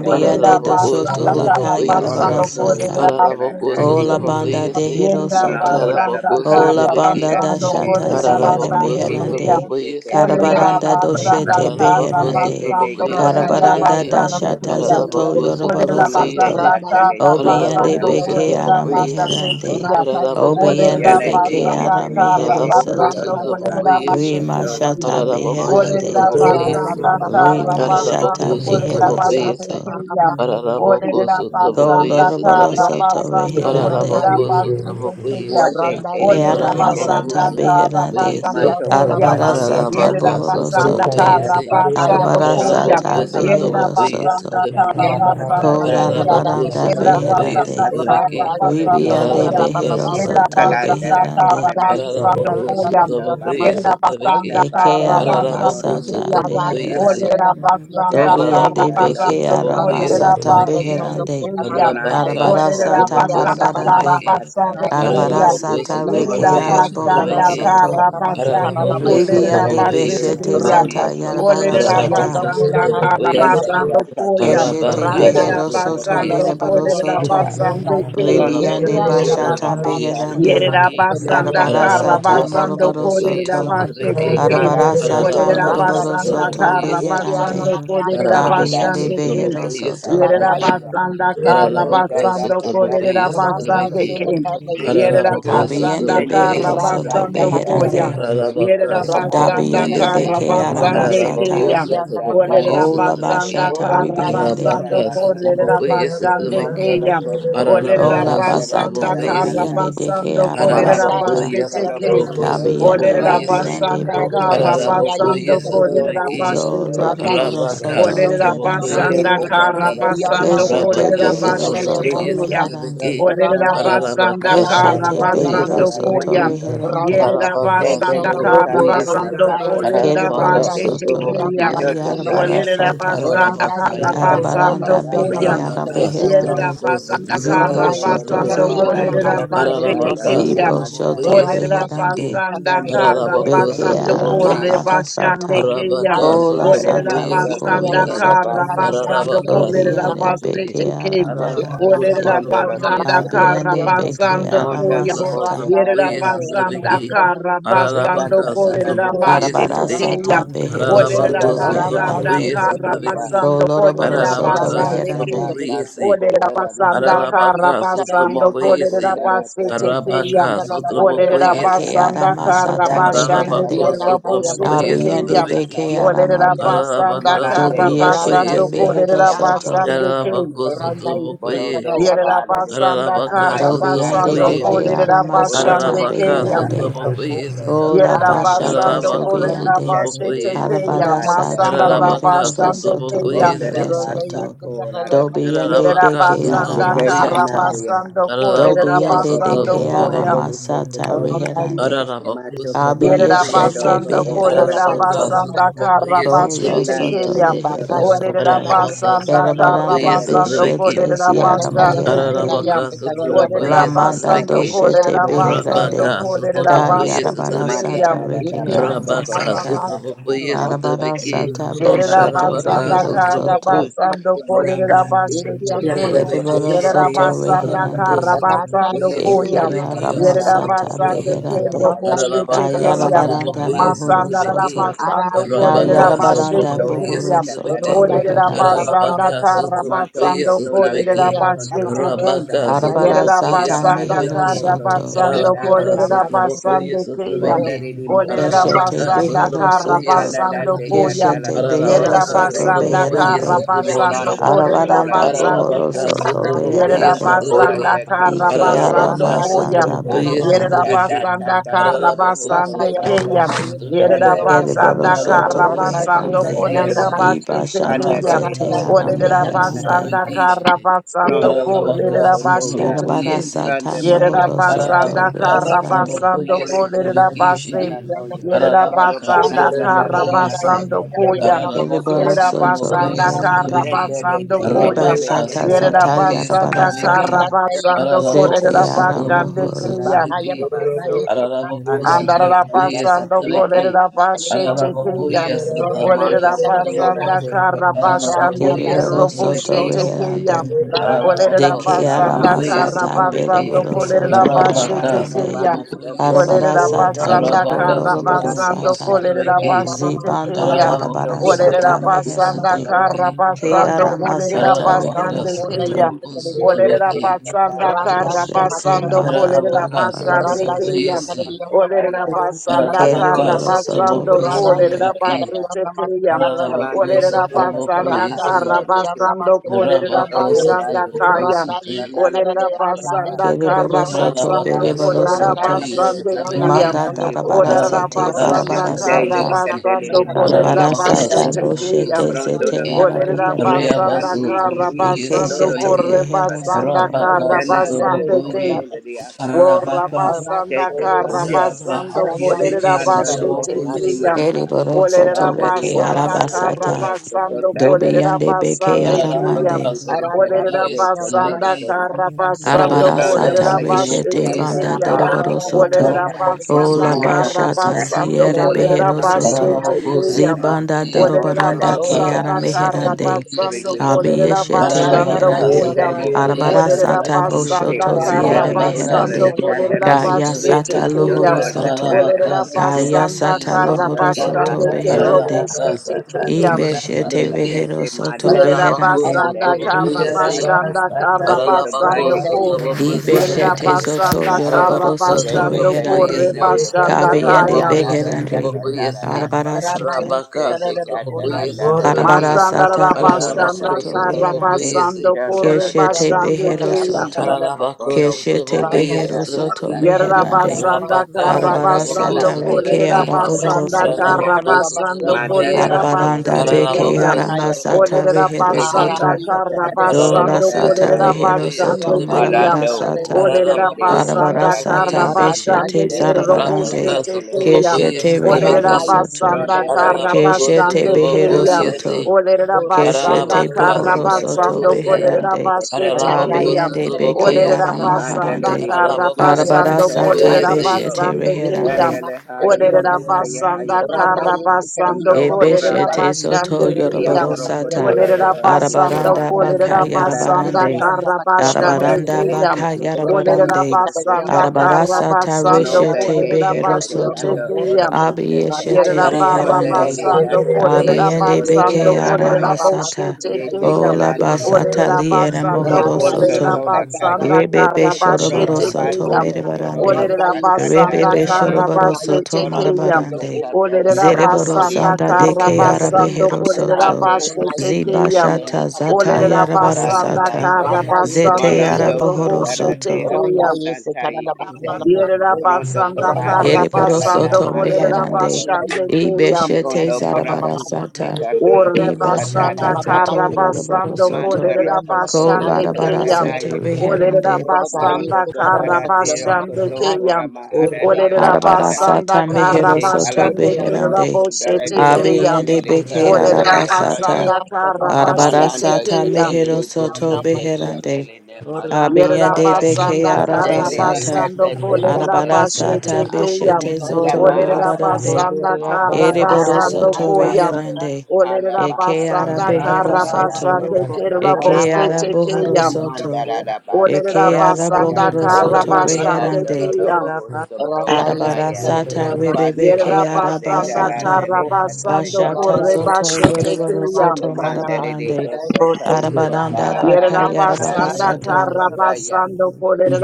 S4: Olerera
S7: do
S2: Ararabako
S7: soto
S4: basanda kara
S7: laka
S2: sotoboko yese.
S4: basando kolerera
S7: yarabarasata.
S2: Ararabako
S4: basando
S7: O la
S4: koya.
S2: sotoboko
S7: banda de
S2: yese.
S7: herosoto,
S4: Yenda basanda
S2: Ararabako
S7: O la
S4: kara
S2: sotobeki.
S7: banda da
S4: basando
S8: Randa is
S7: Shata
S8: the
S4: kolera
S10: Thank
S8: Kalala
S7: Ziere
S2: Ararabako
S4: basando
S8: Bakion
S4: kriya.
S7: Meherande.
S8: Namako,
S2: sotoboko
S3: le
S2: yesetobeki.
S4: Olera
S3: naya
S7: Carabaranda
S8: Rakashni
S4: basanda
S8: Bakion
S7: doshete
S3: kete,
S4: kara
S8: Namako,
S2: Araramakoso
S7: Beherande.
S3: kete le
S4: basando
S2: tabakoyese
S3: kata
S4: kolera
S8: Rakashni
S7: Carabaranda
S2: terebeki.
S3: la
S7: da
S8: Kalala
S4: basando
S3: da
S7: Shata
S4: kriya.
S3: to
S7: Zoto
S8: Bakion
S2: Araramakoso
S8: Namako,
S7: Yoroboro
S4: Olera
S3: Mono de
S2: tabakoyese.
S7: Soto.
S4: basanda
S8: Randa is
S3: catele
S4: kara
S8: the
S3: te
S8: Kalala
S7: Obiende
S4: basando
S8: Bakion
S2: Araramakoso
S7: Beke
S3: cataratero
S4: kolera
S7: Ara
S8: Namako,
S3: corona
S2: tabakoyese.
S4: basando
S7: Meherande.
S4: kriya.
S8: Rasta
S3: mosai.
S2: Araramakoso
S7: Obiende
S4: Olera
S3: Yale
S7: de
S2: tabeki.
S3: te
S7: Ke
S4: basanda
S7: Ara
S3: catele te
S4: kara
S7: meherosoto,
S3: eco
S2: Araramakoso
S4: basando
S7: Soto.
S3: soto ba
S4: kolera
S2: tabakoyese.
S7: Rima
S4: basete
S6: Russia.
S3: secato.
S4: kriya.
S7: Shata
S3: Monte
S2: Araramakoso
S7: Beherande.
S4: Olera
S3: cotola
S2: tabakoyese.
S3: basse
S4: basanda
S3: catele
S4: kara
S7: Rima
S3: te.
S7: Shata
S4: basando
S2: Araramakoso
S4: kolera
S7: Behero
S4: basete
S2: tabakoyese.
S7: Soto.
S4: kriya. Olerera
S2: Araramakoso
S4: basanda
S2: tabakoyese
S7: Coloroboro
S4: kara
S2: tabeki.
S4: basando
S7: Reherande.
S4: kolerera
S2: Araramakoso
S4: basete
S1: Jesus.
S2: tabakoye.
S4: kuyam.
S3: Wate
S7: Eke
S3: edibo sete de
S7: aramasata
S4: basanda
S2: Araramakoso
S3: masa.
S4: kara
S7: beherande.
S1: Yes,
S2: tabakoyese.
S4: basando
S3: Matoko
S4: koyam.
S3: bateli de
S7: Arabarasata
S4: Yerera
S3: mosto
S2: Araramakoso
S7: bohoro
S4: basanda
S3: cotari
S7: soto.
S4: kara
S2: tabakoyese.
S3: andasa.
S4: basando
S3: Ronda
S4: koyam.
S7: Arabarasata
S2: Ararabakos
S3: basta
S4: Yerera
S7: behero
S3: cora
S2: Tobokoyes
S7: soto.
S4: basanda
S3: basse
S4: kara
S3: canada
S2: Trebeki.
S4: basando
S3: masaka.
S4: koyam.
S2: Ararabakos
S7: Kolarabaranda
S4: Yerera
S3: Sondora
S2: Tobokoyes
S7: beherande.
S4: basanda kara
S2: Trebeki.
S3: masako ore
S4: basando
S7: Ribiande
S4: koyam.
S3: bisete.
S7: behero
S2: Ararabakas
S4: Yerera
S7: soto
S3: Kala
S4: basanda
S2: Tobokoyes.
S3: tela
S7: beherande.
S4: kara
S3: ketana
S8: Andayese
S3: tele
S4: basando
S3: oko
S8: kalala
S2: Ararabakos
S4: koyam.
S8: bakya
S2: Tobokoyes
S8: namasa
S4: Yerera basanda
S2: Trebeki.
S8: kutayese
S7: Eke
S4: kara
S8: kalabiyana
S4: basando
S2: Ararabakos
S7: aramasata
S4: koyam.
S7: behero
S8: abakse
S2: Tobokoyes.
S7: soto.
S3: Shabasakotorodamoshakatarande.
S4: Orera
S8: kelamakya
S4: basanda
S3: Chandari
S4: kara
S7: Dobiande
S8: namasa
S2: Ararabakos
S3: kata
S7: beke
S4: basando
S3: katola
S2: Tobokoyes
S4: korera
S8: Andayese
S7: aramasata
S3: tiasa kata.
S2: Trebeki.
S4: basente
S8: kalabiyanda
S7: beherande.
S8: kunala
S4: keya.
S8: sakay
S3: Monande
S2: Arabakas
S3: katala
S4: Orera
S7: Arabarasata
S8: Vipiya
S2: Tobokos
S4: basanda
S3: katodo
S8: sabana
S3: buhu
S7: marabarande.
S4: kara
S8: bakya
S2: Trebeki.
S3: sata
S4: basando
S3: raba.
S8: kunayese
S4: koya.
S2: Ararabakos
S7: Arabarasata
S8: kalayonda
S7: reke
S4: Yerera
S3: Monando
S2: Tobokoyes
S7: arabohoro
S3: kotoro
S4: basanda
S8: Chitalada
S2: Trebeki.
S7: soto.
S8: bakya
S3: kosa.
S4: kara
S8: namasa
S4: basando
S8: kalala
S2: Araraboko
S3: Yeke
S4: korera
S7: Libiande
S8: bakya
S3: tele
S2: sotaboko
S3: tele
S4: basente
S7: beshete
S4: keya.
S3: nanare
S2: yesotabeki.
S7: zata
S3: yoko
S7: yarabara
S3: soto
S4: Orera
S8: Yanda
S2: Araraboko
S3: kuya.
S7: sata.
S8: kola
S4: basanda
S8: masa
S2: sotaboko
S4: kara
S8: kala
S3: Chanda
S2: yesi.
S4: basando
S8: masa.
S3: kata
S8: ki.
S4: koya.
S3: toro
S7: Keshete
S2: Arabaka
S8: Rata
S3: kotoro
S4: Yerera
S7: behero
S8: isi
S3: kondo
S2: sotaboko
S7: soto
S8: kala
S3: tera
S8: la
S4: basando
S7: merebaro
S8: masa
S2: yesotabeki.
S4: korera
S8: no
S3: ramasaka.
S7: soto.
S8: bakona.
S4: basande
S3: Kondare
S2: Araraboko
S7: Ribiande
S3: de
S8: Ikea
S3: buhu
S6: Russia.
S8: sababa
S7: bashata
S2: sotaboko
S3: sata
S8: masa
S3: kaya.
S8: kala
S7: beherande.
S8: masa
S2: yesotabeki.
S8: kala
S3: Chanda
S4: Yerabasanda
S8: yanda.
S7: Arabara
S3: kata
S2: Araraboko
S7: sata
S3: dala da
S8: Rata
S4: Karabasando
S7: morobaro
S2: sotaboko
S8: sidi kala
S7: soto.
S3: kasoko.
S8: masa
S2: yesotabeki.
S8: kala
S4: Koderabasheke.
S8: yanda.
S3: Mala
S7: Arabara
S3: de de
S7: sata
S2: Ararabaka
S3: bonso
S8: Baka
S7: morobaro
S8: te.
S4: Oderabasanda
S3: kotoro
S2: sotaboko
S3: na
S7: soto
S2: yesi.
S8: Ikea
S3: masake.
S8: no
S7: beherande.
S4: Karabasando
S8: makaya boku.
S2: Ararabako
S3: Manda
S7: Kabiende
S3: de se
S4: Koderabashandeke.
S2: sotrabako
S7: behero
S3: kese
S7: soto.
S3: katata
S2: yesotrabeki.
S8: Bakaya
S3: ya.
S4: Yerabasanda
S8: kala isi kala
S2: Ararabako
S3: Kunda
S8: yanda
S3: ta
S4: Karabasando
S8: ko.
S2: sotrabako
S3: katara kotoro
S8: Rata
S2: yesotrabeki.
S4: Koderabasandeke.
S8: sidi
S3: kotoro
S8: kala isi
S3: kotisi.
S8: kala
S2: Ararabako
S8: yanda ko.
S4: Yerabasanda
S7: Kabiende
S2: sotrabako
S3: Endere
S7: behero
S8: Rata
S3: ta
S7: soto
S2: yesotrabeki.
S4: Karabasando
S8: kala
S3: katasa
S4: Koya.
S8: yanda
S7: beherande.
S8: ko.
S3: kotoro na
S2: Ararabaka
S6: Russia,
S8: Randa
S3: mosaka.
S2: sotrabako
S8: isi
S4: Yerabasanda
S8: kala
S7: Dabiende
S2: yesi.
S7: de
S8: yanda ko.
S7: keara
S3: Mona dele de
S2: Ararabako
S7: masata.
S4: Karabasandekeya.
S8: Ikea no
S2: sotrabako
S3: okosata
S8: makaya
S3: ya
S8: boku.
S7: Ola
S3: kendele
S2: yesotrabeki.
S4: Oderabasanda
S3: de
S7: bashata
S8: Rata
S3: mosaka
S8: sidi
S7: ribiande.
S3: tara
S2: Ararabaka
S4: Karabasando
S8: kala
S3: basata.
S2: sotrabako yesotrabeki.
S3: Mandoro
S4: Koderabashandekeya.
S3: koto
S4: Olerera
S2: Ararabako
S7: Ola
S3: kotara nera te
S7: basata
S4: basanda
S2: sotrabako
S4: kara
S2: yesi.
S3: akasa.
S7: lobiende de
S4: basando
S7: keara
S4: kolerera
S8: Yanda
S3: Malande
S2: Ararabako
S7: masata.
S8: yesi
S3: kotoro
S4: basete
S3: lo
S8: karari
S4: ke.
S8: yanda
S2: yesotrabako
S8: ko.
S3: bohusa
S7: Kabiende
S2: sotrabako
S4: Olerera
S8: Randa
S2: yesi.
S8: yesi
S7: rebiende
S4: basanda
S8: karari
S3: They
S7: bohoro
S8: yanda
S4: kara
S3: they
S8: ko
S3: they
S8: da
S2: Araraboko
S3: can
S7: soto.
S8: yesi
S3: do
S4: basando
S3: the
S8: karari
S3: the
S4: kolerera
S8: yanda.
S2: yesutabeki.
S3: massacre, the
S4: basete
S3: the
S7: Zolora
S8: Randa
S4: ke.
S7: boro
S8: yesi
S3: massacre.
S2: Arabaka
S7: soto
S8: karari yanda
S4: Olerera
S8: ko
S2: sutaboko
S7: reherande.
S8: namaste
S3: They
S4: basanda
S3: they
S8: kai.
S3: can
S4: kara
S2: yesutabeki.
S3: do the the
S8: Yanda
S3: the
S4: basando
S7: Keshete
S8: honda
S2: Arabaka
S4: kolerera
S3: massacre.
S8: yesi
S7: behero
S8: karari
S2: sutaboko
S4: basete
S7: soto
S8: yanda
S3: They
S4: ke
S8: ko
S4: ya.
S8: da.
S7: meherande.
S2: yesutabeki.
S3: they can
S4: Olerera
S8: Randa
S3: do the
S8: yesi
S3: the
S2: Ararabaka
S4: basanda
S3: can
S8: karari
S3: do
S8: yanda
S3: the
S4: kara
S7: Keshete
S3: the
S8: yanda
S2: sutaboko
S3: can do
S7: behero
S8: namaste
S4: basando
S3: the
S8: ko. namastako.
S3: the
S7: soto
S2: yesutabeki.
S4: koya.
S3: can do.
S7: reherande.
S8: Randa
S4: Yerera
S8: yesi
S2: Ararabaka
S3: They
S8: karari
S3: they
S4: basanda
S3: do
S8: yanda
S3: the
S2: sutaboko
S3: can
S8: ko
S4: kara
S3: do
S2: yesi.
S3: the
S8: namaste
S4: basando
S3: can do the
S7: Kere
S4: kolerera
S2: Ararabaka
S7: boro
S8: Rasta
S3: massacre.
S4: basete
S7: soto
S8: shiri
S4: ke
S2: sutaboko
S8: yanda
S4: ya.
S7: raka
S3: They
S8: bhakti
S7: yara
S3: they
S8: yanda
S3: can
S8: ko.
S3: do
S2: yesutabeki.
S7: bara
S4: Olerera
S3: the
S7: sata.
S4: basanda
S8: Randa
S2: Ararabaka
S4: kara
S3: can
S8: yesi
S3: do
S2: ya.
S3: the
S8: karari
S3: the
S7: Arabaranda
S4: basando
S8: bhakti
S3: can do
S8: yanda
S7: beke
S3: the
S4: koya.
S8: namaste
S6: Thank
S3: the
S7: ara
S2: Arabaka
S6: you.
S8: yanda
S4: Yerera
S3: massacre.
S8: ko.
S7: beherande.
S2: sutaboko
S4: basanda
S3: They
S2: sutabeki
S7: Zibo
S4: kara
S8: Randa
S3: they do
S8: yesi
S7: shoto
S3: the
S4: basando
S2: yesutaboko.
S8: karari
S3: behind the
S8: yanda
S4: kolerera
S7: zeherande.
S3: prayer
S8: namaste
S3: to stand
S4: basete
S3: the
S2: Ararabaka
S8: yanda ko.
S3: the
S4: keya.
S7: Zibo
S3: massacre.
S2: sotobokoye
S7: shoto
S4: Olerera
S8: Buratasi
S2: sotobeki.
S7: beherande.
S3: They they
S4: basanda
S3: do
S4: kara
S8: bukanmaikide,
S2: Ararabako
S7: Beke
S4: basando
S7: ara
S3: the
S8: yepia
S2: sotobokoye
S4: kore
S8: nama
S3: massacre.
S2: si.
S7: mahara
S8: kia nama
S4: basande
S7: sata.
S4: keya.
S2: Ararabaka
S3: They
S8: kikimaz
S3: they do
S7: Kola
S8: kata,
S3: the
S4: Olerera
S7: sata
S2: sotobokoye
S3: massacre.
S7: roko
S8: yepia
S3: They they
S4: basanda
S7: yo
S2: sotobeki.
S3: do
S8: nama
S3: the
S4: kara
S7: soto.
S8: kata nama
S3: massacre.
S4: basando
S2: Ararabaka
S8: sikele
S4: kolerera
S7: Kobiende
S8: nama
S2: sotobokoye.
S4: basete
S8: sikele,
S7: beke
S4: keya.
S7: ara
S3: Jaga
S2: Ararabako
S8: yepia nama
S7: maharande.
S4: Olerera
S8: kuku
S3: Sepondoro
S2: sotobokoye
S8: nama
S4: basanda
S3: Toka,
S8: sikele
S4: kara
S2: sotobeki.
S8: diyo
S7: Abiende
S8: kati,
S7: beke
S4: basando
S7: ara
S3: Monta
S4: koya.
S2: Ararabako
S7: masata.
S3: Cabosa
S4: Yerera
S8: buratasi
S3: Tanda
S2: sotobokoye
S8: leanda
S3: Danala,
S4: basanda
S2: sotobeki.
S8: kia nama
S4: kara
S8: sikele,
S2: Ararabaka
S4: basando
S3: Santa Dana
S4: kolerera
S8: yepia
S2: sotobokoye
S3: Masaka
S4: basete
S7: Arabara
S8: kababa
S2: sete.
S3: Tata,
S4: keya.
S7: sata behero
S4: Olerera
S2: Ararabako
S7: soto
S3: Sandara
S8: Rakas
S4: basanda
S3: Bahasa
S2: sotobokoye
S7: beherande.
S4: kara
S3: Kotota,
S2: sotobeki.
S8: dekananda,
S4: basando
S7: Koloroboro
S4: kolerera
S3: Pondoro La
S7: soto
S3: la
S2: Ararabaka
S8: randa
S4: basande
S3: Basa
S8: ilse
S4: keya.
S3: ba
S7: beherande.
S2: sotobokoye
S3: Basa
S2: si.
S8: kadaliyamko,
S4: Olerera
S3: Kotora Nama,
S4: basanda
S8: randa
S4: kara
S2: Ararabaka
S8: ilse
S4: basando
S3: Mondo
S8: kadaliyamko
S4: kolerera
S2: Sotrabokoyesi,
S3: Kotara
S8: kadaliyamko,
S3: Tera
S4: basete
S3: Casa
S2: Arabaka
S4: keya.
S3: Kotora
S4: Olerera
S3: Daya,
S2: Sotrabokoyesi,
S7: Eke ara
S4: basanda
S6: Thank
S4: kara
S7: masata
S3: Sanda
S4: basande
S3: Teka
S2: Ararabako
S7: beherande.
S3: Tera
S4: kerra
S3: Teka
S4: bosete
S3: Dolo
S2: Sotrabokoyesi
S7: Abiende
S4: keya.
S2: Trebeki,
S7: beke
S3: Mosakaya,
S8: yanda
S7: ara
S4: Olerera
S8: kaya
S7: mande.
S8: bakuna
S4: basanda
S2: Ararabaka
S3: Molande
S4: kara
S3: Katale
S8: rata
S7: Dobieshete
S4: basando
S2: Sotrabokoyesi,
S3: Teka
S8: kena
S7: behero
S4: kolerera
S8: kaya nama
S7: soto.
S8: kun
S4: basande
S3: Tolo
S4: keya.
S2: Yarabako
S8: randa yute
S2: Sotrabokoye,
S8: kala ya
S3: Borondo,
S4: Yerera
S3: Wada
S8: bakuna
S3: de
S8: nama
S4: basanda
S3: Costa,
S2: Ararabaka
S3: Mai,
S4: kara
S3: Sakali
S7: Dobiende
S4: basando
S2: Sotrabokoye,
S8: randa
S3: Loco,
S7: beke
S8: yute
S7: ara
S4: kolerera
S8: kala ya
S7: masata
S3: Olondo,
S8: nama
S4: basande
S2: Ararabaka
S4: keya.
S8: kala
S3: Sukota,
S7: beherande.
S8: ya
S3: La Bansa,
S8: bakuna
S2: Sotrabokoyesi,
S7: O
S3: Kotola,
S7: la
S4: Yerera
S8: arata
S3: Bivio,
S7: bashata
S8: yute
S4: basando
S3: Shanta,
S2: Yarabako
S8: kala
S4: kolerera
S7: zobiande.
S3: Chate de
S4: basete
S2: Sotrabokoye,
S3: Moso,
S4: keya.
S7: Harabara
S8: rumah
S3: Tate, La
S7: sata
S8: siri
S4: Masanda
S8: dan
S4: rara
S3: Daya,
S8: nama
S2: Yarabaka
S7: mereboro
S3: Tata,
S4: basande
S7: soto
S4: keya.
S3: Onda, La
S2: Sotrabokoyesi,
S7: behero
S8: randa
S3: Basa,
S7: soto.
S8: yute kala
S3: Kora,
S8: ya
S3: La Dii,
S8: bakuna
S7: Dobiande
S4: Yerera
S2: Yarabaka
S7: bekeara
S4: basanda
S2: Sotrabokoye,
S3: Ushiketa,
S4: kara
S8: arata
S7: masata.
S3: Navia,
S4: basando
S8: itu
S4: kolerera
S2: Ararabako
S8: yang
S7: Dobiande
S8: nama
S7: de
S8: kaya
S4: basando
S3: Popopoto,
S8: nama
S7: keara
S4: koya.
S2: Sotrabokoye,
S3: Popopo, Huso,
S7: masata
S8: randa
S3: Koponia,
S7: reherande.
S8: yute
S2: Araravaku
S3: Baba,
S4: Yerera
S2: sutravukuye,
S8: randa
S3: Bando,
S7: Abiyeshete
S4: basando
S8: yute
S3: Kopo,
S8: kala
S7: behero
S8: ya
S3: Ora,
S4: kolerera
S8: bakuna
S2: Araravaka
S3: Bosa,
S7: soto.
S8: nama
S4: basanda
S3: Tata,
S4: kara
S2: sutravukuye
S7: Kolo
S6: you.
S4: basvete
S7: soto
S3: Jalandele
S4: keya.
S2: sutravikiyasi,
S3: de
S7: rehero
S3: Soto,
S8: bakaya
S6: Thank
S4: Olerera
S7: soto.
S8: bakuna
S3: Sokata,
S8: yute
S2: Araravaka
S4: basanda
S8: kala ya
S4: kara
S8: bakuna
S7: Erabaranda
S2: sutravukuye
S3: Jandele de
S4: basando
S3: la
S2: sutraviki,
S7: beshete
S3: Lada,
S4: kolerera
S8: yanda
S3: Baha,
S7: ziara
S8: kaya
S4: basande
S3: Sokoto,
S8: bakuna
S7: maherande.
S4: keya.
S2: Araravaka
S8: yute kala ya
S3: Shondo
S4: Olerera
S2: sutravukuye
S3: kota
S7: Lamanda
S4: basando
S3: taran
S2: sutraviki,
S8: Ronda
S3: dara
S7: doshete
S4: kolerera
S3: soko toro
S4: basando
S7: beherande.
S2: Rabaka
S3: soko
S4: kolerera
S3: taya.
S7: Ka
S2: sutravukuye
S4: basvete
S3: Mata
S2: sutraviki,
S4: keya.
S7: yarabarasata
S3: dara
S7: reke
S3: dara baso
S2: Rabaka
S3: koto
S7: yarabasata.
S3: dara
S2: sutravukuye
S3: mahasa.
S7: Arabara
S2: sutraviki,
S7: sata
S3: Shondo
S4: Yerera
S3: dara
S7: boshoto
S2: Araravaka
S4: basanda
S7: behero
S4: kara
S7: soto.
S2: sutravukuye,
S4: basando
S3: bo.
S4: kolerera
S2: Rabba.
S4: basheteke.
S3: Shondo
S2: Yararabaki
S7: Ereboro
S3: dara
S4: Yerera
S2: shitiya
S3: kata
S7: soto
S4: basanda
S3: koto.
S2: sutravuku
S7: reherande.
S4: kara basando
S2: sutravukuye
S3: Shondo
S7: Eke
S4: koyam.
S3: kota
S2: sutraviki
S7: arama
S3: dara
S4: Yerera
S3: dara
S7: sata
S3: bio
S2: yasutravukuye,
S4: basande ke
S3: kosa
S7: beherande.
S4: robo
S3: taya.
S4: sheteke
S2: Ararabaka
S4: yam.
S2: sutra
S3: Mata
S7: Kayarabaranda
S2: mokoye sutra
S7: bohoro
S3: tabari
S4: Masanda rara
S2: beki.
S7: soto.
S3: koto
S4: basando kolerera
S2: Arabaka
S3: Morando
S2: sutra
S7: Kayarabaranda
S4: basheteke
S3: Cotola
S2: mokoye
S7: bohoro
S4: yam.
S2: sutra
S3: Tecandela
S2: beki.
S7: soto
S3: Dio
S4: Olerera
S7: reherande.
S3: Seteca,
S4: basanda
S2: Ararabaka
S4: kara
S2: sutra
S3: Manto
S2: mokoye
S4: basando
S2: sutra beki.
S4: kolerera
S3: Cotolandele de Contoro
S4: basheteke.
S2: Arabaka
S3: Cosata,
S6: you.
S2: sutra
S7: Arabara
S4: Yerera
S2: mokoye
S7: sata
S2: sutra
S3: Tabala
S4: basanda
S6: It's
S3: do
S7: mehero
S2: beki.
S4: kara
S3: Coto,
S7: soto.
S4: basando
S3: Secatala
S2: Ararabaka
S3: la
S4: kolerera
S2: sutra
S3: Massa To,
S2: mokoye
S4: basande ke
S2: sutra
S4: yam.
S2: beki.
S3: Ponderimo
S4: Olerera
S3: Ora
S7: Keshete
S2: Ararabaka
S3: Casata,
S4: basanda
S2: sutra
S7: behero
S4: kara
S2: mokoye
S7: soto.
S3: Ala
S2: sutra
S3: la
S4: basando
S2: beki.
S4: koyam.
S3: Tecatala
S7: Keshete
S3: no
S6: a,
S3: Oro
S7: behero
S4: Yerera
S2: Ararabaka
S7: soto
S2: sutra
S4: basanda
S3: Cosete,
S2: mokoye
S4: kara
S7: beherande.
S2: sutra beki.
S4: basando
S3: Morando
S4: kolerera
S3: Cotola
S7: Arabaranda
S3: Tia
S4: basande
S7: bohoro
S2: Ararabaka
S4: ke.
S3: Secaya.
S7: soto
S2: Sotrabokoye
S4: Yerera
S7: beherande.
S3: Yondo ola
S2: Sotrabeki.
S4: basanda
S3: da
S4: kara
S3: kete
S7: Ike
S2: Ararabaka
S4: basando
S7: arama
S3: mosata
S4: koyam.
S7: sata
S3: kata.
S2: Sotrabokoye
S4: Yerera
S7: beherande.
S2: Sotrabeki.
S3: Shanda
S4: basanda
S3: kanda la
S4: kara
S3: la boho
S2: Ararabako
S4: basande
S3: kosata.
S4: keyam.
S2: Sotrabokoye Sotrabeki.
S4: Yerera
S3: Shanda la no
S8: Rata
S7: Eriboro
S3: no
S4: basanda
S3: no no
S4: kara
S3: mo
S2: Ararabako
S7: soto
S3: ora
S4: basando
S3: kisa
S7: beherande.
S2: Sotrabokoye
S3: daya,
S4: kolerera
S2: Si.
S7: Iba
S4: basete
S7: shata
S3: Panda
S4: keyam.
S3: lili
S2: Arabaka
S7: zete
S3: bo
S7: ara
S4: Olerera
S2: Sotraboko
S3: osata nara
S7: meherande.
S4: basanda
S2: Sotrabeki
S3: masa.
S4: kara
S2: Shite.
S4: basando
S3: Prondo roko
S2: Ararabaka
S4: kolerera
S3: soto ya.
S4: basete
S2: Sotrabokoye
S7: Karabara
S4: ke.
S2: Si.
S7: sata
S3: Pranda
S4: Yerera
S3: maya
S7: mohoro
S3: kandala
S7: soto
S4: basanda
S3: li
S2: Ararabaka
S4: kara
S3: kasa.
S7: beherande.
S2: sutramoko
S4: basando
S3: Ole
S4: kolerera
S3: kusete
S2: yesutrabekishite.
S4: basem.
S3: kala doya.
S4: Yerera
S2: Ararabaka
S4: basanda
S3: Yobalanda
S6: Yeah,
S3: la
S2: sutramoko
S4: kara
S3: la
S8: Ronda
S2: yese.
S3: basa
S4: basando
S10: you.
S3: kotolo
S4: koyam.
S3: la
S2: Araraboko
S7: Eriboro
S3: masata ma.
S7: soto
S2: sutramoko
S4: Yerabasanda
S7: beherande.
S2: yesutrabeki.
S3: Tente
S4: Karabasando
S3: lili
S7: Iba
S3: tente
S4: Koyam.
S2: Arabaka
S3: lili
S7: shata
S10: Thank
S3: kanda
S7: zata
S2: sutramoko
S3: la.
S7: yarabara
S4: Yerabasanda
S2: yesutrabeki.
S7: sata.
S4: Karabasando
S2: Araraboko
S7: Zete ara
S2: sutramoko
S7: mohoro
S4: koyam.
S7: soto.
S2: sutrabeki.
S3: Baso
S2: Araraboko
S3: anda teka
S2: sutramoko
S3: tara
S4: Andarabasando
S3: tara
S2: yesutrabeki.
S3: masanda
S4: Colerabashe
S2: Araraboko
S3: baso
S4: Tepeyan,
S2: yesutrabaka
S3: mando kotola
S2: sutramoko.
S4: Olerabasanda
S3: teka tara
S2: Araraboko
S4: Carabashande
S3: teka tara
S7: Deriboro
S2: yesutrabeki
S7: soto
S4: Keroboshe
S3: teka tara
S2: sete.
S4: Tepeyan,
S7: beherande.
S3: bata ko
S2: Araraboko
S7: Deke ara
S4: Olerabasanda
S2: sutramoko
S3: rabase ko
S7: masata
S2: yesutrabeki.
S4: Carabasando
S7: beriboro
S3: teke
S7: soto
S3: teke
S4: Colerabashe
S3: landa
S2: Karabaka
S3: landa
S7: marabarande.
S4: Tepeyan,
S2: Sutraboku
S3: bahaso ko
S2: Yesi.
S7: Arabara sata
S3: toka
S4: Olerabasanda
S7: roko
S3: ahu
S2: Karabaka
S3: sura
S7: loroboro
S2: Sutraboku
S4: Carabasando
S7: sata.
S3: bihise
S2: Sutraviki.
S3: tarilu
S4: Colerabashe
S7: Zibanda
S4: Tepeyan,
S3: bondo
S2: Karabaka
S7: darabara
S3: ko
S8: Yekia
S3: baba
S7: sata
S2: Sutraboku
S3: masa
S8: tabakia
S4: Olerabasanda
S3: teka
S7: meherande.
S8: namako.
S2: Sutraviki.
S7: Ke
S8: Randa
S4: Carabasando
S7: ara
S8: yeste
S7: masata
S8: kareyo
S7: rehero
S2: Karabaka
S4: Colerabasande
S8: namako na
S7: soto.
S3: tara
S4: Keyan,
S8: yeste
S2: Sutraboku
S6: Thank
S8: kareyo namako.
S2: Sutraviki.
S4: Olerabasanda
S8: Rata
S7: Keshe te
S8: shemakia
S4: Carabasando
S7: manda
S8: namako.
S2: Karabaka
S7: barabara
S4: Colerabasande
S3: Sendele
S8: Randa
S2: Sutraboku
S3: de
S7: sasa.
S8: yeste
S4: Keyan,
S3: Kosan
S2: Yesi.
S8: kareyo namako
S4: Olerera
S3: Tataya,
S8: namako kada
S4: basanda
S2: Karabaka
S4: kara
S3: Rondo
S7: Kereboro
S8: namakiondo.
S7: soto
S3: Bokoto
S4: basando
S2: Sutraboku
S8: Rada
S3: Roko
S4: kolerera
S7: beherande.
S8: yeste
S2: Sutraviki.
S3: Sataya,
S8: kareyo
S4: basete
S8: namako
S4: keya.
S8: kada
S3: Molande
S2: Karabaka
S8: namakiondo.
S4: Olerera
S3: Kotara,
S2: Sutraboku
S4: basanda
S3: Abaha
S8: Rata
S2: Yesi.
S4: kara
S3: Sar de
S8: shebiya
S4: basando
S3: Kota,
S8: namako kareyo
S4: kolerera
S2: Karabaka
S8: namako.
S3: Dota
S4: basanda
S3: Bayo,
S2: Sutraboku
S4: kaya.
S8: Randa
S2: Sutraviki.
S8: yeste
S3: Lanale
S4: Olerera
S8: kareyo
S3: Rio
S4: basanda
S8: namako
S4: kara
S7: Kereboro
S8: kareyo namako.
S7: soto
S4: basando
S2: Karabaka
S7: bereboro
S4: kolerera
S8: Rata
S2: Sutraboku
S7: soto.
S4: basande
S8: shebiya
S4: keya.
S2: Yesi.
S7: Manda
S8: namako.
S7: darabara
S4: Olerera
S7: sete
S8: Rata
S2: Ararabaka
S4: basanda
S7: barabara
S2: sotraboku
S4: kara
S7: sata.
S2: yesi.
S4: basando kolerera
S7: Darabara
S2: Ararabaka
S7: sata
S4: basete
S2: sotraboku
S4: keya.
S7: boshete zete
S3: Rondona
S2: sotrabeki.
S7: ara
S4: Olerera
S3: Kabai,
S7: beherande.
S2: Arayaba
S4: basanda
S3: Kitali,
S4: kara
S2: sotraboku
S3: Kisi,
S2: yesi
S4: basando
S3: Condola, La
S7: Ikeshete
S2: sotrabeki.
S4: kore
S3: Roku
S7: behero
S3: Fata,
S4: basanda
S7: soto.
S2: Arabaka
S4: kara
S3: Shana Lala
S2: sotraboku
S4: basande
S2: ye.
S6: you.
S3: Dokotola, the
S6: Thank you.
S3: Akasaka,
S2: Ararabaka
S4: Orabasanda
S3: Jete Katoro
S2: ayaba
S4: karabasando
S3: Bosa,
S2: yebeke
S4: kolerera
S3: Handa
S4: bashe
S3: the
S2: sotraboku
S3: Bohosi
S2: yesi
S4: tekeya.
S3: Masa,
S2: sotrabeki
S7: Kereboro
S2: ya
S7: soto
S4: Olerera
S3: Honda
S2: sotraboku
S7: reke
S4: basanda
S3: Ribasa
S2: yesi.
S7: arabasata.
S3: Katoro
S4: karabasando
S7: Dobi
S3: Kotaka,
S4: kolerera
S7: yande beke
S4: basande
S3: Pronto
S4: keya.
S2: Ararabaka
S7: aramande.
S3: Bahasi Kentara
S2: sotraboku
S4: Olerera
S2: yesi
S3: Tere Kotoro
S4: basanda
S2: sotrabeki.
S3: Kosata,
S4: karabasando
S7: Arabara
S2: Ararabaka
S3: Pronto
S7: sata
S4: kolerera
S3: paio
S4: bashe
S2: sotraboku
S7: reshete
S3: cosa
S2: yesi.
S7: banda
S4: tekeya.
S3: tandara
S7: doroboro
S3: tika
S7: soto.
S4: Olerera
S3: taria.
S2: Ararabako
S7: O
S4: basanda
S7: la
S3: Monda
S2: sotrabako
S7: bashata
S3: tandara
S4: karabasando
S3: tika
S7: ziere
S2: sotrabakoye.
S3: tona
S4: kolerera
S7: behero
S4: bashe
S3: lelina
S7: soto.
S2: Ararabako
S4: tekeya.
S3: sasata.
S7: Zibanda
S2: sotrabakoye.
S4: Olerera
S3: Monda da
S7: dorobaranda ke
S3: tiria
S2: Ararabako
S4: basanda
S3: cosa
S7: arameherande.
S2: sotrabakoye se.
S4: karabasando
S3: oribe
S4: kolerera
S3: sete.
S7: Abiyeshete
S4: bashando
S2: Ararabaka
S3: Pronto
S7: reherande.
S4: koya.
S3: cataria
S2: sotrabakoye
S3: se.
S7: Arabara
S4: Olerera
S7: sata
S2: sotrabeki.
S3: Site
S4: basanda
S7: boshoto
S8: Rana
S4: kara
S7: ziere
S3: ilenini
S2: Rabaka
S3: ondola
S4: basando
S3: da
S7: meherande.
S2: sotrabako
S3: tandara
S4: kolerera
S7: Kaya
S3: dito.
S2: sotrabeki.
S4: basete
S7: sata lohoro
S4: keyam.
S3: Dondola
S7: soto.
S3: tala
S2: Ararabaka
S3: da
S4: Olerera
S3: kese.
S7: Kaya
S4: basanda
S2: sotrabakoye
S7: sata
S4: karra
S7: lohoro
S3: Honda
S2: sotrabeki.
S3: da
S7: soto
S4: basando
S3: baja da
S4: kerro
S7: beherande.
S3: da
S2: Ararabaka
S4: bosete keyam.
S2: sotrabakoye
S6: Russia.
S7: Ibeshete
S2: sotrabeki.
S7: rehero
S3: Sete
S7: soto
S3: mala
S4: Yerera
S3: dala de
S2: Ararabako
S7: beherande.
S4: basanda
S3: ketelio
S4: kara
S2: sotrabakoye se.
S3: kosata.
S4: basanda karra
S3: Pronto
S2: Ararabako
S4: basando
S3: baye que
S4: ko.
S2: sotrabako
S3: peche sanda
S4: Yerera
S3: la
S7: Ibeshete
S2: setebeki.
S7: zoto
S4: basanda
S3: kosata.
S4: karra
S7: yoroboro
S2: Ararabaka
S7: soto
S3: Sete
S4: basando
S2: sotrabako
S4: korre
S3: ketele
S7: reherande.
S3: no
S2: yesi.
S3: yo
S4: basanda
S3: kosata
S7: Kabiyende
S3: ya
S4: kaya.
S2: Ararabako
S3: na ya ya
S7: beherande.
S2: sotrabako
S3: katala
S2: yesi.
S3: lada.
S7: Arabara sata.
S2: Rabaka
S3: Sete
S2: sotrabako
S3: katala dala de de
S2: yesetebeki.
S7: Arabara
S3: ya
S4: Masanda
S10: you.
S7: sata bohoro
S3: kasadala da
S4: rabasanda
S2: Ararabako
S7: soto
S3: ya ko.
S4: kara
S2: sotrabako
S7: reherande.
S2: yesi.
S4: basando korre
S3: Chandala do
S7: Keshete
S4: basando
S7: behero
S3: kosata
S4: keyam.
S3: ya.
S7: soto.
S2: Ararabako
S3: Bondo
S7: Keshete
S2: sotrabako
S3: kotala de ya
S7: behero soto
S2: yesetebeki.
S3: kasata
S7: meherande.
S3: ya.
S4: Yerabasanda
S2: Rabaka
S7: Arabara
S3: Shete
S2: sotrabako
S3: lera
S4: Karabasando
S7: sata reke
S3: candele
S2: setebeki.
S3: de boso
S7: arabohoro
S4: Kolerabasanda
S7: soto.
S3: tokaya.
S2: Ararabako
S4: Karabasando
S2: sotrabako ye.
S3: Mandara da
S7: Arabaranda
S4: Kolerabaste
S3: bose te
S7: beke
S2: Ararabako
S4: Kayam.
S3: bayo koto.
S2: sotrabako
S7: aramasata rehero
S3: Shete
S2: setebeki.
S4: Olerabasanda
S7: soto.
S3: basa tata de
S7: Dola
S4: Karabasando
S2: Ararabako
S7: sata
S3: katarandaya.
S2: sotrabako
S7: rehero soto
S4: Kolerabasande
S6: Baba
S8: Oranda
S2: yesotrabeki.
S8: yese
S4: Kayam.
S7: marabara
S3: Marando,
S8: karare
S7: sata.
S3: ura kete
S2: Ararabako
S8: bakiyamana
S3: se
S7: Barabara
S4: Olerabasanda
S3: tela
S2: sotrabako
S7: sata
S3: teya.
S2: yesi.
S8: arata
S7: beshete
S4: Karabasande
S8: elde
S3: Jenele
S2: Rabaka
S4: Kerobuste
S3: kota
S8: bıkalanda
S7: zarabarande.
S3: tele
S8: saklı.
S3: le
S2: sotrabako
S4: Kayam.
S3: moso
S7: Keshete
S3: toya.
S8: Aranda
S2: yesotrabeki.
S7: rehero
S8: yese
S7: soto.
S4: Olerabasanda
S3: Ronde
S8: karare
S3: baya
S2: Ararabako
S3: kise
S7: Keshete
S4: Karabasande
S3: tele
S2: sotrabako
S7: behero
S4: Kayam.
S8: orası.
S3: telandele
S2: yesi.
S7: soto.
S3: de
S8: Oranda
S3: koto.
S4: Olerabasanda
S7: Keshete
S8: yese
S2: Ararabaka
S7: bohoro
S8: karare.
S3: Dendeta
S2: sotrabako
S7: soto
S4: Karabasando
S2: si.
S3: candela
S7: beherande.
S3: toco
S4: Kolerabaste
S8: Aranda
S2: Ararabako
S3: terapia
S4: Kayam.
S8: yese
S7: Abeyende
S8: karare
S2: sotrabako
S3: cosata.
S7: beke
S8: onda
S4: Olerera
S7: ara
S2: yesi.
S8: kullanana
S3: Pandele
S4: basanda
S7: maharande.
S3: di boho
S4: kara
S2: Ararabako
S8: yeti yana
S3: sata
S7: Arabara
S4: basando
S2: sotrabako
S8: makuna
S7: sata
S3: teranda
S4: kolerera
S8: makta.
S2: yesi.
S3: yoko.
S7: beshete
S4: basande
S8: Yeti yana
S4: keyam.
S7: reherande.
S3: Candele
S8: makta karare
S3: haye
S8: onda
S4: Olerera
S8: kullan.
S3: kesaya haye
S4: basanda
S8: Oranda
S4: kara
S3: koto.
S8: yese karare
S4: basando
S3: Bondo
S8: onda
S4: kolerera
S8: makunda
S3: oraba.
S7: Ebeshete soto
S4: basande
S8: yeti
S4: keyam.
S8: yana
S7: yoroboro
S3: Imoro
S8: bakiyana
S7: sata.
S3: kotola
S4: Olerera
S8: makuna
S3: leba shike
S4: basando
S7: Arabaranda
S8: rata
S3: makasa
S8: si.
S7: baka
S4: kolerera
S3: candela
S4: basanda
S8: Yeti
S7: yarabarande.
S3: daya.
S8: yana
S4: kara
S8: bakiyana
S4: basande
S3: Konda
S8: makta.
S7: Arabaranda
S3: tele
S4: keyam.
S7: baka
S3: koto
S8: Oranda
S4: Olerera
S3: kotora
S8: yese
S7: yarabarande.
S8: karare onda
S4: basanda
S3: masekata.
S8: makta.
S4: kara
S7: Arabarasa
S3: Mono
S4: basando
S3: de
S8: Oranda
S7: tarishete
S3: que
S4: kolerera
S8: yese
S3: tele
S8: karare
S3: que
S4: basande
S3: tanto
S7: beherosoto.
S8: onda
S4: keyam.
S3: ora buchete.
S8: Randa
S7: Abiyeshete
S4: Yerera barra
S2: Ararabaka
S3: Ondele
S7: beherande.
S3: le
S6: Thank
S4: basando
S6: you.
S3: tata
S2: sotrabako
S4: kolerera
S3: casa
S2: yesi.
S7: Abiyende
S3: toto
S4: basando
S7: beke
S3: ora
S8: sama
S4: kolerera
S3: maya.
S8: Baba
S4: boshe
S7: aramasata.
S8: Sakuna
S3: Ye te
S4: tekeyam.
S7: Ola
S3: calandele te
S7: basata
S8: Yuskadiyandakum,
S4: Olerera
S7: liere
S4: basando
S3: de
S8: randa
S3: coso
S4: kolerera
S7: mohorosoto.
S3: tola
S8: Yuskadayasa,
S4: basanda
S3: calle.
S7: Rebebe
S4: karra bashe
S7: Shorobaro
S3: Pronto
S7: Soto
S3: basso
S4: tekeyam.
S3: coto
S7: Medebarande.
S3: robo
S8: Randa
S4: Olerera
S3: sa ta ta
S4: basanda
S7: Rebebe
S3: ta ye.
S4: karra
S7: Shorobaro
S8: Yuskadayamukuna
S4: bashe
S7: Soto
S3: Porondo le
S4: tekeyam.
S3: te
S7: Marabarande.
S8: Yuskadiyandakum,
S3: katara
S4: Olerera
S3: no mo
S8: rata
S7: Zerebaro
S3: urio
S4: basanda
S7: Sanda de
S3: kuse
S4: karra
S3: te
S7: Keara
S3: ke.
S8: Yandakum
S4: basando
S7: Behero
S8: Masataya
S4: kolerera
S7: Soto.
S3: Pande
S4: bashe
S8: Mukuna
S3: ase te
S7: Ziba
S3: ke
S4: tekeyam.
S8: Yukia
S3: tele
S7: shata
S3: te
S8: Sama
S7: Zata
S3: kobo
S4: Olerera
S8: Yamakako,
S4: basanda
S7: Yarabarasata.
S3: satalandaya.
S4: karra
S8: Randa yese
S7: Zete
S4: basando
S8: karada
S3: Monondo
S8: yanda
S4: kerro
S8: ko.
S7: Yarabohoro
S4: boshe
S3: tarate
S7: Soto.
S3: ako
S8: Randa
S4: tekeyam.
S8: yese
S3: santa
S8: karada baki
S3: ikite.
S8: yanda
S4: Yerera
S8: ko.
S3: Monondo
S4: basanda
S8: Randa
S3: basa
S4: kara
S8: yese
S7: Ereboro
S3: tala
S8: karada yanda
S4: basando
S7: Soto
S8: baki yanda
S4: kolerera
S8: ko.
S7: Meherande.
S3: sokoto.
S8: Lai
S4: basande keyam.
S8: siki
S7: Ibeshete
S3: Kondo
S8: yanda baba
S3: pora
S8: baba ko.
S3: kushi te
S7: Zarabarasata.
S3: kandolo
S4: Orre
S3: ko
S8: Yiki yanda
S7: Ibashata
S4: basanda
S8: baba baba
S4: kara
S7: Zoto
S8: ko.
S7: Yoroboro
S4: basando
S7: Soto.
S8: Yiki
S3: Mandaro
S4: kolerera
S8: yanda
S3: koto
S8: ko.
S7: Ko
S8: Na
S4: basande
S8: yese
S3: satana
S8: karada
S4: keyam.
S7: Larabarasate
S8: yanda
S3: naya
S8: ko.
S3: kete.
S4: Olerera
S7: Reherande.
S8: Randa
S3: Monondo
S4: basanda
S8: yese
S6: Thank you.
S8: karada
S4: kara
S8: baki yanda
S3: kotaratero
S8: ko.
S4: basande
S3: koto
S8: Kai
S3: ora
S4: keyam.
S3: ma
S8: yiki
S3: arario
S8: yanda
S4: Olerera
S8: baba
S3: kasa.
S8: baba
S4: basanda
S7: Arabarasata
S8: ko. Na
S4: kara
S7: mehero
S3: Kise ala
S7: soto
S8: yiki
S4: basande
S3: koto
S8: yanda
S4: kerera
S7: beherande.
S3: sokundala
S8: karada
S4: boşete
S3: de
S8: yanda ko.
S4: keyam.
S3: ketele
S7: Abiyende
S3: le
S7: beke
S3: kato
S4: Olerera
S3: kosta
S1: Yes,
S8: Yiki
S3: saya
S7: arabasata.
S4: basanda
S8: yanda
S4: kara
S8: baba baba
S4: basete
S3: Malanda
S8: ko.
S7: Arabarasata
S4: keyam.
S3: ketele
S7: mehero
S3: le busto
S7: soto
S8: Yekiana
S3: ke
S8: Matiana,
S7: beherande.
S3: ketele ne mayuko
S7: Abiyende
S8: Ronda
S3: saya.
S7: beke
S4: Yerabasanda
S8: Yekabada,
S3: Tene le
S7: arabasata.
S4: Karabasando
S3: katete
S8: Kapuna,
S3: ketele
S7: Arabarasata
S4: Kolerabashete
S8: Yekiana
S3: teka.
S4: Kiyam.
S7: beshete
S8: Kapuna
S7: zoto
S3: Shema
S10: Ora
S8: Yekiana,
S3: ala
S10: basso,
S7: yorabarande.
S3: bahasa
S4: Olerabasanda
S3: ma
S10: ora
S3: ala
S7: Ereboro
S3: bahasa
S4: Karabasando
S8: Arata
S7: soto
S4: Koyam.
S3: kebaya.
S8: Yekiana,
S7: reherande.
S3: Hala
S7: Eke
S3: bahasa
S4: Olerabasanda
S3: koto
S7: arabehero
S3: banda
S7: soto.
S3: da
S4: Karabasando
S3: da da da
S7: Eke
S8: Rama
S3: mosata.
S4: Keraboshete
S8: Yekiana
S7: arabohoro
S4: Kiyam.
S8: Yonda
S7: soto.
S3: Manda da
S8: Po,
S3: da bahasa
S7: Eke
S8: Randa
S3: kebaya.
S4: Olerabasanda
S7: arabohoro
S8: Yekiana
S7: soto
S3: Ite
S8: Matiana
S4: Karabasando
S7: reherande.
S3: do
S8: Matiana,
S4: Kiyam.
S3: bohuso
S8: Randa
S3: brokotaya.
S8: Yekiana
S10: basso,
S7: Arabarasata
S8: Yonda
S3: Pande
S7: rebebeke
S8: Matiana
S3: de ise
S8: Matiana
S4: Yerabasanda
S7: arabasata.
S3: talandele
S8: Matiana,
S4: Karabasando
S3: katalete
S7: Bashata
S8: Randa
S7: zoto
S8: Yekiana
S3: katoronia.
S4: Korebashete
S8: Yonda
S7: yoroboro
S4: Kiyam.
S7: soto
S8: Matiana Matiana, Yekiana Matiana Matiana,
S6: Thank
S3: Unandele de
S7: marabarande.
S8: Randa
S10: Thank
S3: kosota yuko
S7: Arabaranda
S3: da
S7: baka
S3: yuko tarada
S4: Yerabasanda
S3: yuko
S7: yarabarasata.
S4: Karabasando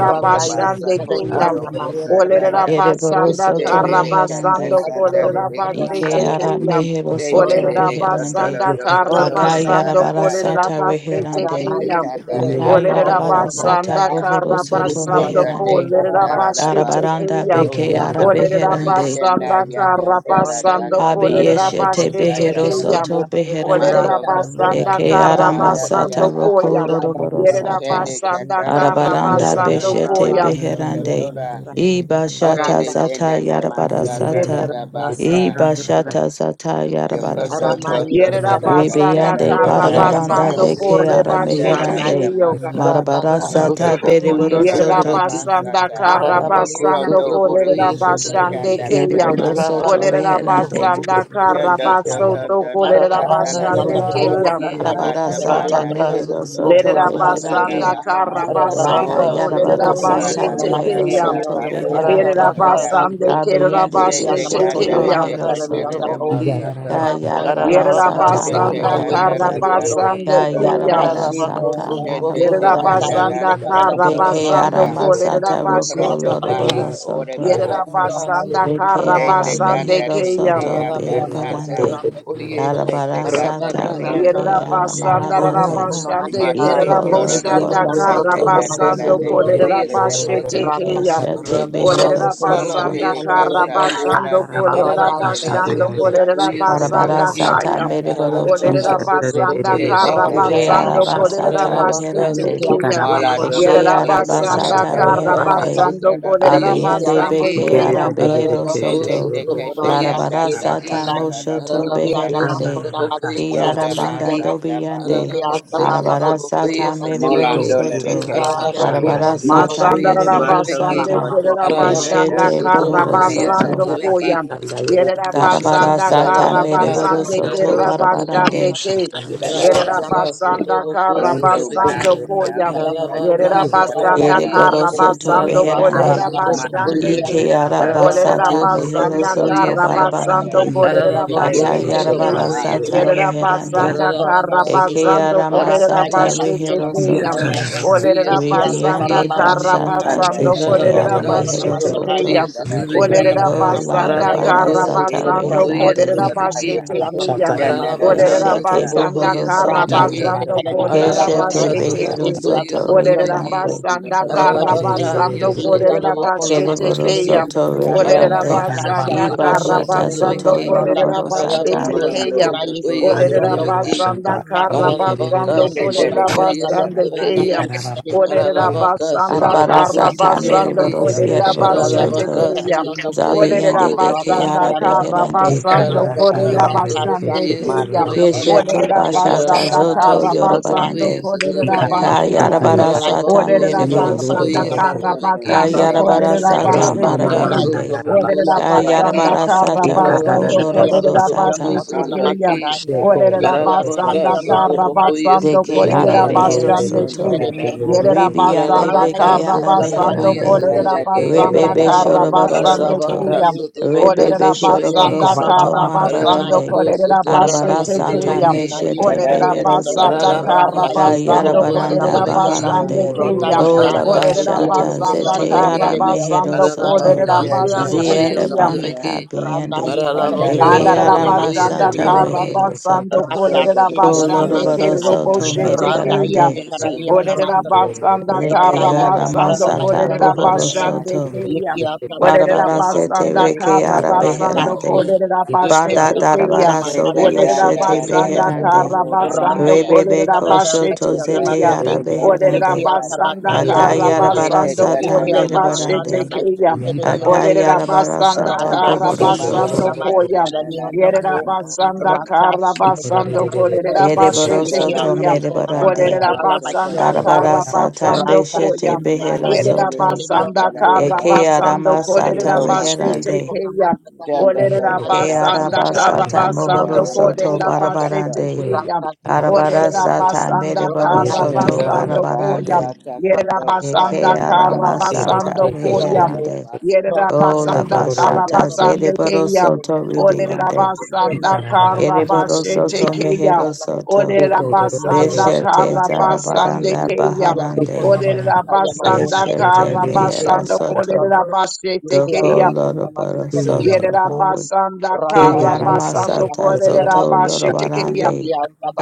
S3: Rondo basa
S8: Yekiana
S3: kondo
S4: Kiyam.
S3: do
S8: Yonda Matiana
S3: bosataya.
S7: Ereboro
S8: Ora,
S4: Olerabasanda
S7: soto
S3: Jelele kata
S7: meherande.
S4: Karabasando
S3: santa lele kosa.
S7: Ike
S4: Kolerabasete
S7: ara
S4: Kiyam.
S7: mehero soto
S3: Jelele de koto lo
S7: beherande.
S4: Olerabasanda
S3: do koto
S7: Aka
S3: kota
S4: Karabasando
S3: landaya.
S7: yarabarasata
S1: I'm
S4: Kolerabasete
S8: Ronda
S7: reherande.
S3: Jete
S4: Kiyam.
S8: yuse
S3: kanda
S8: kare
S7: Aka
S3: lele
S1: Thank you.
S8: ronda mata
S3: moho
S4: Olerera
S3: soko
S7: yarabarasata
S4: basanda
S3: daya.
S7: bohoro
S4: kara
S7: soto
S4: basando
S3: Honda de
S7: meherande.
S4: kolerera
S3: kata la la baso
S7: Arabaranda
S4: bashetekeya.
S3: koto
S7: beke
S3: yi.
S7: ara
S4: Olerera
S7: beherande.
S3: Ishana
S4: basanda
S3: ya
S4: kara
S3: kanda la da
S4: basando
S3: koto lo
S4: kolerera
S3: do
S7: Abiyeshete
S8: kare
S3: kosaya.
S7: behero
S8: ronda
S4: bashetekeya.
S8: po
S7: soto beherande.
S4: Olerera
S3: Mato
S8: rata se
S3: koto la
S4: basanda
S3: te
S7: Eke
S4: kara
S8: ronda
S3: bahada
S8: kunda
S3: diya
S7: aramasata
S4: basando
S8: mata
S3: ha.
S8: kala
S7: roko
S4: koya.
S8: la
S7: loroboro
S8: basta
S4: Yerera
S7: sata.
S3: Shele
S4: basanda
S3: kata la do
S4: kara
S6: you.
S8: yepe
S7: Arabaranda
S3: koto
S8: asta
S3: la
S4: basando
S3: da
S8: baba
S3: da
S7: beshete
S4: koya.
S6: Thank you.
S3: maso
S8: basta
S3: koto
S7: beherande.
S3: la.
S7: Iba shata
S8: randa
S3: Shele de
S8: se
S7: zata
S3: nana
S7: yarabara
S3: masanda da
S7: sata.
S3: da basa.
S7: Iba shata zata yarabara
S3: Yokoto
S8: arama
S7: sata.
S3: toko
S8: yuse
S4: Yerera
S8: kare
S3: ndada
S8: ronda
S4: basanda
S8: kunda
S3: katara
S7: Ribiande
S8: mata
S4: kara
S3: katara ka
S7: barabaranda
S4: basando
S2: Yarabaka
S7: deke
S4: kore
S3: shana
S2: Sutrabakoyese,
S8: kare
S3: dada
S7: arameherande.
S4: bashetekeyo.
S3: mas
S8: ronda
S7: Marabara
S2: Rabaka
S8: randa
S3: shando
S7: sata
S3: toko
S7: beriboro
S3: ndada
S2: Sutrabakoyese
S3: da da
S7: soto.
S2: Trebeki,
S4: Yerabasanda
S3: basata
S8: Our Ramayana is
S2: Karabako
S8: the
S4: Karabasando
S3: rondo orikishi
S2: Sutrabakoyese
S8: Ramayana.
S4: Kolerabashande
S2: Trebeki,
S3: tekandara
S8: You
S4: Keyam.
S7: Beriboro
S8: can't
S10: you.
S8: be
S3: namasata
S7: soto
S8: on
S2: Rabaka
S8: the
S7: beherande.
S4: Olerabasanda
S2: Sutrabakoyese
S3: shando
S2: Trebeki,
S8: Kaya
S3: toko
S4: Karabasoto
S8: Makona.
S3: ndada da
S2: Arabaka
S8: Beyond
S4: Kolerabashande
S8: the
S3: daka
S8: Kaya
S4: Keyam.
S2: Sutrabakoye,
S8: Makona is
S7: Arabara
S8: the
S3: pata
S8: Ramayana
S7: sata
S8: on
S3: banda
S8: the
S2: Rabaka
S8: Po.
S3: toko
S7: mehero
S3: dada
S7: soto
S3: da
S2: Sutrabakoyese
S8: Rata
S3: masada
S7: beherande.
S2: Trebeki,
S8: Stadium,
S4: Lerabasanda
S3: ba
S8: Mama Master Porat.
S7: Laka
S4: Karabasando
S3: moro
S2: Arabaka
S8: You
S3: toko
S7: yarabara
S8: can the
S3: dada
S7: sata
S2: Sutrabakoyese
S3: da
S8: Makona
S4: Kolerabashete
S3: da da
S8: Master
S7: mehero
S3: da
S2: Trebeki,
S4: Keyam.
S3: da
S8: Karabi on
S7: soto
S8: the Po.
S3: basa
S7: beherande.
S3: katara
S2: Arabaka
S3: da da.
S8: Rata
S4: Yerabasande
S8: Stadium. You
S7: Kabiyende
S3: te
S2: Sutrabakoyese,
S8: can
S3: te
S8: the
S4: Kerabashete
S7: beshete
S8: Makona
S3: kandele
S4: Keyam.
S3: te
S8: Master
S2: Rabaka
S7: rehero
S8: Karabi
S3: katele
S8: on the
S7: soto.
S8: Po.
S2: Sutrabakoye,
S7: Ka
S3: namasata
S8: Rata
S6: Thank
S7: yarabara
S6: you.
S2: Ararabaka
S8: Shamaki on the
S7: sata
S3: Shete
S8: Kona
S4: Yerabasanda
S2: sotraboko
S8: is the
S3: kanda da
S7: marabarande.
S3: da
S8: Ramayana.
S2: yesotrabeki.
S3: kanda
S4: Karabasande
S7: Ka
S3: da do
S8: Rata
S4: Keyam.
S3: pro.
S7: yarabara
S2: Ararabako
S7: sata
S8: Shibon.
S2: sotraboko
S3: Shende te
S8: Ronda
S7: marabarande.
S3: kanda
S8: is
S3: da
S8: the
S2: sotrabeki.
S4: Yerabasanda
S3: do
S8: Karabi
S3: kotoro
S8: Makona
S7: Beke
S3: do
S2: Arabaka
S4: Karabasando
S8: Master.
S3: ya.
S7: arama sata
S2: sotraboko
S8: You can
S7: roko
S4: Kolerabashete
S3: Prondo
S8: the
S4: Keyam.
S2: yesotrabeki.
S7: lorobaro
S3: baha ore
S7: soto.
S3: baha se.
S2: Ararabaka
S8: Makona
S4: Yerabasanda
S2: sotraboko
S7: Beke
S8: Master.
S7: ara
S3: Shete
S2: sotrabeki.
S4: Karabasande
S3: kanda
S7: mehero
S3: de
S4: Kayam.
S3: de
S7: soto
S3: ya
S2: Ararabaka
S3: kasata.
S7: berebarande.
S2: sotraboko ye.
S7: Yarabara
S3: Shete kanda da
S2: Arabaka
S7: sata
S2: ya.
S3: prondo
S7: reke
S3: no
S7: ara
S3: sheta.
S4: Yerabasanda
S7: maharande.
S2: Oraba
S4: Rabasande
S2: yete
S3: Mato
S7: Iko
S3: kotoro do
S4: Keraboshanda
S3: bo
S7: lorobaro
S2: yesotraboko
S3: shete
S7: soto
S2: sotraboko
S3: kanda la
S4: Karabasando
S3: te
S7: reherande.
S2: sotraboko
S3: ke tele de
S4: Kolerabashete
S2: yesotrabeki.
S3: mosoko.
S4: Kayam.
S7: Ikeshete
S2: Arabaka
S7: behero
S2: sotraboko
S7: soto.
S3: Colonde
S4: Olerabasanda
S3: le casa,
S2: yesotrabeki.
S3: ala
S4: Karabasando
S3: de que se tele
S2: Ararabaka
S3: no
S8: Rata
S4: Kolerabashando
S3: mosata,
S2: Sutrabokoye
S7: Arabara
S3: catala
S4: Kolerabasanda
S2: Sutrabeki.
S3: da
S7: sata
S3: da
S4: Kayam.
S3: da da
S7: mereboro
S3: masa,
S2: Ararabaka
S7: soto.
S4: Olerabasanda
S2: Sutrabokoye
S3: shete te
S8: Oh,
S7: Eke
S2: Sutrabeki.
S3: candela de
S4: Karabasando
S7: araba sata
S8: Shabba-ba-ba-ba-ba-ba.
S3: boata.
S2: Ararabaka
S4: Kolerabashete
S7: reherande.
S4: Kayam.
S2: Sutrabokoye
S3: Mala do
S7: Eke
S2: Sutrabeki.
S3: kotora
S7: araba
S3: te
S8: Yuki-ana-ma-tuku-na-ma-tuku-ri-yondo-ku.
S4: Yerabasanda
S7: sata
S3: kata
S2: Ararabaka
S3: kata
S7: reherande.
S8: Rata-shi.
S4: Karabasando
S3: kata
S6: Baba
S3: da da
S2: Sutrabokoye
S3: boho
S7: Abiyende
S3: sata.
S4: Kolerabasande
S2: Sutrabeki.
S7: beke
S4: Kayam.
S7: arabehero
S2: Ararabako
S8: Yuki-ana-ma-ku-na-ma-tuku-ri-yondo-ku.
S3: Shende
S7: soto.
S3: te kete
S2: Sutrabokoye
S3: landa
S7: Larabara
S8: Rata-shi.
S3: da
S2: Sutrabeki.
S3: kata
S7: sata
S8: Dekana.
S3: da da
S7: moshoto
S3: boho
S2: Ararabako
S3: sata.
S7: beherande. Ki
S2: Sutrabokoye
S3: Londa ba
S7: aramanda
S2: Sutrabeki.
S8: Yuki-ana-ma-ku-na-ma-tuku-na-ma-tuku-na. tuku na na
S3: sata ba
S8: ma tuku
S3: ora
S7: dobiyande.
S8: yuki
S2: Ararabako
S3: kosite.
S7: Arabara
S2: Sutrabokoye
S7: sata
S1: Ito,
S7: mereboro
S2: Sutrabeki.
S3: Molando le le
S7: soto.
S3: kese
S1: Rababa
S8: ara
S2: Ararabako
S3: payo.
S7: Larabara
S8: na ma
S7: sata
S8: tuku
S2: Sutrabokoye
S1: Shanda,
S4: Masandara
S7: mereboro
S2: Sutrabeki.
S3: Matoko
S8: yuki
S4: basande
S7: sata.
S8: na ma
S4: kerera
S3: batuko te la
S8: tuku
S2: Ararabako
S4: basanda
S7: Eshete
S3: daria
S4: karra
S7: bohoro
S3: kasa
S1: Andai
S2: Sutrabokoye
S3: da
S8: shikara
S3: da
S8: ma
S7: soto.
S4: basando
S1: baba
S3: da da
S8: na ma
S2: Sutrabeki.
S3: ba
S4: koyam.
S8: ku
S3: sa
S8: na
S1: andai re
S3: kasa.
S4: Yerera
S8: yuki
S1: keshete
S8: asa
S7: Darabara
S8: ba
S4: basanda
S8: ku na
S3: Danda
S8: ma
S7: sata
S4: karra
S3: da da
S2: Ararabaka
S8: tuku
S1: Ye
S3: ba ha
S7: mereboro
S4: basande
S1: kaya
S2: sutraboko
S7: soto
S1: baba
S4: kerera
S2: sutrabeki.
S4: basande
S3: kisi
S7: barabarande.
S8: ri
S4: ke.
S1: shaka
S3: kisa
S1: ye re
S3: da da da.
S4: Yerera
S2: Ararabaka
S1: baba
S8: Ikianamakona
S4: basanda
S2: sutraboko
S4: karra
S8: masakaya
S1: ye to
S3: Pronto
S1: ko
S8: makona.
S2: sutrabeki.
S4: basando
S3: banande di
S4: koyam.
S1: baba
S3: aso
S2: Ararabaka
S8: Ikianamakona
S3: sate
S4: Yerera
S1: ye to
S3: kisa da
S8: masakala la
S3: da
S2: sutraboko
S4: basanda
S2: ye.
S3: da
S7: Ereboro
S4: karra
S8: makianako.
S7: soto
S4: basando
S2: Ararabaka
S1: aba
S4: kolerera
S7: reherande.
S8: Ratase.
S1: baba baba
S2: sutraboko
S3: Mana
S1: shaka
S4: basande
S2: ye.
S4: ke.
S3: tere
S1: ye
S7: Ike
S8: Ikianamakona
S3: kata
S1: baba
S3: la
S7: araba
S3: la
S4: Olerera
S2: Ararabako
S7: sata
S8: masakaya.
S7: mehero
S4: basanda
S3: tere
S2: sutraboko ye.
S7: soto
S4: karra
S3: kara
S8: Ikianamakona
S3: ta ya
S4: basando
S8: masakaya.
S7: barabarande.
S1: ye kere
S4: kolerera
S1: re re
S2: Ararabako
S1: re
S3: chendele
S4: basete
S3: de
S8: Ikianamakona
S4: ke.
S1: keshete
S3: ma
S2: sotrabako
S7: Akayarabara
S1: ye
S3: a
S8: masakale
S1: to
S7: sata
S2: yese.
S4: Yerera
S8: yotuko.
S3: chendele ya
S6: Thank
S1: ya
S3: ma
S7: meherande.
S4: basanda karra
S2: Ararabaka
S8: Ratase.
S7: Eke
S6: you.
S3: tere
S4: basando
S2: sotrabako
S7: arama
S4: kolerera
S3: chendele ya
S8: Ratata
S7: sata
S3: ma
S2: yesu.
S4: basete
S7: rehero
S3: sato
S1: ya
S4: ke
S8: makianamakona
S3: toro
S7: soto.
S1: kara
S3: to
S2: Ararabako
S1: baba
S4: Olerera
S3: chendele
S2: yesu
S3: ya
S8: Tikia
S2: trebeki
S8: Sababa
S4: basanda
S7: Ribiande
S2: shite.
S4: kara
S8: Balasakunai,
S7: bashata
S4: basando
S3: andara da
S1: keshete
S7: zete
S1: re
S8: Nikia
S3: boho
S1: re
S4: kolerera
S7: ara
S2: Ararabaka
S1: re
S8: Namakona
S7: mehero
S4: basete
S1: keshete
S2: sotrabako
S8: Masakaya,
S4: keya.
S7: soto.
S2: yesu
S1: ye ko
S3: chendele ya
S1: ra
S8: Nikia
S2: trebeki.
S1: ra ra
S4: Olerera
S1: ra ra
S8: Namakona
S7: Ko
S4: basanda
S8: Masakaya
S2: Ararabako
S7: larabara
S4: kara
S8: Baku,
S3: chendele
S7: sata
S3: tele de
S2: sotrabako
S4: basando
S2: yesu
S3: oso
S8: Rataki,
S7: reherande.
S1: ye
S4: kolerera
S1: ko
S2: trebeki.
S3: sapaya
S4: basete
S1: baba
S8: Nikia
S1: shaka
S4: keya.
S1: ye
S8: Namakona
S1: ra
S3: chendele
S2: Ararabaka
S3: na
S4: Olerera
S8: Masakaleria
S7: Keshete
S3: sa
S8: Toko,
S2: sotrabako
S4: basanda
S7: bohoro
S2: yesu
S4: kara
S8: Rada
S1: ye
S7: soto.
S1: ko
S2: trebeki.
S3: chondo
S8: is the
S3: to
S1: baba
S4: basando
S1: baba
S8: Kalaria
S1: shaka
S3: chendele
S4: kolerera
S1: ye
S3: da da
S2: Ararabaka
S7: Keshete
S8: Namakona,
S3: ma
S4: basete
S1: baba
S3: sa
S7: behero
S4: keya.
S2: sotrabako
S8: Tikia
S7: soto
S2: yesu
S8: Sabakio
S4: Olerera
S2: trebeki.
S8: Namako,
S7: reherande.
S4: basanda
S3: chendele
S1: ye
S3: ma sa
S4: kara
S1: kere
S2: Ararabaka,
S1: re
S8: Ratashi,
S1: re
S4: basando
S1: re
S2: yeso
S8: Nikia
S4: kolerera
S1: re
S3: da
S2: toroboko
S8: Namakona
S4: basete
S7: Kereboro
S2: sotrebeki.
S8: Masakaleria
S4: keya.
S8: on the
S7: soto
S8: King,
S3: chendele
S4: Olerera
S3: da
S7: reherande.
S2: Ararabako
S8: Ratashi
S4: basanda
S7: Iba
S8: Amakio
S2: sotroboko
S4: kara
S1: Ikararararasatayaka.
S7: shata
S8: Namako,
S4: basando
S7: soto
S2: sotrebeki.
S8: Ronda
S4: kolerera
S8: is
S7: yoroboro
S8: the Kalaria
S7: sata.
S4: basete
S2: Ararabako
S4: keya.
S3: Morondo
S8: Namakona
S2: sotroboko
S8: is the
S3: Totora
S4: Olerera
S8: Kennedy
S2: yesotrebeki.
S3: Tekata
S4: basanda
S3: Yusuka
S4: kara
S8: Rakashi,
S2: Ararabaka
S4: basando
S8: Yondakona
S3: Kendele
S4: kolerera
S2: sotroboko
S8: Masakaya
S3: Katora
S4: basande
S8: Bukona
S2: yesotrebeki.
S4: keya.
S3: Namasa
S8: is the
S4: Olerera
S8: Yondako,
S2: Ararabaka
S4: basanda
S7: Arabara
S2: sotroboko
S4: kara
S8: Rakashama
S7: sata
S3: Kendele
S2: sotrebeki.
S4: basando
S7: mereboro
S8: Yonamako,
S3: Masa
S4: kolerera
S7: siereboro
S3: Kotora
S8: Ronda
S4: basete
S8: is
S2: Ararabaka
S8: the
S6: Thank
S7: soto.
S6: you.
S3: Namasa
S4: keya.
S2: sotroboko
S8: Yondako,
S4: Olerera
S7: Zabiyende
S3: Mono
S7: de
S2: yesotrebeki.
S4: basanda
S7: keara
S8: Rakashama
S3: Kotora
S4: kara
S7: beherande.
S8: Yonamakona,
S4: basando
S3: Katora
S2: Ararabaka
S4: kolerera
S3: Kasa
S2: sotroboko
S8: Rakasha,
S4: basande keya.
S3: Mata
S2: yesotrebeki.
S8: Yondakona
S3: Saba
S7: Keshete
S4: Olerera
S8: Masakaya
S7: bashata
S3: Arakadara
S4: basanda
S8: Yondako,
S2: Ararabaka
S7: zoto
S4: kara
S3: Dabasi
S8: Raka,
S2: sotroboko
S4: basando
S7: yorobarande.
S4: kolerera
S2: yesotrebeki.
S3: Kendele
S4: basete
S3: Nama
S4: keya.
S7: Kayarabara
S8: Yonamakianamakonai,
S7: sata
S2: Ararabako
S4: Olerera
S7: mereboro
S2: sotraboko
S4: basanda
S7: soto.
S2: yese
S8: Yonamakianamako,
S4: kara
S3: Kendele
S2: trebeke
S4: basando
S2: se.
S3: Sita
S8: Ronda is
S7: Kayarabara
S3: basi
S8: the
S4: kolerera
S3: Kendele
S7: sata
S4: basete
S3: Nama
S2: Rabaka
S4: keya.
S8: Yonamakonai,
S7: marabarande.
S2: sotraboko
S4: Olerera
S2: sotrabeke.
S3: Kendele
S4: basanda
S7: Kayarabara
S4: kara
S8: Yonamakianamako,
S7: sata
S3: Dabasi
S7: roko
S4: basando
S2: Ararabaka
S7: loroboro
S4: kolerera
S2: sotraboko
S7: sata.
S4: basete
S3: Rondo
S4: keya.
S2: sotrabeke.
S8: Shikianamakianamakona
S1: Sheko
S3: Totora
S4: Olerera
S3: Namasa
S8: Likia
S1: roroko
S2: Ararabaka
S4: basanda
S8: Tabakia
S4: kara
S3: Kendele
S2: sotraboko
S8: Lasaka,
S2: yese
S7: De
S4: basando
S1: Thank
S8: Likia
S2: trebeke.
S7: keara
S4: kolerera
S1: you. for
S3: Nama
S7: behero
S8: Namakuna
S4: basande
S8: is the
S7: soto.
S4: keya.
S3: Kendele
S8: Karadia
S3: Dabasi
S8: Koko,
S4: Yerera
S7: Ribiande
S4: basanda
S8: Rana
S2: Ararabaka
S8: is
S4: karra
S8: the
S7: bekeara
S2: sotraboko
S4: basando
S8: Karabakia
S2: yese
S7: meherande.
S8: Noko,
S4: kolerera
S3: Danda
S2: trebeke
S3: danda
S2: shite.
S4: basanda
S7: Rebebe
S3: danda
S8: Rodonda is
S4: karra
S3: danda
S8: the
S3: roko
S7: shorobaro
S4: basande
S3: sata,
S2: Ararabaka
S8: Karamakunda
S7: soto.
S4: kiyam.
S8: is the Kate,
S2: sotraboko
S4: Olerera
S7: Rebebe
S8: Shikia
S2: sotrabeke.
S7: shorobaro
S4: basanda
S7: soto
S4: karra
S8: Tababas Kuna,
S4: basando
S7: marabarande.
S2: Ararabako
S4: kolerera
S2: sotraboko
S7: Arabara
S4: basete
S8: Ikarabakia
S7: sata
S1: doing
S4: kiyam.
S2: sotrabeke.
S1: it.
S8: Nokuna
S3: roko
S8: is
S3: sata
S8: the
S7: meshete
S4: Olerera
S3: danda
S7: behero
S8: Karadia,
S3: roko
S4: basanda
S7: soto.
S3: sata
S2: Ararabaka
S4: karra
S8: Randa
S3: ya,
S8: is the
S4: basando
S2: sotraboko
S8: Karadia
S7: Kayarabaranda
S4: kolerera
S1: Yes,
S2: sotrabeke.
S8: Nabakiana,
S1: God.
S4: basande
S3: danda
S7: baharande.
S3: danda
S8: Ronda
S1: Ikororo
S4: kiyam.
S6: Thank
S3: danda
S8: Shah.
S1: shataya.
S7: Ola
S3: danda
S2: Rabaka
S1: Thank you.
S4: Olerera
S3: basta
S8: Yondo
S7: bashata
S2: Sutraboku
S8: kunda
S3: katola
S4: basanda karra
S3: toya,
S7: zeteara
S2: Sutraviki,
S8: masekereri yondo
S7: mehero
S4: basando
S8: kunda
S7: soto.
S3: che
S4: kolerera
S2: Ararabaka
S1: Ikanda
S3: che
S8: isi
S3: che
S1: yarara
S8: ata
S4: basete
S8: basi
S2: Sutraboku
S1: shetu
S3: padara
S7: Ziere
S8: yondo
S4: kiyam.
S1: yoroko.
S8: kunda.
S3: masya,
S7: banaka
S2: Sutraviki,
S8: Randa
S7: biende.
S8: isi kereri
S3: pandara
S2: Ararabaku
S3: la
S1: Ne,
S8: yondo
S4: Andarara
S7: Ekeara
S8: kunda
S3: mausa
S1: direrere
S3: masa
S2: Sutraboku
S1: keshe
S4: basanda
S8: masekereri
S7: masata
S3: tuya,
S8: yondo
S4: karra
S1: direrere
S2: Sutraviki,
S8: kunda.
S7: rehero
S1: koshanda
S4: basando
S7: soto.
S8: Rata
S3: sondo
S4: kolerera
S8: shiri
S2: Ararabaku
S3: de
S8: yondo
S4: basande
S3: sondo
S7: Kolorobaro
S2: Sutraboku,
S3: tada
S8: masakam.
S4: kirro
S1: yarara.
S7: soto
S1: Anda
S3: tanda
S1: yarara
S4: boshete
S8: Randa
S3: tada
S7: merebarande.
S2: Ararabaku
S4: kiyam.
S8: isi
S3: teko
S1: koshanda yarara
S8: kereri
S2: Yesu.
S1: keshe
S3: sata
S8: yondo
S3: ya,
S4: Olerera
S8: masakam.
S1: direrere
S4: basanda
S1: koshanda.
S3: che
S8: Randa
S7: Leke
S4: kara
S3: che
S8: isi
S7: ara
S3: landa
S8: kereri
S4: basando
S1: Iya
S8: basi
S3: tiri
S7: masata
S4: kolerera
S3: oso
S1: yarara
S7: bohoro
S8: yondo
S1: shetu
S4: basande
S3: samaya,
S7: soto.
S1: direrere
S4: keya.
S8: Yekia
S1: keshe
S8: Sabaki
S3: che
S1: direrere.
S4: Olerera
S8: on
S3: che
S7: Barabara
S8: the
S7: sete
S3: kandale
S4: basanda
S8: Masiko,
S3: te
S7: reke
S4: kara
S7: ara
S3: kandale de ma
S4: basando
S7: beherande.
S3: ora
S8: Ratashi,
S4: kolerera
S3: kasa,
S1: Ikanda
S8: Yekia
S4: basete
S7: Banda
S1: yarara.
S8: namaka
S4: keya.
S7: darabara
S3: che
S8: namaka
S7: sobi
S3: che
S4: Olerera
S8: Masaka,
S3: danda
S7: yeshete
S8: on
S3: danda
S8: the
S4: basanda
S3: danda
S8: O,
S7: beherande.
S4: kara
S3: bahora
S8: Randa
S4: basando
S3: maya.
S7: Rebebe
S4: kolerera
S8: Yesikana
S3: Shake
S4: basete
S7: koshoto
S3: that
S8: Bakana
S3: that
S1: Thank
S7: zete
S4: keya.
S3: that
S8: Masaka,
S7: ara
S3: on the
S4: Olerera
S7: beherande.
S8: Yekia
S3: Oshakanda.
S8: Sabaka
S4: basanda kara
S7: Akayara
S8: Yabakona,
S3: Shake
S7: bara
S3: that
S4: basando
S3: that
S7: sata
S3: that
S8: Yekia
S4: korre
S3: on my Oko
S4: basete
S8: Namakana
S7: merebarande.
S4: keya.
S8: Masika,
S3: Setaya.
S8: on the
S4: Olerera
S8: O,
S7: Akayara bara
S4: basanda
S7: sata
S3: Kondo
S4: kara
S3: do da
S7: bohoro
S8: Ratashi,
S3: Baha
S8: on
S4: basando
S8: the
S7: soto.
S3: Satata
S4: koya.
S8: Masika,
S3: da
S8: on
S3: da da
S8: the
S3: da
S4: Yerera
S8: O,
S3: da Baha
S4: basanda
S3: Satata.
S6: you.
S4: karra
S8: Ratashi, Mikana
S4: basando
S6: Thank
S8: Masaka,
S4: kolerera
S6: you.
S7: Ereboro
S4: basete
S3: Yondo
S8: Yekia
S3: da
S7: soto
S4: keya.
S3: take that
S8: Namakona
S3: that da
S7: merebarande.
S3: da
S8: Masaka,
S4: Olerera
S8: Labaki on
S4: basanda
S8: the
S3: Masokoto.
S8: O,
S7: Arabara
S4: kara
S7: sata
S4: basando
S8: Ratashi,
S7: beshete
S4: koya.
S8: Mianda
S7: behero
S3: Mala
S4: Yerera
S3: deli de
S7: soto.
S8: Yesikana, on
S4: basanda
S8: the
S3: Kanda da
S8: O,
S3: da
S4: kara
S7: Eke
S3: Baha
S7: ara
S4: basando
S3: Sokoto
S8: Ratsu,
S7: masata
S4: kolerera
S3: Roma say.
S4: başlete
S7: reherande.
S1: you.
S8: yamako nama,
S4: keya.
S8: saka
S3: Shanda
S8: yamako
S3: do
S4: Olerera
S8: na.
S7: Eke
S3: Kota da
S4: basanda
S3: da
S7: araba
S8: Ipiyana
S4: karra
S7: sata
S3: Tisa
S8: ko
S3: da da
S8: nama
S7: mohoro
S4: basando
S3: da
S8: se
S3: na
S7: soto
S8: kaleri
S4: kolerera
S8: yanda ko.
S4: başlete
S7: barabarande.
S4: keya.
S8: Ratsu, yamako
S7: Arabara
S8: nama
S4: Olerera
S7: sata
S4: basanda
S7: mereboro
S4: karra
S7: soto
S3: Yondo
S8: saka
S3: do
S4: basando
S3: da Baha
S8: yamako.
S4: koya.
S7: barabarande.
S3: Sata
S4: Yerera
S3: Kondo.
S8: Ratsu,
S7: Eke
S4: basanda
S3: Bata da da
S4: kara
S7: arama
S8: yamako nama
S7: sata
S4: basando
S3: Masaka.
S8: saka
S3: Sama
S4: koya.
S8: yamako.
S3: ora
S7: reherande.
S4: Yerera
S3: Masoboko
S7: O
S8: Ratsu,
S7: la
S3: Teya.
S4: basanda kara
S7: bashata
S8: yamako
S4: basando
S8: nama
S7: zereboro
S8: saka
S4: keya.
S7: soto
S8: yamako.
S4: Olerera
S7: ribiande.
S8: Ratsu,
S4: basanda kara
S7: Ereboro
S4: başlete
S7: soto
S4: keya.
S7: mehero
S8: yamako nama saka yamako. Ratsu, yamako
S7: soto.
S8: nama
S4: Olera
S8: saka
S4: basanda
S8: yamako.
S7: Beshete
S4: kara
S8: Ratsu,
S4: basande
S7: zarabaranda
S4: keya.
S1: Thank
S8: yamako
S7: baharande.
S8: nama
S4: Olera basanda
S7: Keshete
S4: kara
S7: mehero
S4: basando
S7: soto.
S4: kolera basete
S6: Thank
S7: Doko
S4: keya.
S7: loroboro
S8: saka
S1: you.
S7: soto.
S4: Yerera
S8: yamako.
S4: basanda
S8: Rata
S4: kara
S7: Keriana
S4: basando
S7: Masata
S4: kolera
S7: Zoto
S4: basete keya.
S7: Yorobarande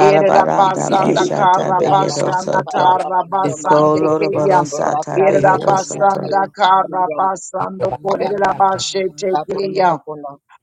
S4: Yerera basanda
S7: Bashata
S4: kara
S7: Behero
S4: basanda
S7: Soto
S4: kara basande keya.
S7: Koloroboro Sata
S4: Yerera
S7: Behero Soto
S4: basanda kara basando kolera basete keya.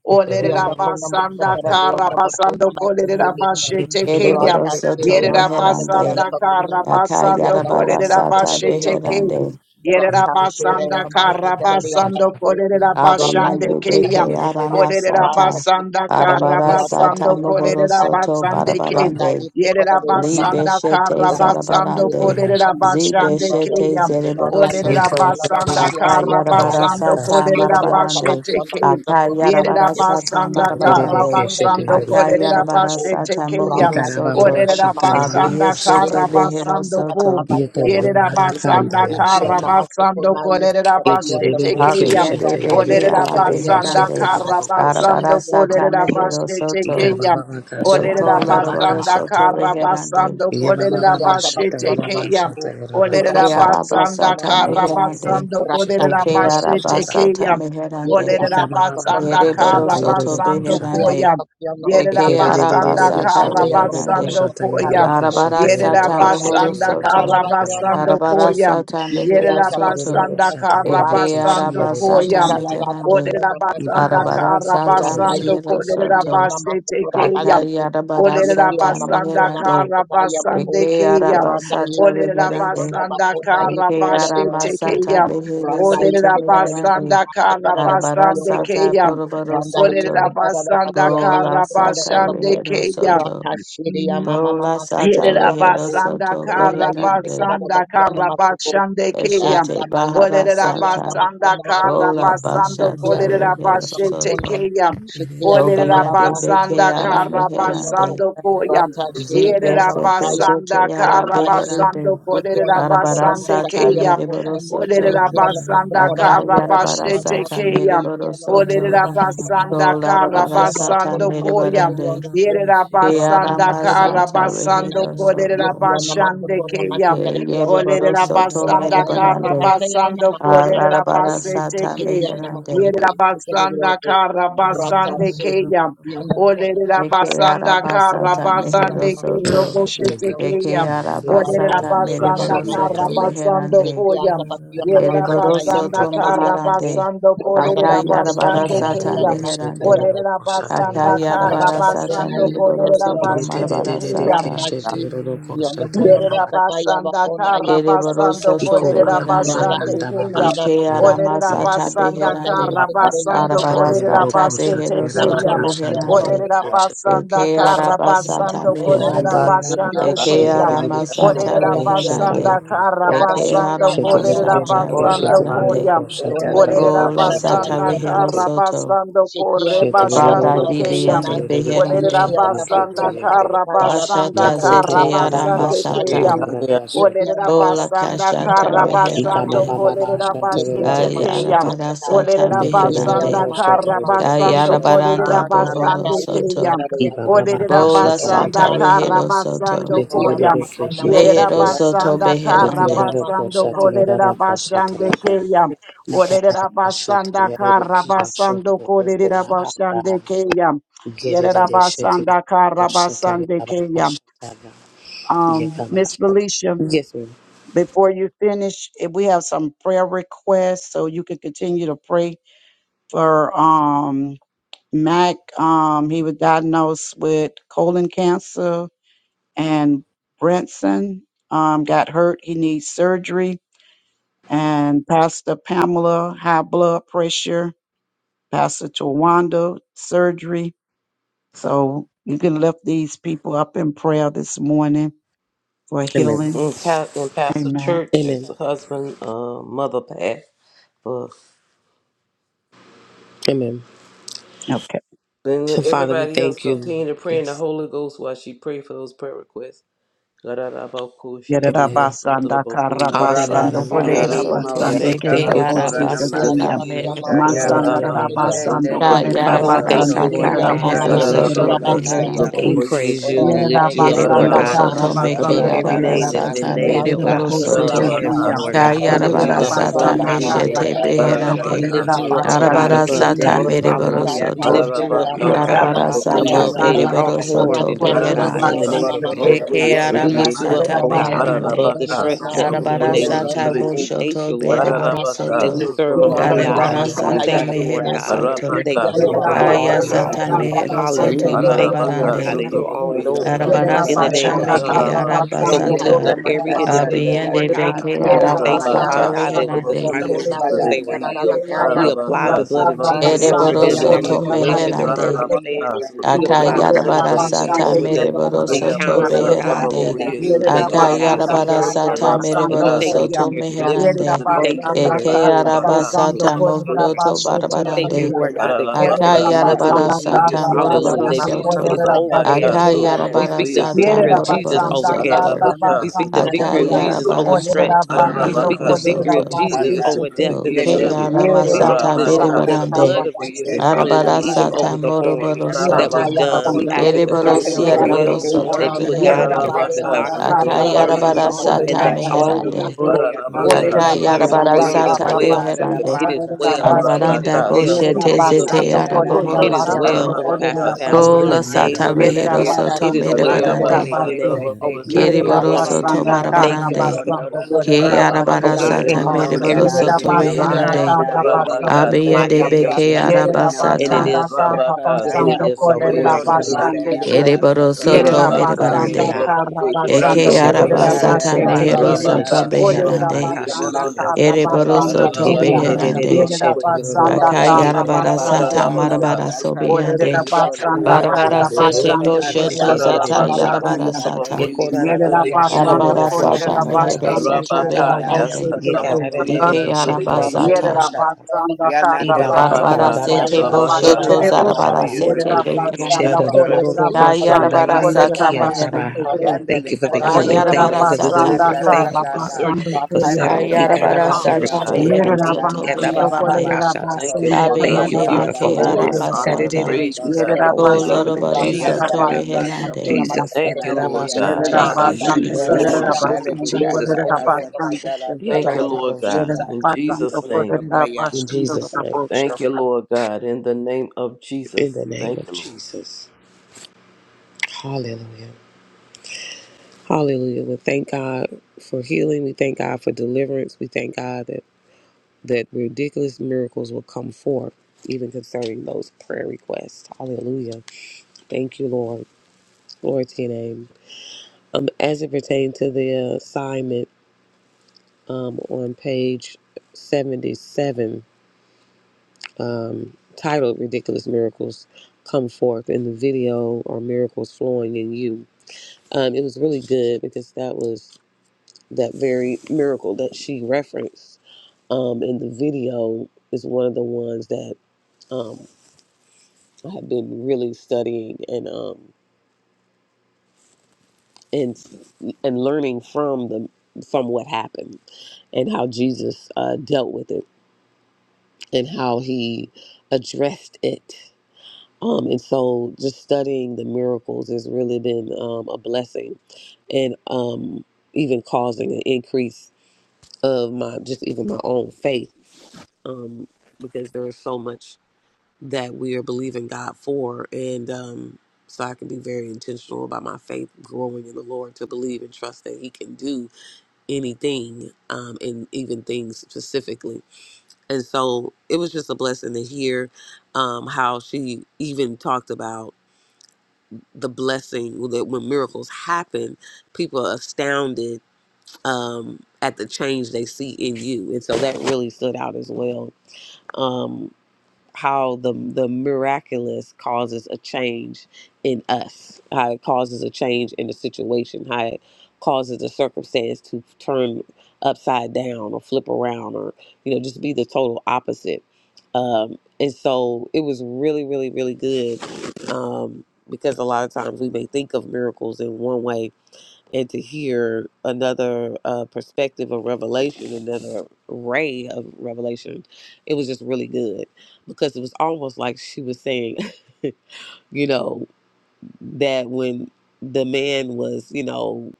S4: Olerera basanda kara basando kolerera bashete keya.
S7: Ereboro Soto
S4: Yerera
S7: Meherande
S4: basanda kara basando
S8: Yanda kona
S7: Akayarabara
S4: kolerera
S8: masika
S7: Sata
S8: deri
S4: bashete
S8: the
S4: keya.
S8: ku.
S7: Beherande
S4: Yerera
S8: Rata shere ya
S4: basanda kara
S8: masika deri yanda
S4: basando
S8: ku.
S4: kolerera
S8: Randa
S4: bashande
S7: Abiyande
S8: yisika
S4: keya.
S7: Beke
S1: Ye
S8: deri yanda masika
S4: Olerera
S8: rasta
S7: Aramasata
S8: ki.
S4: basanda kara
S8: Iti
S7: Arabara
S8: yata
S4: basando
S7: Sata
S8: bakona
S7: Mohoro
S4: kolerera
S8: masika deri.
S7: Soto
S4: basande keya.
S8: Randa
S7: Barabarande
S8: yisika
S4: Yerera
S8: deri yanda ku.
S4: basanda
S7: Libeshete
S4: kara
S8: Rata
S4: basando
S8: shere
S7: Zarabarande,
S8: bakona
S4: kolerera
S8: yisika deri
S4: bashande
S8: yanda.
S7: Zibeshete
S4: keya.
S7: Zerebaro
S8: Randa
S4: Olerera
S7: Soto,
S8: yisika deri the
S4: basanda kara
S8: masika
S7: Akayarabara
S4: basando
S7: Sata
S4: kolerera
S8: Yeki ata
S7: Marabarande,
S8: baki
S4: bashete
S8: anda
S4: keya.
S8: masakona
S4: Yerera
S7: Akayarabara
S8: masake.
S6: you.
S7: Sata
S4: basanda
S8: Yeki anda
S6: Shit,
S4: kara
S7: Marabarande,
S8: makunda
S4: basando
S8: yeki kadali
S4: kolerera
S8: anda
S7: Akayarabara
S8: o.
S4: basete
S7: Sata
S4: keyam.
S7: Mohoro
S8: Rata
S1: Ika baba
S8: yeki
S1: baka
S7: Soto,
S8: anda
S4: Olerera
S8: masake.
S4: basanda
S7: Abiyeshete
S4: kara
S8: Yeki anda
S7: Behero
S4: basando
S8: masakara
S4: ko.
S7: Soto,
S8: kabati anda
S4: Yerera
S8: masake.
S4: basanda
S8: Yeki
S4: kara
S8: anda
S4: basando
S8: masakona yeki
S4: kolerera
S8: kadali anda
S4: basete
S8: o.
S4: keyam.
S7: Abiyende
S8: Rana
S7: Beke
S8: yeki
S4: Olerera
S8: kadali anda
S4: basanda
S7: Arabeherande,
S8: makona.
S4: kara
S7: Arabara
S4: basando
S8: Yeki anda
S7: Sata
S4: kolerera
S8: makona
S7: Mehero
S4: basete
S7: Soto,
S4: keyam.
S8: yeki
S1: shata,
S4: Olerera
S7: Doko
S8: anda
S1: baba
S8: baba
S1: baka
S7: Lorobaro
S8: baba
S4: basanda
S1: shata,
S7: Soto
S8: masakona
S4: kara
S8: masake.
S7: Reherande,
S4: basando kolerera
S8: Yeki ata
S1: Yabababashata,
S8: baki
S4: basete
S8: anda
S4: keyam.
S8: masako.
S1: yarabashata,
S7: Eke
S4: Olerera
S8: Rata
S1: yarababashata.
S8: yeki
S4: basanda
S8: anda
S7: arabasata
S8: masaya.
S4: kara
S7: meherande.
S4: basando
S1: Yetegerebekeshete,
S4: kolerera
S7: Eke
S8: Chica
S4: basete
S1: yerorokoshata.
S7: arabasata
S4: keyam.
S7: meherande.
S4: Olerera basanda
S7: Ereboro
S1: Ikababababashata,
S4: kara
S7: soto
S4: basando
S1: yerorokoshata.
S7: beherande.
S4: koya.
S7: Eke
S4: Yerera basanda
S7: arabasata
S1: Ikerererereresete,
S4: kara
S7: reherande.
S4: basando
S1: yerorokoshata,
S4: koya.
S1: yarabakashata,
S4: Yerera
S7: Arabarasata
S1: yererekeshete,
S7: mohoro
S4: basanda
S7: soto.
S4: kara
S1: yerorokoshata,
S4: basando
S1: yararakashata.
S4: koya.
S7: Arabarasata mehero
S4: Yerera
S7: soto.
S4: basanda
S1: Ikororororoshata,
S4: kara
S7: Eke
S1: yererekeshi,
S4: basando koya.
S7: arabasata
S1: yererekeshete.
S7: meherande.
S4: Olerera
S8: la la
S4: basanda
S1: Ibali,
S4: kara
S7: Arabarasata
S8: Randa
S4: basando
S1: yerorokoshata,
S8: yete
S7: mehero
S8: karari
S4: kolerera
S7: soto.
S8: yanda
S4: basete
S8: masakura
S4: keya.
S8: basaki.
S4: Olerera
S8: Yeki
S7: Akayarabarasata
S8: yanda
S4: basanda
S8: makuna
S7: meherande.
S4: kara
S8: masakaya bako.
S4: basande
S7: Eke
S4: keya.
S8: Randa
S7: arabasata
S8: yete
S4: Olerera
S8: karari
S7: reherande.
S8: yanda
S4: basanda
S8: bakuna
S4: kara
S8: yete
S7: Eke
S8: karari yanda
S4: basete
S8: ko.
S7: aramasata
S4: keya.
S7: behele
S8: Randa
S7: sete
S4: Olerera
S8: yete karari yanda
S4: basanda
S7: meherande.
S4: kara
S8: masakarada baki
S7: Arabara
S4: basande
S8: yanda ko.
S7: sata
S4: keya.
S7: boroboro
S8: Randa
S4: Olerera
S8: yete
S7: soto.
S8: karada
S4: basanda
S8: baki yanda
S7: Bola
S4: kara
S8: masakarada
S7: sata
S4: basande
S8: bako.
S7: rehero
S4: keya.
S7: soto.
S8: Rata shiri yama mama
S7: Bola sata
S8: masakarari yanda
S7: rehero
S8: ko.
S4: Yerabasanda
S7: soto
S8: Randa yete
S7: beherande.
S8: karada
S4: Karabasanda
S8: baki yanda masako.
S4: Karabashande Kaya.
S7: Eshete
S8: Asaba yete
S7: bahara
S8: karari yanda
S7: sata.
S4: Olerabasanda
S8: bakuna masakaya.
S7: Bola
S4: Karabasando
S8: Yekia
S7: bashata
S8: nama
S10: Thank
S7: rehero
S8: kuna
S4: Kolerabashete
S8: makuna.
S7: soto.
S4: Kaya.
S8: Shikia shaba baba
S7: Dobiende beke
S4: Olerabasanda
S8: kuna
S7: ara
S8: yusiriondo.
S7: meherande.
S4: Karabasando Koya.
S8: Rata shira
S7: Zibe
S8: kana
S7: sete
S8: makaya.
S7: zote
S4: Yerabasanda
S7: ara
S8: Rata shi.
S4: Karabasando
S7: beherande.
S8: Yekia nama kuna
S7: Arabara
S4: Kolerabasande
S7: sata
S8: makakaya
S4: Kaya.
S8: makuna.
S7: mereboro soto.
S8: Yekia na
S5: you.
S4: Olerabasanda
S8: kuna makia nama
S7: Akayarabara
S8: kuna.
S4: Karabashete
S7: sata
S4: Kaya.
S7: meriboro
S8: Yekia na
S7: soto.
S8: kuna makai.
S4: Olerabasanda
S7: Dolarabara
S8: Yekia nama
S7: sata
S8: kuna
S4: Karabasando Koyam.
S7: meribarande.
S8: masikiriondo. Rata
S4: Yerabasanda
S7: Kayarama
S8: shiria
S7: sata
S8: nama kuna.
S4: Karabasando
S7: rehido soto.
S8: Yekia nama
S4: Kolerabashande
S8: kuna
S4: Kaya.
S8: masikiriondo.
S7: Kayariboro soto
S8: Rana
S4: Olerabasanda
S7: meribarande.
S8: yusiriondo.
S4: Karabasando
S8: Rana yusiriondo.
S7: Alarabara
S4: Kolerabasete
S7: sata
S4: Kaya.
S8: Shukriya
S7: meherande.
S8: Namakanda
S4: Yerabasanda
S8: Sukariroke
S6: Thank you.
S8: Rata
S4: Karabasande
S8: Sik
S4: Kaya.
S8: Yandarikona Masakariroke
S4: Olerabasanda
S7: Ekayaraba sata
S8: Yikula
S7: mehero
S4: Karabasande Kaya.
S8: Namakuna
S7: soto.
S4: Roboshete Kaya.
S8: Masakariroke
S1: yebabashende,
S7: Ekayaraba
S1: yererekete,
S8: Rata
S7: sata
S8: Sik
S4: Olerabasanda
S7: meriboro
S1: yarabashanda,
S7: soto
S8: Namasake
S1: yaka.
S4: Karabasando
S7: meherande.
S8: Yekia
S4: Koya.
S8: Sabakia
S7: Eriboro
S1: Udababati,
S8: Namakona Yiki
S4: Yerabasanda
S7: soto
S1: yerorokoshata.
S8: Kadarion Dako,
S7: maharande.
S4: Karabasando
S8: Rada Yiki
S1: Shete
S7: Akayarabara
S4: Kolerabashande
S7: sata
S8: Kadarakia
S4: Kaya.
S8: Namaka
S7: meherande.
S8: Kadama
S1: Shete
S4: Olerera basanda karra
S7: Akayarabara sata
S8: Shikadabakona
S4: basando
S8: Yiki
S7: meriboro
S4: kolerera
S8: Kadarion
S7: soto
S8: Dako,
S4: basete
S7: marabara
S4: keya.
S7: sata.
S8: Ratachi, Yondakona
S4: Yerera
S8: Masakaya
S4: basanda
S8: Bakona
S4: kara
S8: Yiki
S7: Ereboro
S8: Kadarion
S4: basando
S7: soto
S8: Dako,
S4: kolerera
S8: Rada
S7: beherande.
S4: basande
S8: Yiki
S4: keyam.
S7: Ike
S8: Kadarabakia
S7: arama
S4: Olerera
S8: Namaka,
S7: sata
S4: basanda
S8: Randa
S7: beherande.
S4: kara
S8: Yiki Kadarion
S4: basando
S7: Arabara
S8: Namaka,
S4: kolerera
S7: sata
S4: basete
S7: behero soto
S4: keyam.
S8: Shikadarabakia
S7: beherande.
S4: Olerera
S8: Namaka.
S4: basanda
S7: Eke
S8: Lipianda
S4: kara
S7: araba sata
S4: basando
S8: Makona,
S4: kolerera
S7: meherande.
S4: basande
S8: Lipianda
S7: Eke
S4: keyam.
S8: Makona,
S7: arama
S8: Lipianda
S7: sata
S4: Olerera
S8: Makona,
S7: reherande.
S4: basanda kara
S8: Rara
S7: Eke
S8: Yeste
S4: basando
S7: arama
S8: Katariana
S4: kolerera
S7: sata
S8: Makaya
S4: basando
S8: Makona,
S7: reherande.
S4: koyam.
S8: Ronda Yeste
S4: Olerera
S7: Ola sata
S4: basanda
S8: Katariana
S7: rehero
S4: kara
S8: Makona,
S7: soto.
S4: basando
S8: Shikia
S4: kore
S8: Tababa
S7: Banda
S4: basande
S8: Baba
S7: dibi
S4: keyam.
S8: Makona,
S7: ande
S4: Olerera
S7: beherande.
S8: Lipianda
S4: basanda
S8: Makona,
S4: kara
S8: Masakala
S4: basanda
S7: Bashata
S8: Makona
S1: baba
S4: kara
S8: Makona,
S7: zete
S1: baba
S7: yara
S1: baka
S4: basande
S7: masata.
S8: Rakachi,
S4: keyam.
S1: shatarara kasha.
S8: Lipianda
S4: Olerera
S7: Bola
S8: Makona
S4: basanda
S7: kashata
S8: Masakala
S4: kara
S8: Makona
S1: Ika
S4: basando
S1: baba
S7: reherande.
S8: Makona,
S1: baba
S4: kolerera
S1: shatarara
S8: Lipianda
S4: basete
S7: Ayara
S1: kesha.
S8: Makona
S4: keyam.
S8: Masakala,
S7: barasata
S4: Olerera basanda
S8: Lipianda
S7: beherande.
S1: Yekororo
S8: Makona
S4: kara
S1: shatarara
S4: basando
S7: Kayara
S8: Masakala,
S1: kesha.
S4: kolerera
S7: baranda bohoro
S8: Rara
S4: basande
S8: Yeste
S7: soto.
S4: keyam.
S1: Iba
S8: Katariana.
S1: baba
S4: Olerera
S1: ika
S7: Bola
S4: basanda
S1: ika
S7: sata
S4: kara
S7: rehero soto.
S4: basando
S8: Yekiana
S4: koyam.
S6: Russia.
S8: makona
S4: Yerera
S8: masete,
S7: Mehero soto
S4: basanda kara
S7: beherande.
S8: yekiana
S1: baba
S4: basando
S8: makona mbete,
S4: kolerera basande keyam.
S10: you.
S4: Olerera basanda
S1: shatarara
S4: kara
S1: kia
S4: basando
S1: shoko oko
S4: kolerera basande
S1: mahada,
S4: keyam.
S1: Gerere shetigere kosha tarara baka
S4: Yererabasandakarabasandekeya.
S1: shatara.
S4: Um, Miss
S1: Yekabasha.
S4: Felicia,
S1: Yes, ma'am.
S4: before you finish, if we have some prayer requests, so you can continue to pray for um Mac. Um, he was diagnosed with colon cancer and Brentson um got hurt. He needs surgery. And Pastor Pamela, high blood pressure, Pastor Tawanda, surgery. So you can lift these people up in prayer this morning. for
S1: Amen.
S4: healing.
S2: And Pa- and Pastor
S4: Amen.
S2: Church
S1: Amen.
S2: husband, uh, mother Pat. But
S1: Amen.
S4: Okay.
S2: then
S1: So, Father, we
S2: everybody else
S1: thank you.
S2: continue to pray in the
S1: Yes.
S2: Holy Ghost while she pray for those prayer requests. Ararabaku Shete
S1: Amen.
S2: Yesu
S4: Yerabasanda
S2: Sutraboku
S4: Karabasanda
S7: Yara
S1: Hallelujah.
S3: Horabasinele
S2: Ararabaka
S7: barasoto
S10: Yeah.
S4: Kolerabasanda
S7: beke
S1: Thank
S10: Ba-
S1: you,
S3: Mosotoko
S7: yara
S2: sotrabokuye
S3: Tora
S1: Jesus.
S8: yekiata
S7: basata
S4: Kerabosya.
S3: Namasi
S2: sotrabeki.
S8: bakia
S10: ba-
S7: mehero
S8: makona
S3: Ketaya.
S1: Glory to
S10: ba-
S4: Masanda
S1: your
S8: masete
S7: soto.
S1: name,
S2: Ararabaka
S8: riana
S1: God.
S8: ko,
S4: Rabasanda
S3: Shendelele
S2: sotrabokuye
S7: Kayara
S1: Father, we
S8: Rata
S1: thank
S4: Kolerabasanda
S1: you,
S2: sotrabeki.
S3: Mosotoko
S1: Lord
S7: barasata
S8: shiriana
S1: God. We
S4: Kerabosya.
S7: mehero
S8: mama
S3: Todaya
S1: bless
S7: soto
S8: kora
S1: you.
S2: Ararabaka
S3: Ketela
S8: bakia
S3: Naya.
S10: ba-
S8: ko,
S7: beherande.
S1: We
S2: sotrabokuye
S1: praise
S2: se.
S1: you we
S8: rata
S1: lift
S3: Shate
S1: you up, Lord
S4: Yerabasanda
S8: shiriana
S7: Ereboro
S1: God,
S3: Katorolo
S2: Ararabaka
S8: mama
S7: soto
S3: Mosa
S8: kora
S7: meke
S1: above
S4: Karabasanda
S1: every
S8: riana
S7: yara
S2: sotrabokoye
S8: ko,
S1: name
S3: Katara
S1: that's been
S7: basata
S3: Masa
S4: Kolerabasya.
S2: sotrabeki.
S1: named, oh
S8: rata
S7: mereboro
S1: God,
S3: Kotorolo
S1: above
S10: oh,
S7: soto.
S8: shiriana mama
S10: da-
S2: Ararabaka
S3: Mosaka.
S1: cancer,
S8: mama
S10: ma-
S1: Lord
S10: da-
S7: Ka
S1: God.
S8: ko,
S1: We
S10: da- da- da-
S1: lift you
S7: yarabara
S2: sotrabokoye
S3: Mondola
S1: up
S10: da-
S7: sata
S1: above
S8: oranda
S4: Olerabasanda
S10: da-
S1: high
S2: sotrabeki.
S3: Licandala
S10: da-
S1: blood
S10: da-
S7: meshete
S8: yekiana
S3: Teka
S1: pressure.
S8: bakia
S4: Karabasanda
S1: We
S7: beherande.
S3: Tarandola
S2: Ararabaka
S1: lift
S6: Yeah.
S1: you up, oh
S3: Kosoto
S4: Kolerabasanda
S1: God,
S7: Yarabara
S2: sotrabokoye
S1: above
S8: makona
S4: Kerabosya.
S7: sata
S1: death.
S3: Yane.
S10: oh,
S2: sotrabeki.
S10: da- ma-
S7: mereboro
S1: Hallelujah. We
S3: Yata
S10: oh,
S7: soto.
S1: lift
S10: da-
S1: you up,
S8: Rakashiriya
S10: da-
S2: Ararabaka
S1: Lord
S8: mama
S3: Tarandola
S1: God,
S10: da-
S8: mama
S7: Yarabara
S10: da- da-
S3: Kosoto
S2: sotrabokoye
S4: Yerabasanda
S7: sata
S1: above
S8: sakarariyanda.
S1: being har-
S7: bereboro
S2: sotrabeki.
S3: Naya.
S4: Karabasanda
S1: harmed
S7: soto
S1: and hurt, God, in
S7: beherande.
S1: the
S2: Ararabaka
S8: Rakashiriyama
S1: name
S8: mama
S1: of
S4: Kolerabasanda
S8: mama
S10: oh, da-
S1: Jesus.
S3: Dobodola
S7: Eke
S2: sotrabokoye
S3: Masa
S8: sakaraku.
S1: We
S3: Dola
S7: yarama
S1: lift you
S2: sotrabeki.
S1: up,
S3: Masa
S7: sata
S1: oh
S10: da-
S3: Dola
S8: Rama
S10: da-
S4: Yerabasanda
S1: God,
S7: beherande.
S1: above the
S2: Ararabaka
S10: da- da- da- da- da- da- da- da-
S3: Masa
S1: stress
S8: yisikarariyana
S1: tests in the
S7: Yarabara
S3: Kotorolo
S2: sotrabokoye
S1: name of
S8: yisikarariyanda
S7: sata
S1: Jesus.
S3: Mosoku.
S8: ku.
S2: sotrabeki.
S1: We thank
S7: boshoto
S1: you, Lord God,
S7: bereboro
S8: Rakashi
S2: Ararabaka
S1: that we
S7: soto.
S1: serve a
S8: yanda
S1: mighty
S8: ku
S2: sotrabokoye
S3: Sotoranda
S1: God.
S8: mama
S7: Karebara
S1: We
S8: sakaya
S7: sata
S1: thank
S2: sotrabeki.
S1: you,
S3: Yakataranda
S1: Lord
S8: bakanda.
S7: mehero
S1: God,
S7: soto.
S2: Arabaka
S1: that
S8: Yikiyana
S1: you, oh
S3: Yakataranda
S8: wako
S1: God,
S8: mama
S1: all
S7: Kaya
S2: sotrabokoye
S7: sata
S1: powerful.
S8: sakarariyanda
S10: da-
S2: sotrabeki.
S7: mehero
S8: ku.
S7: soto
S1: Hallelujah.
S3: Tele
S1: We
S10: da-
S1: thank you,
S2: Ararabaka
S3: Kalanda
S1: Lord
S7: marabarande.
S8: Rakashi
S1: God,
S3: Lele
S1: that you're
S2: sotraboko
S1: all
S3: Koso
S1: knowing
S8: ukuma
S7: Yarabara
S2: yesotrabeki.
S1: in
S3: Kotora
S1: the
S7: sata
S1: name
S3: Sanda
S1: of
S8: yisikarariyanda ku.
S7: meke
S1: Jesus.
S2: Ararabaka
S1: So we
S3: Tete
S8: Rakashi
S1: lift
S7: yarabasata.
S1: up
S2: sotraboko
S3: Kanda
S1: every
S3: La
S8: yamakiyana maku.
S3: Tanda
S1: individual,
S3: La
S2: yesotrabeki.
S1: Lord
S7: Abiyende
S10: da-
S3: Teka
S1: God,
S10: da-
S7: beke
S1: and
S8: Yikiyana
S1: we
S3: Kala
S2: Ora
S1: thank you,
S8: makaya.
S2: baka
S3: Moto
S1: Father
S7: yarabasata
S1: God, that
S2: sutra
S1: with the
S7: beherande.
S3: Nondo
S2: bakuye
S1: stripes of
S8: Kokona
S2: sutra
S1: Jesus, they were
S3: Badanda La
S2: beki.
S8: yisikarariyanda
S1: healed.
S3: Teka
S8: kaya.
S1: We
S2: Arara
S3: Kala
S2: baka
S1: apply the blood of
S2: sutra
S3: Masa
S10: ah,
S1: Jesus
S8: Thank
S2: bakuye
S10: yeah.
S3: Kata
S1: over
S4: Karabasando
S2: sutra
S1: them and
S4: for
S7: Ereboroso
S1: their
S4: the
S2: beki.
S7: to
S3: Nondo
S1: situation, their
S3: Toko
S2: Arara
S7: meherande.
S4: Rabasete,
S3: Kala
S2: baka
S1: circumstance.
S3: Kala
S2: sutra
S1: We
S3: Kanda
S1: apply
S2: bakuye
S1: the
S3: La
S1: blood
S4: Utandelera
S1: of
S2: sutra
S7: Akayarabara
S2: beki
S1: Jesus
S7: sata
S4: basanda
S2: yesu.
S1: over
S8: you.
S1: the
S4: kerera
S2: Araya
S7: mereboroso
S4: kusendo
S7: to
S1: encounter,
S2: basa
S1: Lord
S3: Tele
S2: sutra
S4: koya.
S1: God,
S3: Kanda
S1: over
S7: beherande.
S3: La
S1: that
S2: bakuye
S1: you
S3: Teka
S2: sutra
S1: that you would
S2: beki
S3: Kala
S1: have
S4: basanda
S2: yesi.
S10: Oh,
S3: Masa
S7: Akayarabara
S10: da- da-
S1: concerning
S4: karra
S1: them.
S7: sata
S10: da-
S1: And
S4: basanda
S2: Rabaka
S1: we
S10: da- oh, da- da- da-
S1: thank
S3: Kata
S7: mereboroso
S1: you
S2: sutra
S4: koya.
S1: for
S7: to
S1: their
S2: bakuye
S1: deliverance.
S2: sutra
S7: meherande.
S1: We
S10: oh,
S2: beki.
S1: thank you
S10: da-
S1: for
S4: basanda
S3: Tendele
S10: ma-
S1: their
S3: Teka
S2: Arara
S4: karra
S1: healing,
S10: oh,
S1: God.
S7: Ekeyaraba
S2: baka
S1: We
S3: Kala
S1: thank
S4: basanda
S1: you
S2: sutra
S7: sata
S1: for the
S4: kolerera
S2: bakuye
S7: mosho
S1: turnaround.
S7: to
S2: sutra
S4: basete
S1: We
S2: beki.
S1: thank
S3: Let's
S1: you,
S7: barabarande.
S4: keya.
S1: Lord God, that
S2: Arara
S1: cancer
S2: baka
S3: get
S1: has
S4: Kolerera
S2: sutra
S1: nothing
S7: Akayarabara
S1: on
S4: basanda
S1: Jesus.
S2: bakuye
S7: sata
S4: karra
S2: sutra
S1: Hallelujah.
S2: beki.
S1: That
S4: basanda
S7: moroboroso
S1: Jesus
S7: to.
S1: is
S4: kolerera
S1: over
S2: Rabaka
S4: basete
S1: cancer.
S4: keya.
S2: sutra
S1: We
S3: it
S7: Akayarabara
S1: speak
S2: bakuye
S1: the
S7: sata
S2: sutra
S1: victory
S4: Yerera
S1: of
S2: beki.
S3: started.
S1: Jesus
S4: basanda
S1: over
S7: moroboroso
S2: Arara
S1: cancer.
S7: to.
S4: karra
S2: baka
S1: We speak
S4: basanda
S1: the
S3: Mondo
S2: sutra
S1: victory of
S4: keya.
S2: bakuye
S3: kotola
S1: Jesus
S2: sutra
S1: over
S3: tele
S7: Akayarabara
S1: stress.
S4: Kolerera
S7: sata
S1: We
S3: akasama
S4: basanda
S2: Ararabaka
S1: speak the
S7: meheroso
S3: yukotola
S1: victory of
S7: to.
S1: Jesus
S2: sotrabokoye
S3: kosanda.
S1: over death in the
S7: Okay,
S3: Tende
S2: sotrabekeshete.
S1: family.
S3: te
S1: We
S3: kotola
S6: Thank
S1: speak
S3: na
S7: aramasata
S1: the
S2: Arabaka
S3: maora
S1: the
S7: berebarande.
S1: blood of
S3: kasete
S2: sotrabokoye
S1: Jesus,
S3: kendele la
S1: hallelujah,
S7: Arabara
S1: even
S2: sotrabekeshete.
S7: sata
S1: over
S3: masate
S1: the harm
S3: kedele
S7: moroboro
S3: asa.
S1: that was
S8: Bakaya
S7: sata.
S2: Ararabaka
S1: done. We
S4: Yerabasanda
S8: bakona
S3: Jiko
S1: ask that the
S8: yese
S3: koko
S2: sutrabokoye
S7: Yereboro
S10: da-
S1: surgery would
S3: keke
S10: da- da- da- da- oh,
S8: kadaliyama
S10: da-
S1: go
S10: da- da- da- da- da- da- oh, da- da- da- da-
S8: ko.
S10: da-
S3: keke
S7: siereboro
S1: well,
S2: sutrabekeshete.
S7: soto
S3: kora
S1: that you
S8: Oranda
S1: would
S3: katia
S1: guide
S8: yese
S1: and
S7: beherande.
S3: katia
S1: direct the
S2: Ararabaka
S8: kadaliyama
S3: kotola
S1: doctors and
S3: kasa.
S1: the
S8: asakala
S7: Akai
S2: sutrabokoye
S8: labati
S1: nurses,
S7: arabara
S8: yama
S3: Monda
S8: ko.
S1: and
S7: sata
S1: that
S3: kai
S8: Ora
S2: sutrabekeshete.
S1: all will
S3: kotola
S7: meherande.
S8: asasya
S3: koya
S1: go
S2: Ararabaka
S1: well. We
S7: Akai
S3: kesete.
S1: declare and
S8: yanda
S7: arabara
S1: decree
S2: sutrabokoye
S1: it
S8: yese
S3: Pronda
S1: is
S7: sata
S8: kadaliyama
S1: well.
S3: batada
S8: ko.
S3: la
S7: beherande.
S2: sutrabekeyesu.
S1: It is
S3: basa
S1: well. We
S8: Rata
S1: speak
S3: kabato
S1: it is
S2: Ararabaka
S7: Arabaranda
S1: well
S3: kobroto.
S1: in the
S7: boshete
S1: name
S2: sutrabokoye
S1: of
S8: kasura
S7: zete
S1: Jesus.
S3: Andada
S2: sutrabeke.
S10: oh, da-
S1: It
S7: araboro
S3: andala
S1: is
S8: yese
S3: la
S10: da-
S8: yanda
S1: well
S7: soto.
S3: bosa
S1: over
S8: bakona
S2: Ararabaka
S1: Pastor
S8: masa
S3: andaba
S1: Pamela. In the
S7: Kola
S8: kadaliyama ko.
S2: sutrabokoye
S1: name
S3: alamasa
S7: sata
S1: of
S7: rehero
S2: sutrabeke.
S1: Jesus.
S3: koteria.
S8: Rata
S7: soto
S1: It is
S8: shere
S1: well.
S8: bakona
S1: Glory
S7: merebarande.
S3: Mandalele
S2: Arayabasa
S1: to
S8: masa
S10: da-
S1: your
S3: que
S10: da- da-
S1: name
S3: se
S1: over
S2: trabokoye
S3: te te
S1: Pastor
S8: yese
S3: que
S7: Kereboro
S3: te
S8: yanda
S3: le
S1: Tawanda.
S2: sutrabokoye.
S3: la
S7: soto
S8: bakona
S2: Say,
S3: la la
S1: We
S8: masa
S2: believe
S1: thank
S2: and
S1: you,
S3: masa
S7: marabarande.
S1: Father,
S8: kadaliyama
S2: receive.
S4: Karabasando
S1: for
S8: ko.
S3: cotola la
S1: healing
S7: Ke
S1: her
S3: masa
S8: Rata
S3: ta
S1: oh
S7: arabara
S2: Ararabaka
S8: shere
S1: God,
S2: said
S1: and
S7: sata
S2: the
S8: bakona
S2: answers
S1: causing
S8: masa
S2: to
S3: mononda
S2: the
S7: mereboro
S1: everything
S3: te
S1: to
S7: soto
S3: de
S2: mysteries,
S8: yese
S3: alco
S2: God.
S8: yanda
S1: align
S7: reherande.
S1: with
S8: masa
S3: santa
S1: your
S8: kadaliyama
S1: will
S8: ko.
S3: yiki
S8: Rata shere bakona masa yese yanda bakona masa kadaliyama ko.
S1: in
S2: Ararabaka,
S1: the
S2: thank you
S1: mighty
S7: Abiyende
S4: Koya
S2: for
S1: name of
S3: yake
S2: health and
S7: beke
S8: Rata
S3: se
S1: Jesus.
S3: que
S2: healing,
S3: le
S4: Yerera
S2: God.
S3: no
S1: And
S3: no
S1: it
S7: arabasata.
S3: la
S4: basanda
S1: is
S3: te
S1: so.
S3: la
S4: karra
S2: Rabaka
S3: cota
S1: And it
S4: basando
S3: sa
S1: is so.
S10: We
S2: Sutramoko
S4: kolere
S10: thank
S4: da
S1: Glory
S2: yes
S1: to
S2: at
S3: pronda
S1: your
S2: the
S1: name.
S3: bara
S4: basande
S3: da
S4: kı.
S3: baja
S2: Bekishiti.
S7: Ereboro
S3: soco
S4: Yere
S7: soto
S4: da
S3: banda
S1: Amen.
S3: de que
S2: Rabaka
S1: Glory to
S3: que
S8: shere
S4: basanda
S7: merebarande.
S3: se
S1: God.
S8: bakona
S2: Sutramoko
S8: masa
S2: yes at the
S7: Eke
S3: orondo
S8: kadaliyama
S7: araba
S2: Bekishiti.
S3: chicada
S7: sata
S3: da ya
S8: Ramai
S7: mehero
S8: sekarang
S3: cota
S7: soto
S3: la
S2: Rabaka
S3: te ya
S2: Sutramoko
S7: beherande.
S2: yes at the
S3: monondo
S2: Beki.
S1: Shetorororokobandebeshikiyandabakashatayaka.
S3: cota le
S7: Ereboro
S3: de que
S7: soto
S3: se que
S2: Rabaka
S3: le
S1: Yekedededede
S7: beherande.
S2: Sutramoko
S3: de
S2: yes at the
S7: Aka
S2: Beki.
S3: Shelete
S7: yarabara
S8: dalam
S7: sata
S1: shetorororokoshatayarabakashata.
S3: catalano,
S2: Rabaka
S7: marabara
S8: sekolah.
S3: yakata
S2: Sutramoko
S7: sobiyande.
S2: yes at
S3: sato
S2: the Bekishiti.
S3: lolokota,
S7: Barabara
S6: you.
S7: sete
S3: sande
S7: boshoto
S3: balo
S7: zata
S3: lokoto
S2: Rabaka
S1: Yekomarabakashandayarebekeshiketebebeshete.
S7: yarabara
S3: basande
S7: sata.
S2: Sutramoko
S3: lili
S2: yes at the
S3: mushe candela
S7: Arabara
S2: Bekishiti.
S3: taya,
S7: sata mehero
S3: sete
S7: soto
S1: Yekorarararashirorokoshatayarabakashata.
S2: Rabaka
S3: talanaya
S2: yes
S7: beherande.
S2: at
S3: kotolo
S2: Rabako yes
S3: kondona
S1: Yekararerere
S7: Ike
S2: at the
S3: di
S7: araba
S3: bolu
S1: shekiyaroro
S2: Bekishiti.
S7: sata.
S3: kusota,
S1: koshata.
S3: yana
S4: kolerera
S2: Ora
S3: dele
S1: Ibaba
S3: de
S7: Barabara
S2: baka,
S1: kandaba
S3: catala
S8: Setiap
S7: sete
S2: sotra
S8: nama pun
S3: dokoto
S2: baka,
S8: nama
S4: başı.
S7: boshoto
S1: shandayaraba
S2: sotra
S8: sekali
S7: zarabara
S8: dapat
S1: kashata.
S3: rabahasoko
S2: bakuya,
S3: ore
S7: sete
S2: sotra
S3: que
S8: diorang.
S3: si
S2: beki.
S3: dele
S2: By
S4: Yerabasanda
S2: the
S7: beherande.
S2: stripes
S3: candolo
S2: of
S1: Shetorororo
S7: Ka
S3: huku
S2: Jesus, they're
S4: Korerabasanda
S3: ore
S7: yarabara
S2: healed.
S3: casa
S7: sata
S1: koshandayiribiki
S2: Oh,
S3: taya,
S7: meherande.
S2: Lord
S1: yataraha.
S4: Korerabasanda
S2: God,
S1: Thank
S3: Chandele
S2: thank
S1: you
S2: you
S1: for
S2: for
S1: the
S2: the
S3: kato
S1: healing. Thank
S2: angelic
S7: Yarabara
S1: you
S3: lokoto
S1: for the
S7: Satan
S4: Korerabasanda
S2: assistance,
S3: shikata
S1: deliverance.
S2: Lord
S7: Behero
S1: Thank
S2: God,
S1: you,
S2: with
S1: Father,
S3: tanda
S4: Karabasanda
S2: surgery.
S1: for
S4: Koya
S3: Yata
S1: settling.
S2: Thank you
S3: toko
S2: for
S7: Yarabara
S3: toda
S1: Ikarabasha,
S3: te
S2: comfort,
S7: Satan
S2: God, in
S1: Restoring your
S7: Behero
S2: the
S3: acosanda
S2: name
S1: deed.
S3: da
S2: of
S7: Soto
S3: nanda
S4: Yerabasanda
S3: da da
S2: Jesus.
S1: Yatabababa
S7: Beherande
S3: ba
S1: kashata.
S2: Thank
S3: soko
S2: you,
S4: Korerabasanda Korerabasanda
S2: Lord God.
S1: Thank
S2: We
S1: you,
S7: Kabiyande
S3: panda
S2: give
S3: da
S1: Father,
S2: you
S3: da
S1: for
S2: the
S7: Beke
S3: ba
S2: glory, the
S1: wholeness.
S3: soko
S2: honor, and the
S3: tolo
S7: Aramasata
S3: lo
S1: Ikarerere, We
S2: praise,
S3: bo
S1: speak
S2: God, in the
S3: soko
S1: wholeness
S2: name
S3: bai
S1: over
S2: of
S4: Yerabasanda Korerabasanda Koya Yerabasanda
S1: them.
S7: Kolorobaro
S1: Jesus
S2: Jesus.
S1: over
S3: yata
S7: Soto
S3: da
S1: them.
S4: Korerabasanda
S3: ma soko
S7: Beherande
S4: Korerabasanda
S3: to
S1: Jesus.
S2: Thank
S3: tada
S2: you,
S3: ke
S2: Lord
S1: Etarabasha,
S2: God.
S3: yasala
S7: Thank you,
S1: Jesus.
S2: Hallelujah.
S3: olo
S7: Jesus.
S3: no
S2: Glory, glory,
S3: lele
S1: Etarararashata.
S3: di
S2: glory.
S1: Jesus
S3: kata
S1: over them.
S3: asakanda la
S1: In
S2: Thank
S3: dolo
S2: you,
S3: lo
S2: Lord God.
S3: sata
S2: In
S4: Yerabasanda
S2: Jesus' name.
S3: pronto baya.
S4: Korerabasanda
S1: Jesus' name.
S4: Rabosha
S2: Thank you, Lord God, in the name of
S1: In
S2: Jesus.
S1: the name
S2: Thank
S1: of
S2: you, Lord.
S1: Jesus. Hallelujah. Hallelujah. We thank God for healing. We thank God for deliverance. We thank God that, that ridiculous miracles will come forth, even concerning those prayer requests. Hallelujah. Thank you, Lord. Glory to your name. Um, as it pertains to the assignment um, on page 77, um, titled Ridiculous Miracles Come Forth in the video or Miracles Flowing in You. Um, it was really good because that was that very miracle that she referenced um, in the video is one of the ones that um, I have been really studying and um, and and learning from the from what happened and how Jesus uh, dealt with it and how he addressed it Um, and so just studying the miracles has really been um, a blessing and um, even causing an increase of my just even my own faith um, because there is so much that we are believing God for. And um, so I can be very intentional about my faith growing in the Lord to believe and trust that He can do anything um, and even things specifically. And so it was just a blessing to hear um, how she even talked about. the blessing that when miracles happen, people are astounded um, at the change they see in you, and so that really stood out as well. Um, how the the miraculous causes a change in us, how it causes a change in the situation, how it causes a circumstance to turn upside down or flip around, or you know just be the total opposite um, and so it was really really really good um, because a lot of times we may think of miracles in one way and to hear another uh, perspective of revelation another ray of revelation it was just really good because it was almost like she was saying you know that when the man was you know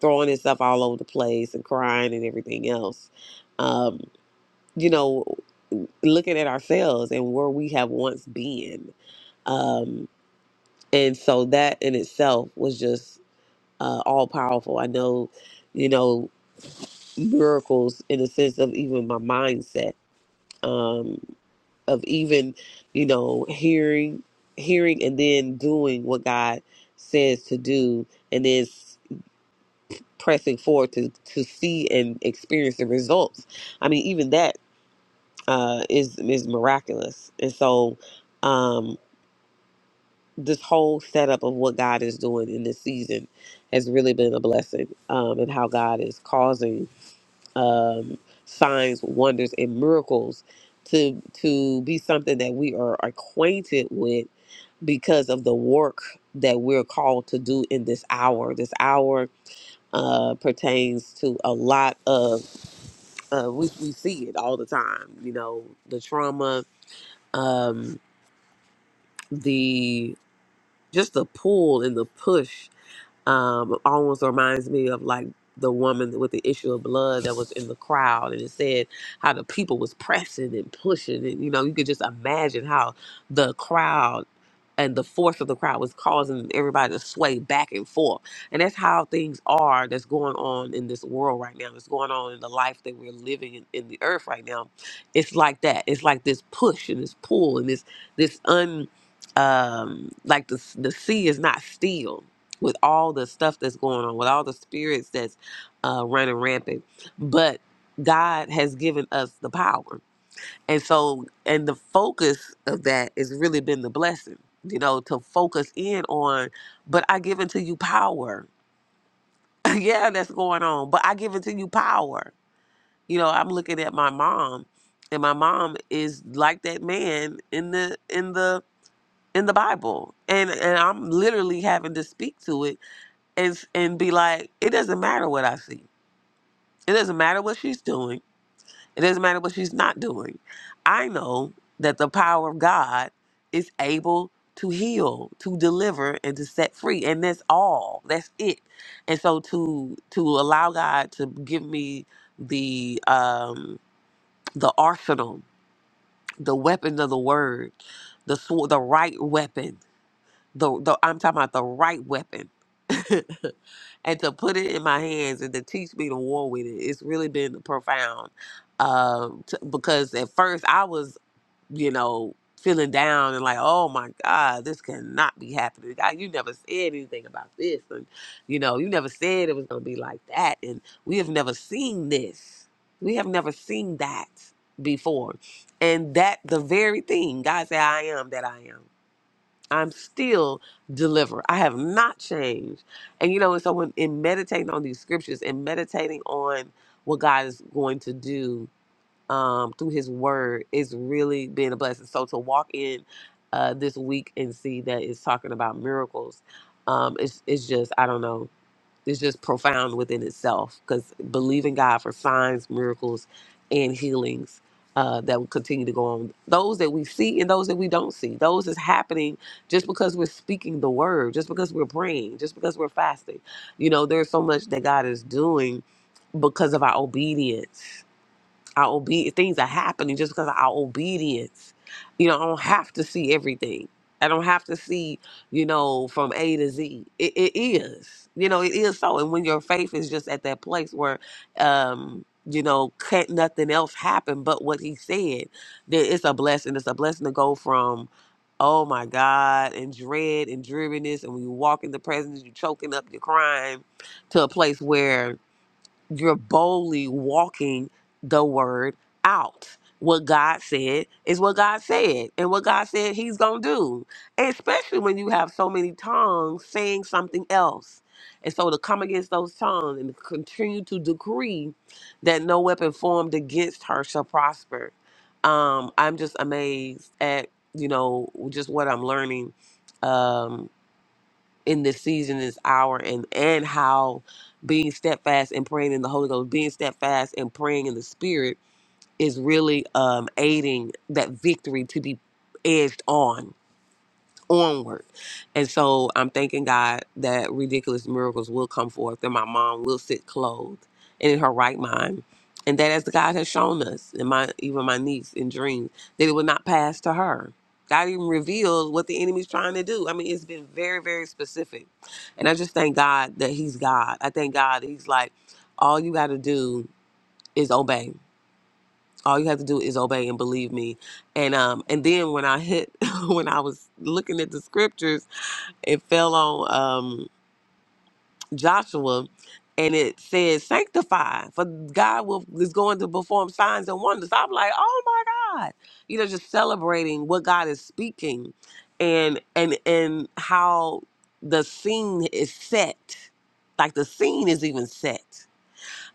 S1: throwing himself all over the place and crying and everything else um, you know looking at ourselves and where we have once been um, and so that in itself was just uh, all powerful. I know, you know, miracles in the sense of even my mindset, um, of even, you know, hearing, hearing, and then doing what God says to do, and then s- pressing forward to to see and experience the results. I mean, even that uh, is is miraculous, and so. um, this whole setup of what God is doing in this season has really been a blessing, um, and how God is causing um, signs, wonders, and miracles to to be something that we are acquainted with because of the work that we're called to do in this hour. This hour uh, pertains to a lot of uh, we we see it all the time. You know, the trauma, um, the just the pull and the push um, almost reminds me of like the woman with the issue of blood that was in the crowd and it said how the people was pressing and pushing and you know you could just imagine how the crowd and the force of the crowd was causing everybody to sway back and forth and that's how things are that's going on in this world right now that's going on in the life that we're living in, in the earth right now it's like that it's like this push and this pull and this this um like the the sea is not still with all the stuff that's going on with all the spirits that's uh running rampant but god has given us the power and so and the focus of that has really been the blessing you know to focus in on but i give unto you power yeah that's going on but i give unto you power you know i'm looking at my mom and my mom is like that man in the in the in the Bible, and and I'm literally having to speak to it and and be like, it doesn't matter what I see. It doesn't matter what she's doing. It doesn't matter what she's not doing. I know that the power of God is able to heal, to deliver, and to set free, and that's all. That's it. And so to to allow God to give me the um the arsenal, the weapon of the word, the sw- the right weapon The, the I'm talking about the right weapon. and to put it in my hands and to teach me to war with it, it's really been profound. Um, t- because at first I was, you know, feeling down and like, oh my God, this cannot be happening. God, you never said anything about this, and you know, you never said it was going to be like that, and we have never seen this. We have never seen that before, and that the very thing God said, "I am that I am." I'm still delivered. I have not changed. And you know, and so when in meditating on these scriptures and meditating on what God is going to do um, through His Word is really being a blessing. So to walk in uh, this week and see that it's talking about miracles, um, it's it's just I don't know. Is just profound within itself because believing God for signs, miracles, and healings uh, that will continue to go on. Those that we see and those that we don't see. Those is happening just because we're speaking the word, just because we're praying, just because we're fasting. You know, there's so much that God is doing because of our obedience. Our obe- things are happening just because of our obedience. You know, I don't have to see everything. I don't have to see, you know, from A to Z. It, it is, you know, it is so. And when your faith is just at that place where, um, you know, can't nothing else happen but what he said, then it's a blessing. It's a blessing to go from, oh my God, and dread and dreariness. And when you walk in the presence, you're choking up, you're crying to a place where you're boldly walking the word out. What God said is what God said, and what God said He's gonna do. and Especially when you have so many tongues saying something else, and so to come against those tongues and continue to decree that no weapon formed against her shall prosper. Um, I'm just amazed at you know just what I'm learning. Um, in this season, this hour, and and how being steadfast and praying in the Holy Ghost, being steadfast and praying in the Spirit is really um, aiding that victory to be edged on onward. And so I'm thanking God that ridiculous miracles will come forth, and my mom will sit clothed and in her right mind. And that as God has shown us, and my even my niece in dreams, that it will not pass to her. God even reveals what the enemy's trying to do. I mean, it's been very, very specific and I just thank God that He's God. I thank God that He's like, all you got to do is obey. All you have to do is obey and believe me. And um, and then when I hit, when I was looking at the scriptures, it fell on um Joshua and it says sanctify for god will is going to perform signs and wonders i'm like oh my god you know just celebrating what god is speaking and and and how the scene is set like the scene is even set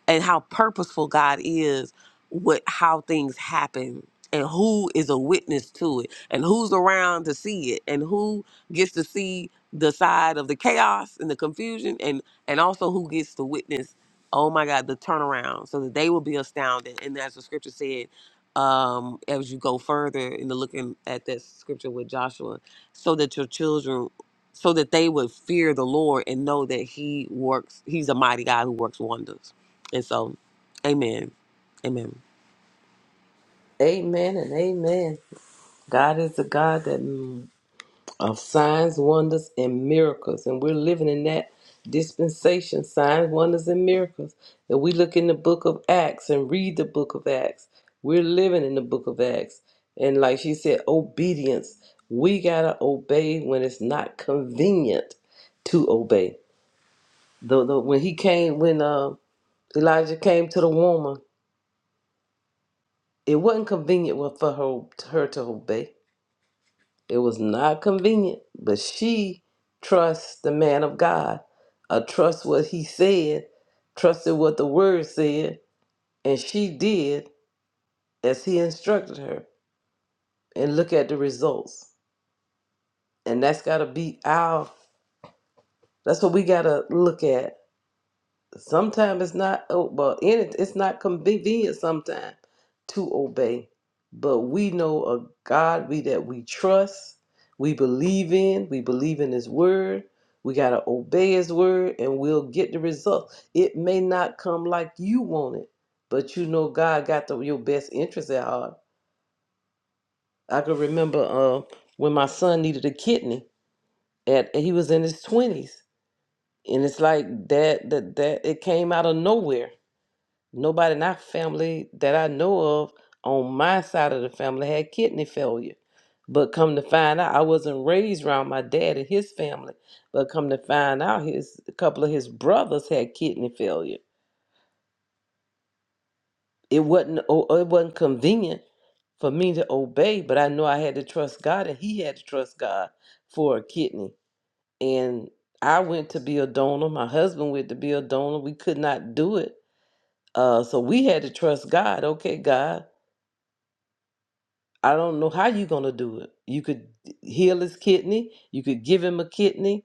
S1: and how purposeful God is with how things happen and who is a witness to it and who's around to see it and who gets to see the side of the chaos and the confusion and and also who gets to witness oh my god the turnaround so that they will be astounded and as the scripture said um as you go further in the looking at that scripture with Joshua so that your children so that they would fear the Lord and know that he works he's a mighty God who works wonders and so, amen. Amen.
S2: Amen and amen. God is the God that mm, of signs, wonders, and miracles, and we're living in that dispensation: signs, wonders, and miracles. And we look in the Book of Acts and read the Book of Acts. We're living in the Book of Acts, and like she said, obedience. We gotta obey when it's not convenient to obey. The, the when he came when uh, Elijah came to the woman It wasn't convenient wa- for her, her to obey. It was not convenient, but she trusts the man of God. I trust what he said, trusted what the word said, and she did as he instructed her. And look at the results. And that's got to be our, that's what we got to look at sometimes it's not oh, well in it it's not convenient sometimes to obey but we know a god we that we trust we believe in we believe in his word we got to obey his word and we'll get the result it may not come like you want it but you know god got the, your best interest at heart i can remember uh, when my son needed a kidney at he was in his 20s and it's like that that that it came out of nowhere Nobody in our family that I know of on my side of the family had kidney failure. But come to find out, I wasn't raised around my dad and his family. But come to find out, his a couple of his brothers had kidney failure. It wasn't o- it wasn't convenient for me to obey, but I knew I had to trust God, and He had to trust God for a kidney. And I went to be a donor. My husband went to be a donor. We could not do it, uh, so we had to trust God. Okay, God, I don't know how you're gonna do it. You could heal his kidney. You could give him a kidney.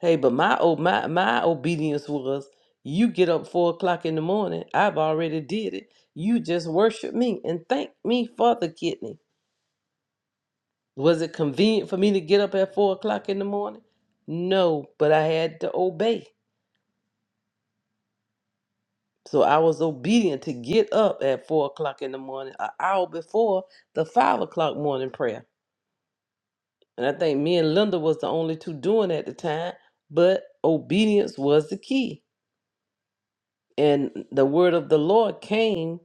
S2: Hey, but my oh my my obedience was you get up four o'clock in the morning. I've already did it. You just worship me and thank me for the kidney. Was it convenient for me to get up at four o'clock in the morning? No, but I had to obey. So I was obedient to get up at four o'clock in the morning, an hour before the five o'clock morning prayer. And I think me and Linda was the only two doing at the time, but obedience was the key. And the word of the Lord came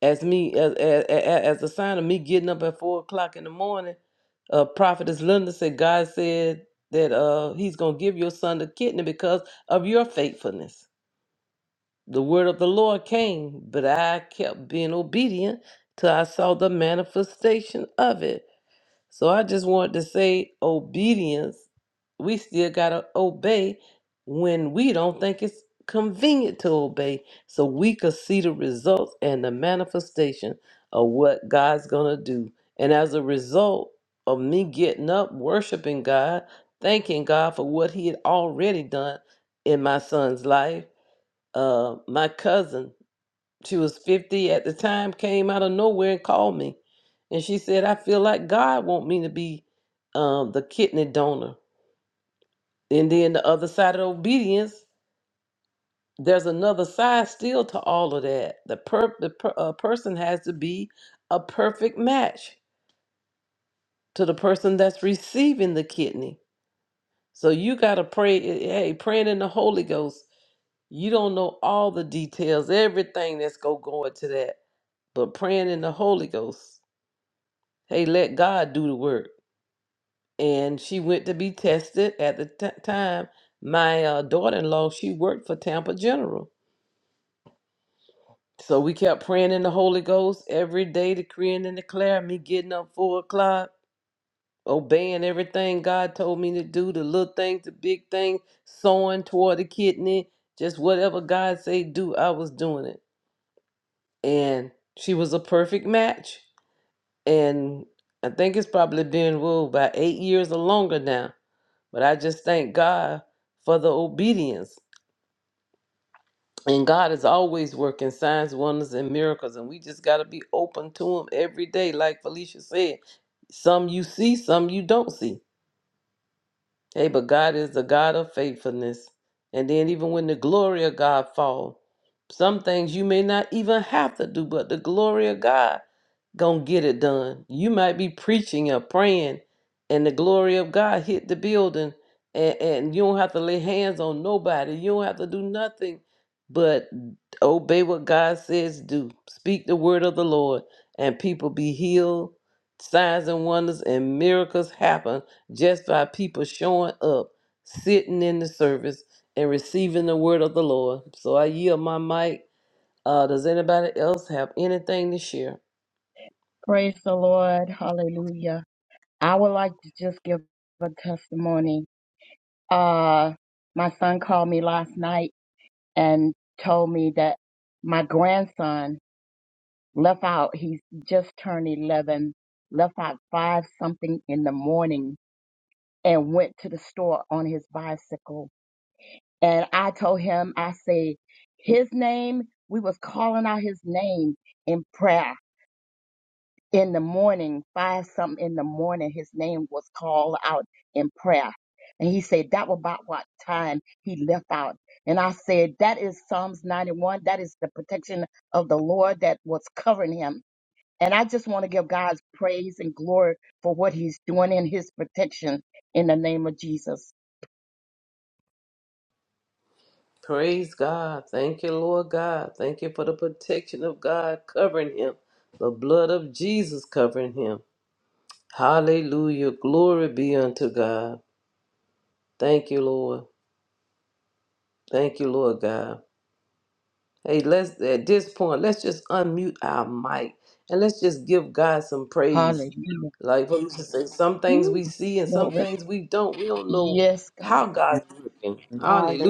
S2: as me as as, as a sign of me getting up at four o'clock in the morning. Uh, Prophetess Linda said, God said that uh, He's gonna give your son the kidney because of your faithfulness. The word of the Lord came, but I kept being obedient till I saw the manifestation of it. So I just want to say obedience, we still got to obey when we don't think it's convenient to obey so we could see the results and the manifestation of what God's going to do. And as a result of me getting up, worshiping God, thanking God for what he had already done in my son's life, uh, my cousin she was 50 at the time came out of nowhere and called me and she said i feel like god want me to be um, the kidney donor and then the other side of obedience there's another side still to all of that the, per- the per- uh, person has to be a perfect match to the person that's receiving the kidney so you got to pray eh, eh, hey praying in the holy ghost you don't know all the details everything that's go going to that but praying in the holy ghost Hey, let God do the work. And she went to be tested at the t- time. My uh, daughter in law, she worked for Tampa General. So we kept praying in the Holy Ghost every day, decreeing and declaring, me getting up four o'clock, obeying everything God told me to do, the little things, the big things, sowing toward the kidney, just whatever God say do, I was doing it. And she was a perfect match. And I think it's probably been, whoa, about eight years or longer now But I just thank God for the obedience. And God is always working signs, wonders, and miracles. And we just got to be open to Him every day, like Felicia said. Some you see, some you don't see. Hey, but God is the God of faithfulness. And then even when the glory of God fall, some things you may not even have to do, but the glory of God gonna get it done. You might be preaching or praying, and the glory of God hit the building, and, and you don't have to lay hands on nobody. You don't have to do nothing but obey what God says do. Speak the word of the Lord, and people be healed. Signs and wonders and miracles happen just by people showing up, sitting in the service, and receiving the word of the Lord. So I yield my mic. Uh, does anybody else have anything to share?
S8: Hallelujah. I would like to just give a testimony. Uh, my son called me last night and told me that my grandson left out. He's just turned 11, left out five something in the morning and went to the store on his bicycle. And I told him, I say, his name, we was calling out his name in prayer. in the morning, five something in the morning, his name was called out in prayer. And he said that was about what time he left out. And I said, that is Psalms 91. That is the protection of the Lord that was covering him. And I just want to give God's praise and glory for what he's doing in his protection in the name of Jesus.
S2: Praise God. Thank you, Lord God. Thank you for the protection of God covering him, the blood of Jesus covering him. Hallelujah. Glory be unto God. Thank you, Lord. Thank you, Lord God. Hey, let's at this point, let's just unmute our mic and let's just give God some praise.
S8: Hallelujah.
S2: Like what we say, some things
S8: Ooh,
S2: we see and some
S8: glory.
S2: things we don't. We don't know
S8: Yes, God.
S2: how God's working.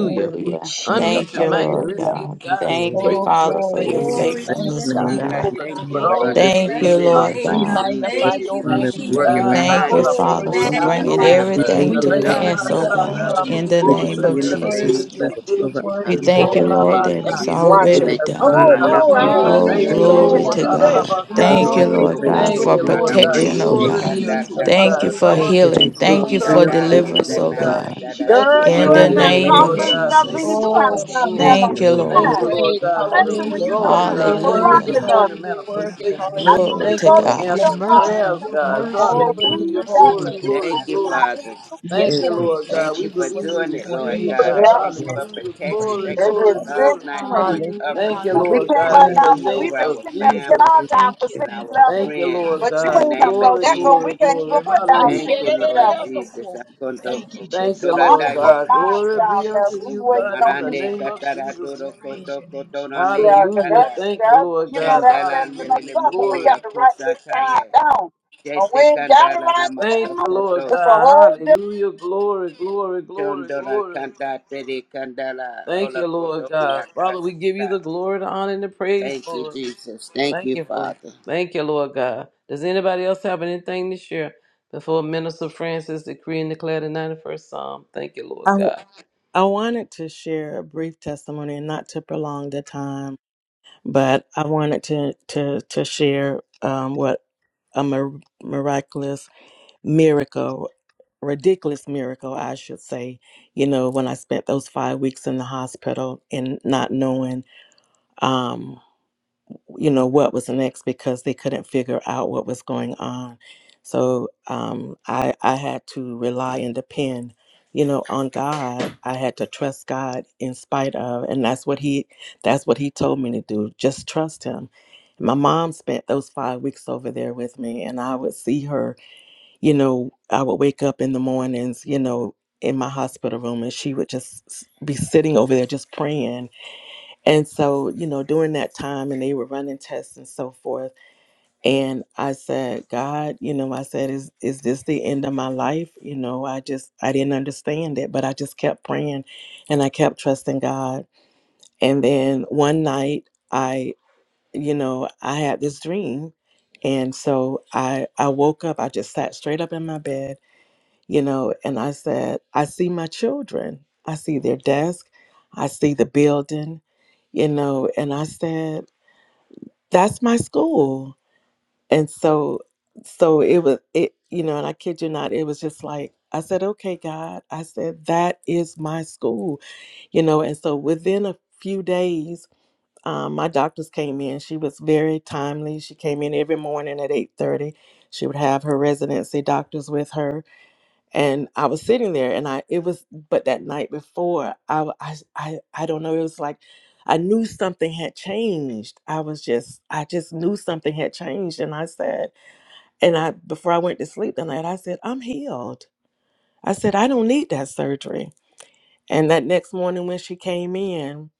S8: Thank you, Jesus.
S2: Unmute
S7: Thank
S2: your
S7: you,
S2: mic and
S7: Lord
S2: let's
S8: Hallelujah.
S2: give
S7: God.
S1: Thank
S2: God
S1: you,
S2: some
S7: Thank
S1: Lord.
S7: you,
S2: praise
S8: Oh,
S2: for the
S7: Father, for
S8: glory
S7: your
S2: things
S1: Glory
S8: to
S1: to
S2: He's
S8: your
S2: doing.
S1: you.
S9: to
S8: name,
S9: your
S7: faithfulness, oh
S8: God.
S2: He's
S9: name,
S3: God, I
S9: oh
S7: God.
S8: Give
S2: gonna
S3: thank
S9: God.
S8: you
S2: do it
S3: you
S12: Thank you,
S3: for
S9: Oh,
S8: praise.
S3: the
S9: we
S12: Lord
S2: already
S7: Thank
S12: God.
S7: you,
S9: bless
S3: seen
S1: Thank
S9: your
S3: and the
S1: you,
S7: Lord
S12: Praise your
S9: name,
S8: We
S12: name,
S7: God.
S2: done.
S9: God.
S3: unseen that
S8: magnify
S9: Thank
S12: Jesus.
S8: your
S3: you
S9: you,
S2: Thank
S8: holy
S2: you,
S9: Jesus.
S8: name
S3: working
S2: God.
S12: Glory
S8: because
S7: Thank
S12: to
S3: behind
S7: you,
S8: you're
S3: the
S12: your
S9: Oh,
S12: name,
S9: we
S7: Father,
S8: worthy,
S3: scenes
S7: for
S12: Father.
S3: on
S8: God.
S1: Lord.
S7: bringing
S9: magnify
S2: Hallelujah.
S9: your
S3: behalf
S1: Hallelujah.
S3: of
S12: Give
S9: name,
S7: everything
S12: you
S8: We
S10: you,
S7: to
S9: Lord
S8: just
S10: Lord
S1: God.
S2: Raya
S1: We
S9: God.
S8: give
S3: those
S12: praise.
S7: pass,
S8: you
S12: We
S7: oh
S8: the
S10: God.
S9: Thank
S12: give
S3: our
S2: basa
S9: you,
S12: you
S8: honor
S7: God,
S11: for
S3: loved
S12: honor.
S8: to
S2: tarabo
S7: in
S3: ones
S12: We
S9: Jesus.
S7: the
S8: you.
S12: give
S10: We
S12: you
S1: Thank
S3: and
S1: you. Thank
S2: kusa
S7: name
S10: decree
S7: of
S12: glory,
S10: and
S3: those
S12: Lord
S10: declare
S12: God,
S3: things
S8: Worthy,
S2: tarabiki
S12: for
S7: Jesus.
S10: your
S12: your
S1: you,
S10: blessings
S8: Lord.
S1: Lord.
S2: shiti.
S8: You're
S10: over
S12: protection,
S7: We
S3: God.
S11: for
S12: Father
S10: our
S11: your
S8: worthy.
S7: thank
S12: God.
S7: you,
S3: In
S1: Praise.
S3: the
S2: Ora
S11: protection.
S7: Lord,
S3: name
S8: Hallelujah.
S3: of
S11: Thank
S7: that
S12: Thank
S8: Thank
S2: baka
S12: you,
S7: it's
S10: lives.
S8: you.
S11: you
S3: Jesus,
S12: Father
S3: we
S2: siti
S11: for
S4: Watch
S10: those
S12: God.
S7: already
S11: your
S4: it.
S3: thank you.
S11: protection.
S7: done.
S10: things that are seen
S4: Oh,
S2: asana
S3: Hala
S10: And
S11: Thank
S3: da
S10: those
S12: Thank
S4: oh,
S12: you,
S2: tarabo
S11: you
S3: bo
S10: things
S4: I
S12: Lord
S4: had
S3: ra
S4: to
S2: ku.
S12: God,
S10: that
S12: for
S3: ku
S4: do
S7: Oh,
S10: are
S2: Thank
S12: your
S3: she
S11: for
S4: this,
S2: you,
S3: te
S4: I had
S7: glory
S12: angels
S11: your
S4: to
S8: Hallelujah.
S2: Lord.
S12: that
S7: to
S12: are
S4: do
S11: protection.
S4: that.
S12: encamped
S7: God.
S12: about
S10: and
S2: Hallelujah.
S10: we
S12: us,
S7: Thank you,
S10: are
S12: Lord
S3: Rondo
S8: Glory,
S11: Thank
S10: so
S11: you
S7: Lord
S3: do
S12: God,
S11: for
S10: grateful
S11: the
S7: God,
S8: glory,
S2: Thank
S11: blood
S10: for
S7: for
S11: of
S2: you,
S3: koto
S10: your hand.
S2: Lord
S3: rana
S11: Jesus.
S8: glory.
S12: that
S11: Thank
S10: In
S3: mai
S2: God.
S10: the
S7: protection,
S1: Thank
S7: oh
S1: you,
S12: prosper
S10: name
S3: she
S12: the
S10: of
S1: Lord.
S2: Glory
S7: God.
S2: be
S10: Jesus.
S12: ways
S3: kanda
S2: unto
S8: Jesus,
S3: ta
S11: you
S2: you,
S12: before us,
S7: Thank
S11: for
S7: you
S2: God.
S3: koto
S12: Lord
S11: the
S7: for
S3: do.
S8: hallelujah.
S2: Cover
S1: Thank
S12: God.
S2: us
S11: picture.
S1: you,
S2: in
S10: So
S2: the
S7: healing.
S1: Jesus.
S10: grateful
S2: blood.
S7: Thank you
S12: Thank
S8: Thank
S12: you,
S10: for
S3: Munda
S7: for
S8: you,
S10: your
S2: Cover.
S12: Lord
S3: da
S11: Thank
S8: Father.
S2: Thank
S11: you
S3: ke
S2: you,
S12: God.
S11: for
S7: deliverance,
S10: faithfulness,
S3: se
S2: Lord
S7: oh
S11: the
S10: Lord
S8: Hallelujah.
S2: God.
S3: nanda
S11: gift.
S10: God.
S7: God.
S3: da
S12: Praise you,
S3: da da
S8: Yes,
S2: Thank you
S4: Girl,
S3: mo
S2: for
S3: ra
S4: you
S7: In the
S12: Jesus.
S3: ku
S4: in
S8: God.
S10: In
S8: We
S10: the
S4: that
S3: she
S11: Thank
S2: healing,
S7: name
S8: thank
S10: name
S7: of
S2: Lord
S10: of
S8: you.
S11: you
S4: coughing
S11: for
S2: God.
S4: stuff,
S11: the
S10: Jesus.
S2: Thank
S12: Glory
S2: you
S4: Beanie.
S11: glory
S7: Jesus.
S4: You
S12: to
S2: for
S11: to
S12: your
S4: have
S8: Oh,
S11: God.
S2: help,
S4: stuff
S12: name,
S2: Lord.
S4: there
S8: Jesus,
S10: Thank
S4: on
S8: we
S7: Thank
S12: Father
S10: you,
S7: you,
S10: Lord.
S12: God.
S8: give you
S7: Lord.
S2: Thank you,
S4: time.
S2: Lord
S8: praise.
S2: God, for the
S4: Especially when
S8: Hallelujah.
S4: you know
S2: results,
S12: Hallelujah,
S11: Thank
S4: these
S2: God.
S8: You're
S4: people
S11: you.
S2: Thank you for
S8: worthy,
S7: Hallelujah.
S12: hallelujah,
S4: clocking
S2: seeing
S8: Lord.
S4: them.
S2: the
S8: You're
S11: Thank
S12: hallelujah.
S11: you,
S8: worthy.
S11: God.
S2: manifestation.
S11: We give
S12: For
S4: I know
S12: you
S8: Hallelujah.
S12: are
S7: Glory
S4: you
S2: Thank you
S7: to
S4: go to
S2: for
S12: good
S4: get
S12: and
S7: God.
S12: your
S8: Yes,
S4: your
S2: answering
S8: God.
S4: coffee,
S12: mercy,
S2: prayers,
S4: and
S12: your
S4: all of
S2: God.
S4: that,
S1: Thank
S4: but
S12: mercy,
S8: Glory
S12: your
S1: you,
S8: to
S1: Lord.
S4: we
S2: Hallelujah.
S8: your
S10: I,
S12: mercy
S4: got
S8: holy name.
S4: to
S2: Glory,
S11: Thank
S12: endure it
S4: be
S11: you,
S2: glory,
S3: Thank
S4: on
S3: you,
S12: forever,
S11: Jesus.
S2: glory.
S4: time.
S12: Father
S3: Father.
S12: God.
S8: Yes,
S2: Thank
S1: Thank
S2: you,
S1: you.
S4: It's 620.
S8: God,
S2: Lord
S12: Praise you,
S8: thank
S2: God.
S3: Thank
S8: you
S2: We
S3: you
S8: for
S3: for
S8: what
S2: believe
S12: Jesus.
S8: you're
S2: we
S3: doing it,
S8: doing
S3: Lord
S2: receive
S8: in the
S2: it,
S12: Praise
S3: God.
S12: you,
S8: earth
S2: God.
S3: I
S4: Yep,
S8: right
S3: thank
S12: Jesus.
S3: you
S1: Yes,
S8: now.
S1: God.
S3: for
S2: Hallelujah.
S8: In
S1: Thank
S3: protection.
S2: Glory,
S3: Thank
S12: Praise
S1: you.
S4: it
S3: you
S12: you,
S8: Jesus'
S3: for
S4: is
S2: glory,
S8: name.
S12: Jesus.
S3: Psalms
S2: glory.
S3: 91
S4: 620.
S12: Hallelujah,
S8: Hallelujah.
S2: Thank
S3: covering.
S2: you,
S1: Thank
S4: And we
S1: you,
S12: hallelujah.
S2: Lord
S4: came
S1: Jesus.
S2: God,
S12: hall-
S4: right
S2: in the
S4: down,
S8: Glory.
S3: Hallelujah
S4: but
S2: name
S4: we've
S3: over
S4: been
S2: of
S3: our
S4: sitting there to get
S2: Jesus.
S4: our
S3: family
S4: time
S12: Thank
S4: for
S12: you,
S3: and
S12: thank
S4: 611.
S3: our
S12: you,
S2: Thank
S12: thank
S2: you,
S12: you,
S3: friends
S2: Lord
S12: Father
S4: But
S3: in
S4: you
S3: the
S12: God.
S2: God.
S4: ain't gonna
S3: name of
S4: go
S2: Glory,
S4: that going.
S3: Jesus.
S4: We
S12: Shora
S2: glory,
S4: can't even
S12: eke
S2: glory.
S4: put
S8: I
S4: down
S12: rendero
S3: Thank
S2: Hallelujah.
S3: you,
S12: bora
S8: said it in
S3: Lord
S8: the
S12: bakara
S4: 611.
S12: baka.
S3: Jesus.
S8: undercoat.
S3: Akondo-
S8: Thank
S12: Thank
S8: you,
S12: you,
S2: Thank you,
S8: Jesus.
S4: I'm
S12: Jesus.
S2: Lord
S4: gonna
S3: okotorandaye.
S4: put
S2: God.
S12: Praise
S4: mine
S12: your
S2: Glory
S12: name,
S4: down
S2: be
S4: there.
S2: unto
S4: We
S12: Jesus.
S2: you, God,
S4: waiting
S2: in
S4: on
S2: the
S4: you.
S3: Marande
S12: Praise your
S2: name
S12: name,
S2: of
S12: Jesus.
S2: Jesus.
S3: sataratoro
S2: We pray.
S3: koto
S12: Praise your name, Jesus.
S3: kotorande
S4: Yeah, because
S2: Hallelujah.
S3: yekanda.
S4: that's,
S2: Thank you,
S4: that's,
S2: Lord
S4: you know,
S2: God.
S4: that's that's in us
S2: Hallelujah.
S3: Chandalandelele
S4: up. But we
S3: mohori
S4: got
S2: Glory.
S4: to write this
S3: akosataye.
S4: time down. And we
S3: Jete
S4: ain't got to
S3: kandala
S4: write it
S3: namato
S2: Thank you,
S4: down.
S3: koto.
S2: Lord
S4: It's a
S2: God.
S4: whole
S2: Hallelujah. Glory, glory, glory,
S3: Chondora
S2: glory.
S3: kanda tere kandala
S2: Thank
S3: ola
S2: you,
S3: koto
S2: Lord God. Father, we give you
S3: yakasata.
S2: the glory, the honor, and the praise,
S3: Thank you,
S2: Lord.
S3: Jesus. Thank
S2: Thank
S3: you,
S2: you for.
S3: Father.
S2: Thank you, Lord God. Does anybody else have anything to share before Minister Francis decree and declare the 91st Psalm? Thank you, Lord
S10: w-
S2: God.
S10: I wanted to share a brief testimony and not to prolong the time, but I wanted to, to, to share um, what a mir- miraculous miracle, ridiculous miracle, I should say. You know, when I spent those five weeks in the hospital and not knowing, um, you know what was next because they couldn't figure out what was going on so um i i had to rely and depend you know on god i had to trust god in spite of and that's what he that's what he told me to do just trust him my mom spent those five weeks over there with me and i would see her you know i would wake up in the mornings you know in my hospital room and she would just s- be sitting over there just praying and so, you know, during that time and they were running tests and so forth. And I said, God, you know, I said, is is this the end of my life? You know, I just I didn't understand it, but I just kept praying and I kept trusting God. And then one night I, you know, I had this dream. And so I I woke up, I just sat straight up in my bed you know, and I said, I see my children. I see their desk. I see the building, you know, and I said, that's my school. And so, so it was, it, you know, and I kid you not, it was just like, I said, okay, God, I said, that is my school, you know, and so within a few days, um, my doctors came in. She was very timely. She came in every morning at 8:30. She would have her residency doctors with her and I was sitting there, and I it was but that night before I w- I s- I, I don't know it was like I knew something had changed. I was just I just knew something had changed, and I said, and I before I went to sleep that night I said I'm healed. I said I don't need that surgery. And that next morning when she came in,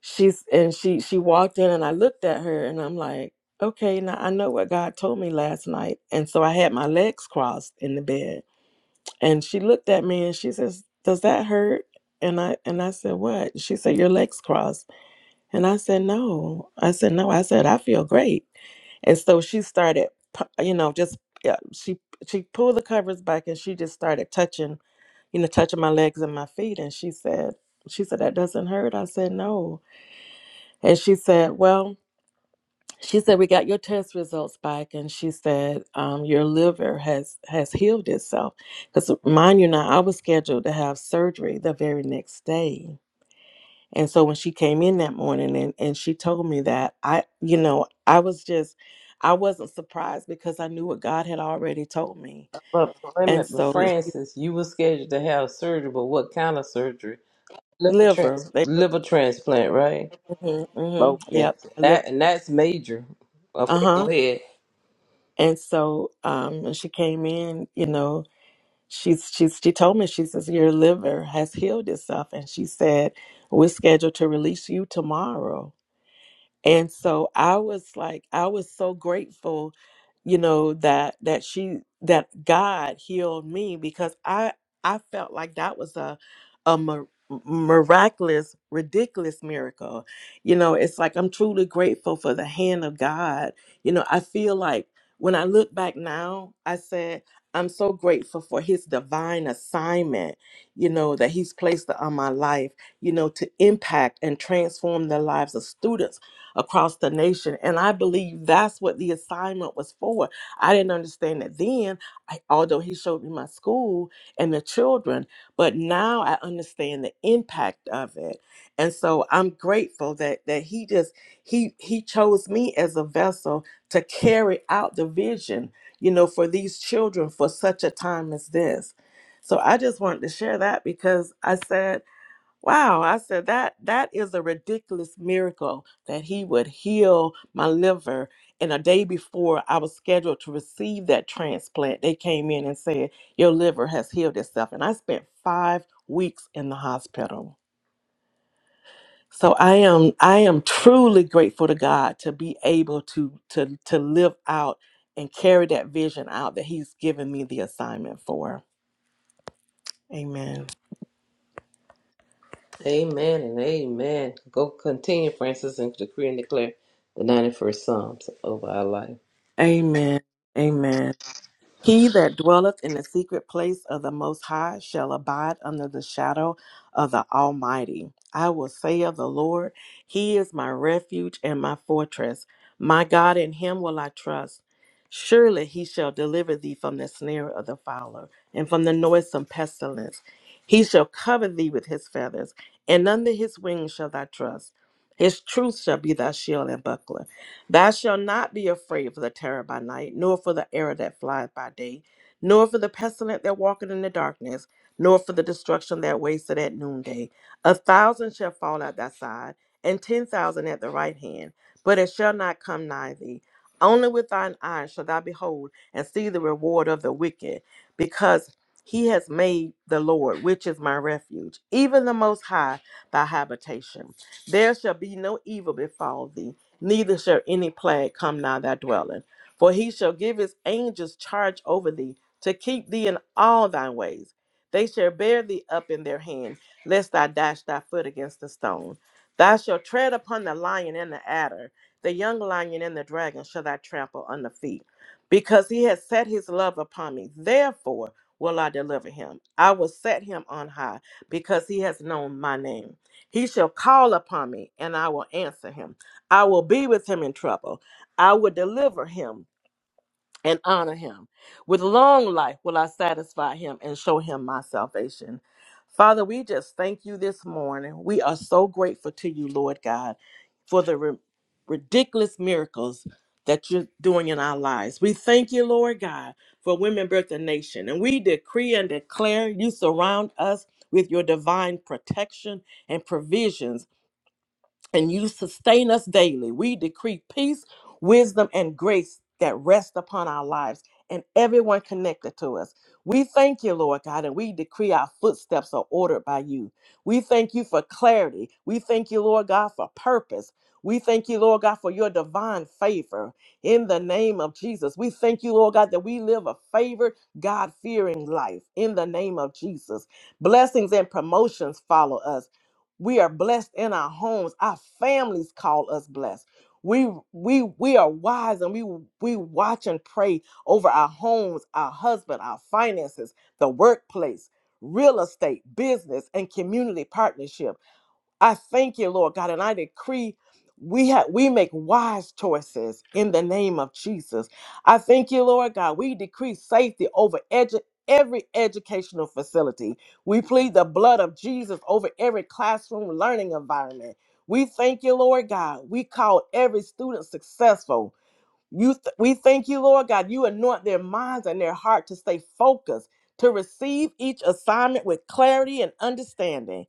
S10: she's and she she walked in, and I looked at her, and I'm like. Okay, now I know what God told me last night. And so I had my legs crossed in the bed And she looked at me and she says, "Does that hurt?" And I and I said, "What?" She said, "Your legs crossed." And I said, "No." I said, "No." I said, "I feel great." And so she started, pu- you know, just yeah, she she pulled the covers back and she just started touching, you know, touching my legs and my feet. And she said, she said that doesn't hurt. I said, "No." And she said, "Well." she said we got your test results back and she said um, your liver has has healed itself because mind you now i was scheduled to have surgery the very next day and so when she came in that morning and, and she told me that i you know i was just i wasn't surprised because i knew what god had already told me
S2: But, wait a
S10: and
S2: minute, but
S10: so it-
S2: Francis, you were scheduled to have surgery, but what kind of surgery? Liver
S10: liver
S2: trans,
S10: they were
S2: liver transplant, right?
S10: hmm hmm
S2: Okay.
S10: yep liver,
S2: That and that's major. Okay, go
S10: uh-huh
S2: ahead.
S10: and so um, when she came in you know she's she's she told me she says your liver has healed itself and she said we're scheduled to release you tomorrow and so i was like i was so grateful you know that that she that god healed me because i i felt like that was a a mir- miraculous ridiculous miracle you know it's like i'm truly grateful for the hand of god you know i feel like when i look back now i said i'm so grateful for his divine assignment you know that he's placed on my life you know to impact and transform the lives of students across the nation. And I believe that's what the assignment was for. I didn't understand that then, I, although he showed me my school and the children, but now I understand the impact of it. And so I'm grateful that that he just he he chose me as a vessel to carry out the vision, you know, for these children for such a time as this. So I just wanted to share that because I said Wow, I said that that is a ridiculous miracle that he would heal my liver. And a day before I was scheduled to receive that transplant, they came in and said, Your liver has healed itself. And I spent five weeks in the hospital. So I am I am truly grateful to God to be able to to to live out and carry that vision out that He's given me the assignment for. Amen.
S2: Amen and amen. Go continue, Francis, and decree and declare the 91st Psalms over our life.
S10: Amen. Amen. He that dwelleth in the secret place of the Most High shall abide under the shadow of the Almighty. I will say of the Lord, He is my refuge and my fortress. My God, in Him will I trust. Surely He shall deliver thee from the snare of the fowler and from the noisome pestilence. He shall cover thee with His feathers, and under His wings shall thy trust. His truth shall be thy shield and buckler. Thou shalt not be afraid for the terror by night, nor for the arrow that flieth by day, nor for the pestilence that walketh in the darkness, nor for the destruction that wasteth at noonday. A thousand shall fall at thy side, and ten thousand at the right hand, but it shall not come nigh thee. Only with thine eyes shall thou behold and see the reward of the wicked, because he has made the Lord, which is my refuge, even the Most High, thy habitation. There shall be no evil befall thee neither shall any plague come nigh thy dwelling. For he shall give his angels charge over thee, to keep thee in all thy ways. They shall bear thee up in their hand, lest thou dash thy foot against a stone. Thou shalt tread upon the lion and the adder, the young lion and the dragon shall thou trample under feet. Because he has set his love upon me, therefore will I deliver him. I will set him on high, because he has known my name. He shall call upon me, and I will answer him. I will be with him in trouble. I will deliver him and honor him. With long life will I satisfy him and show him my salvation. Father, we just thank you this morning. We are so grateful to you, Lord God, for the ri- ridiculous miracles that you're doing in our lives. We thank you, Lord God, for Women Birth the Nation. And we decree and declare you surround us with your divine protection and provisions and you sustain us daily. We decree peace, wisdom, and grace that rest upon our lives and everyone connected to us. We thank you, Lord God, and we decree our footsteps are ordered by you. We thank you for clarity. We thank you, Lord God, for purpose. We thank you, Lord God, for your divine favor in the name of Jesus. We thank you, Lord God, that we live a favored, God fearing life in the name of Jesus. Blessings and promotions follow us we are blessed in our homes. Our families call us blessed. We we we are wise and we we watch and pray over our homes, our husband, our finances, the workplace, real estate, business, and community partnership. I thank you, Lord God, and I decree we have we make wise choices in the name of Jesus. I thank you, Lord God. We decree safety over edu- every educational facility. We plead the blood of Jesus over every classroom learning environment. We thank you, Lord God. We call every student successful. You th- we thank you, Lord God. You anoint their minds and their heart to stay focused, to receive each assignment with clarity and understanding.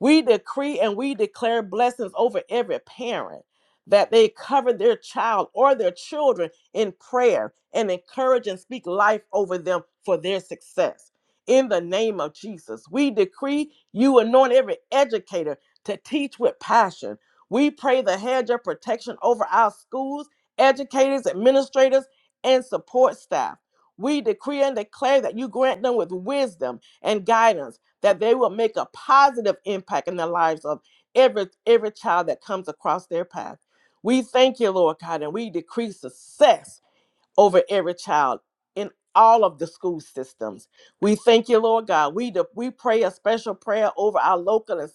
S10: We decree and we declare blessings over every parent that they cover their child or their children in prayer and encourage and speak life over them for their success. In the name of Jesus, we decree you anoint every educator to teach with passion. We pray the hedge of protection over our schools, educators, administrators, and support staff. We decree and declare that you grant them with wisdom and guidance that they will make a positive impact in the lives of every every child that comes across their path. We thank you, Lord God, and we decree success over every child in all of the school systems. We thank you, Lord God. We de- we pray a special prayer over our local and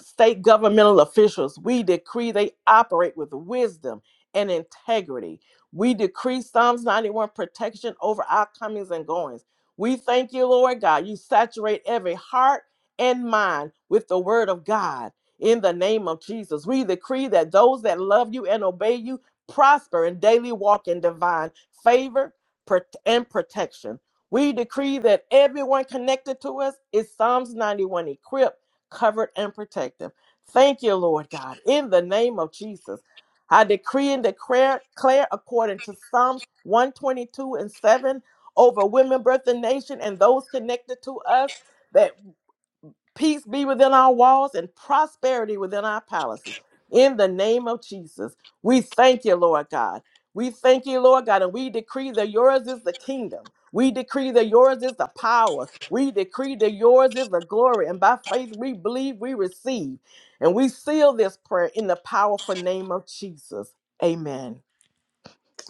S10: state governmental officials, we decree they operate with wisdom and integrity. We decree Psalms 91 protection over our comings and goings. We thank you, Lord God. You saturate every heart and mind with the word of God. In the name of Jesus, we decree that those that love you and obey you prosper and daily walk in divine favor and protection. We decree that everyone connected to us is Psalms 91 equipped covered and protected. Thank you, Lord God, in the name of Jesus. I decree and declare, declare according to Psalms 122 and 7 over women, birth, and nation, and those connected to us. that peace be within our walls and prosperity within our palaces. In the name of Jesus, we thank you, Lord God. We thank you, Lord God, and we decree that yours is the kingdom. We decree that yours is the power. We decree that yours is the glory. And by faith, we believe we receive. And we seal this prayer in the powerful name of Jesus. Amen.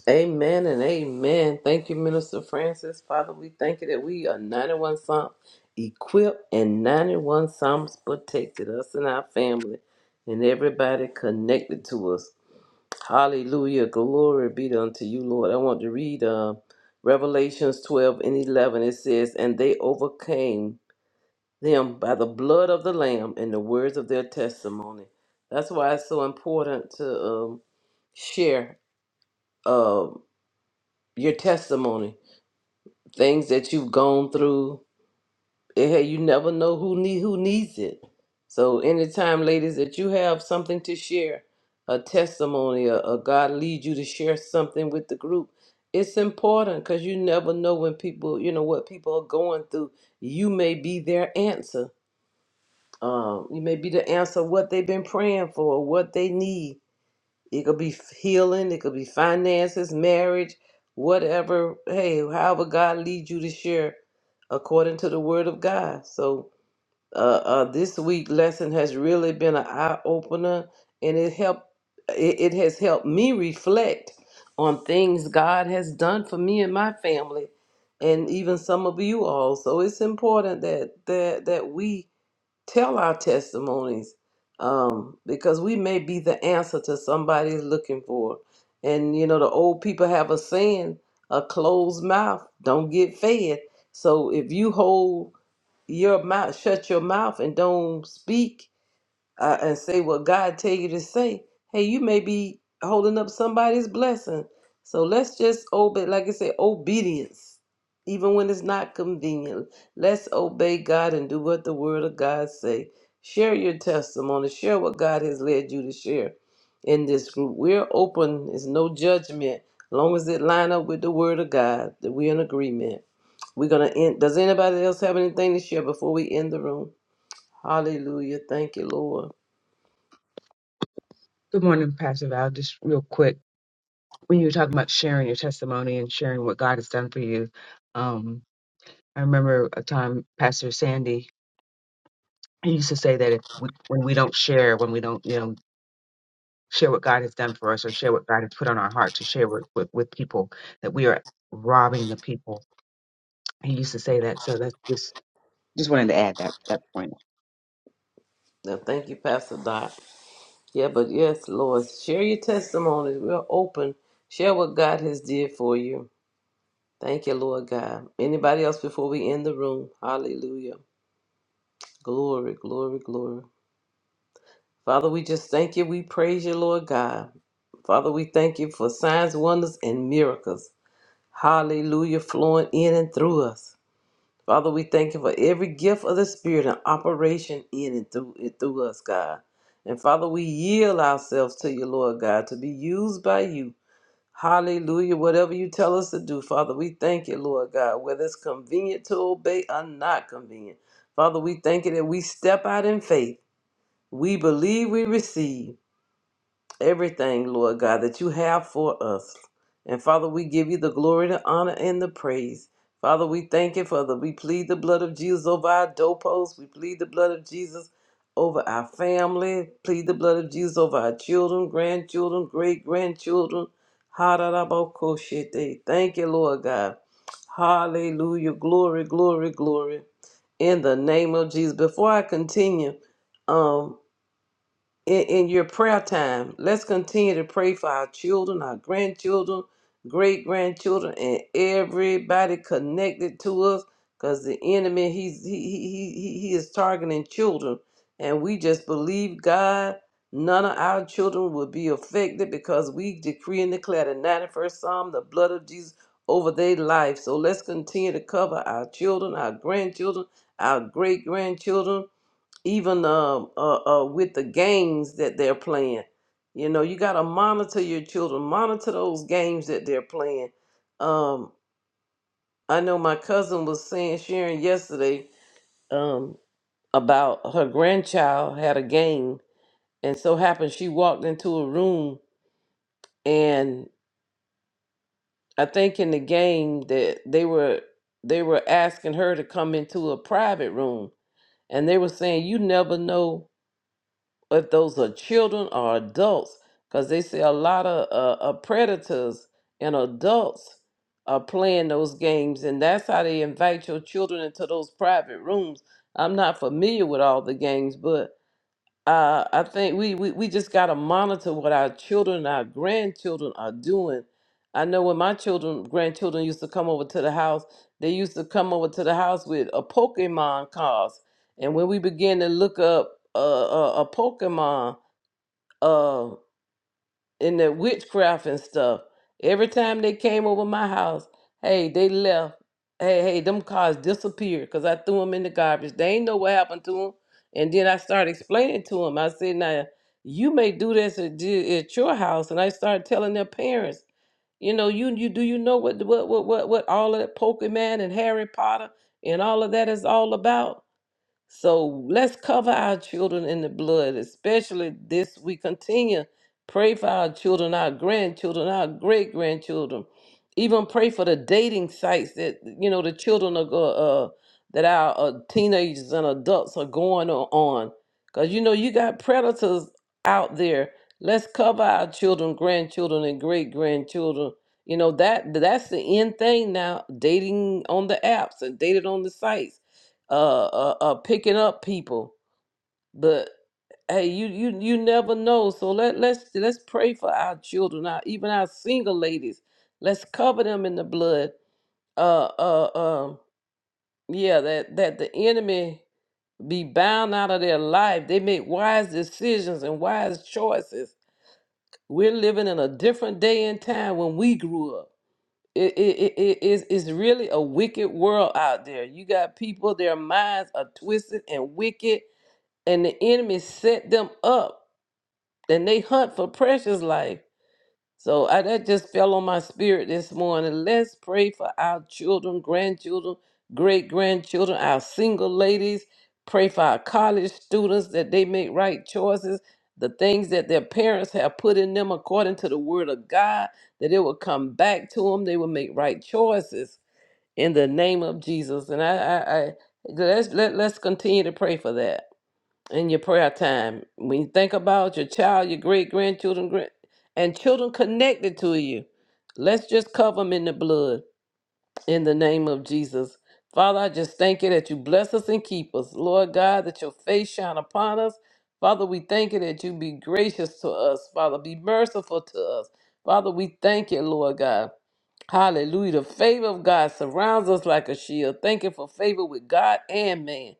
S2: Amen and amen. Thank you, Minister Francis. Father, we thank you that we are 91 Psalms equipped and 91 Psalms protected, us and our family and everybody connected to us. Hallelujah. Glory be unto you, Lord. I want to read uh, Revelations 12 and 11. It says, And they overcame them by the blood of the Lamb and the words of their testimony. That's why it's so important to um, share uh, your testimony, things that you've gone through, hey, you never know who need who needs it. So anytime, ladies, that you have something to share, a testimony, or, or God leads you to share something with the group, it's important because you never know when people, you know, what people are going through. You may be their answer. Um, you may be the answer what they've been praying for, what they need. It could be healing, it could be finances, marriage, whatever. Hey, however God leads you to share according to the word of God. So uh, uh, this week lesson has really been an eye opener, and it helped. It, it has helped me reflect on things God has done for me and my family, and even some of you all. So it's important that that that we tell our testimonies um, because we may be the answer to somebody's looking for. And you know, the old people have a saying: "A closed mouth don't get fed." So if you hold your mouth shut your mouth and don't speak uh, and say what god tell you to say hey you may be holding up somebody's blessing so let's just obey like i said obedience even when it's not convenient let's obey god and do what the word of god say share your testimony share what god has led you to share in this group we're open it's no judgment As long as it line up with the word of god that we're in agreement we're gonna end. Does anybody else have anything to share before we end the room? Hallelujah. Thank you, Lord.
S11: Good morning, Pastor Val. Just real quick, when you were talking about sharing your testimony and sharing what God has done for you, um, I remember a time Pastor Sandy he used to say that if we, when we don't share, when we don't, you know, share what God has done for us or share what God has put on our heart to share with, with, with people that we are robbing the people. He used to say that. So that's just, just wanted to add that, that point.
S2: Now, thank you, Pastor Dot. Yeah, but yes, Lord, share your testimonies. We're open. Share what God has did for you. Thank you, Lord God. Anybody else before we end the room? Hallelujah. Glory, glory, glory. Father, we just thank you. We praise you, Lord God. Father, we thank you for signs, wonders, and miracles. Hallelujah, flowing in and through us. Father, we thank you for every gift of the Spirit and operation in and through it through us, God. And Father, we yield ourselves to you, Lord God, to be used by you. Hallelujah. Whatever you tell us to do, Father, we thank you, Lord God, whether it's convenient to obey or not convenient. Father, we thank you that we step out in faith. We believe we receive everything, Lord God, that you have for us. And Father, we give you the glory, the honor, and the praise. Father, we thank you, Father. We plead the blood of Jesus over our doorposts. We plead the blood of Jesus over our family. Plead the blood of Jesus over our children, grandchildren, great grandchildren. Ha-da-da-bo-ko-she-te. Thank you, Lord God. Hallelujah. Glory, glory, glory. In the name of Jesus. Before I continue, um in, in your prayer time. Let's continue to pray for our children, our grandchildren, great grandchildren, and everybody connected to us. Because the enemy, he's he, he he he he is targeting children, and we just believe God. None of our children will be affected because we decree and declare the 91st Psalm, the blood of Jesus over their life. So let's continue to cover our children, our grandchildren, our great grandchildren even uh uh, uh, with the games that they're playing. You know, you got to monitor your children, monitor those games that they're playing. Um, I know my cousin was saying, sharing yesterday um, about her grandchild had a game, and so happened she walked into a room, and I think in the game that they were they were asking her to come into a private room, and they were saying, "You never know if those are children or adults, because they say a lot of uh, uh, predators and adults are playing those games, and that's how they invite your children into those private rooms. I'm not familiar with all the games, but uh, I think we, we, we just got to monitor what our children and our grandchildren are doing. I know when my children, grandchildren used to come over to the house, they used to come over to the house with a Pokemon cards. And when we began to look up uh, a, a Pokemon, uh, and the witchcraft and stuff. Every time they came over my house, hey, they left. Hey, hey, them cars disappeared because I threw them in the garbage. They ain't know what happened to them. And then I started explaining to them. I said, now, you may do this at, di- at your house. And I started telling their parents, you know, you you do you know what what what what, what all of that Pokemon and Harry Potter and all of that is all about? So let's cover our children in the blood, especially this we continue. Pray for our children, our grandchildren, our great grandchildren. Even pray for the dating sites that you know the children are go, uh, that our uh, teenagers and adults are going o- on, because you know you got predators out there. Let's cover our children, grandchildren, and great grandchildren. You know that that's the end thing now. Dating on the apps and dated on the sites uh, uh, uh picking up people. But hey, you you you never know. So let let's let's pray for our children, our even our single ladies. Let's cover them in the blood. Uh, uh, um, yeah, that that the enemy be bound out of their life. They make wise decisions and wise choices. We're living in a different day and time when we grew up. It, it, it, it- it's, it's really a wicked world out there. You got people, their minds are twisted and wicked and the enemy set them up and they hunt for precious life. So I, that just fell on my spirit this morning. Let's pray for our children, grandchildren, great grandchildren, our single ladies. Pray for our college students that they make right choices, the things that their parents have put in them according to the word of God, that it will come back to them. They will make right choices in the name of Jesus. And I, I, I let's let, let's continue to pray for that in your prayer time. When you think about your child, your great grandchildren, grand- and children connected to you, let's just cover them in the blood in the name of Jesus. Father, I just thank you that you bless us and keep us. Lord God, that your face shine upon us. Father, we thank you that you be gracious to us. Father, be merciful to us. Father, we thank you, Lord God. Hallelujah. The favor of God surrounds us like a shield. Thank you for favor with God and man.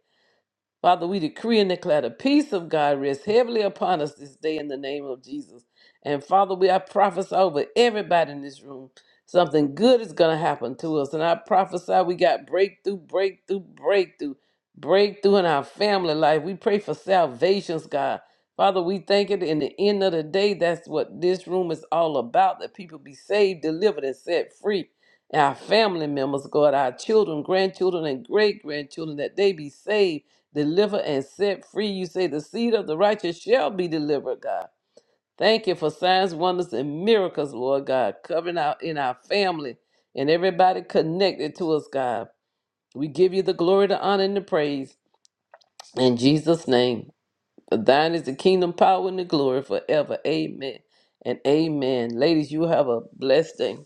S2: Father, we decree and declare the peace of God rests heavily upon us this day in the name of Jesus. And Father, we I prophesy over everybody in this room. Something good is going to happen to us. And I prophesy we got breakthrough, breakthrough, breakthrough, breakthrough in our family life. We pray for salvations, God. Father, we thank it in the end of the day. That's what this room is all about that people be saved, delivered, and set free. our family members, God, our children, grandchildren, and great grandchildren, that they be saved deliver and set free. You say the seed of the righteous shall be delivered, God. Thank you for signs, wonders, and miracles, Lord God, covering out in our family and everybody connected to us, God. We give you the glory, the honor, and the praise in Jesus' name. For thine is the kingdom, power, and the glory forever. Amen and amen. Ladies, you have a blessed day.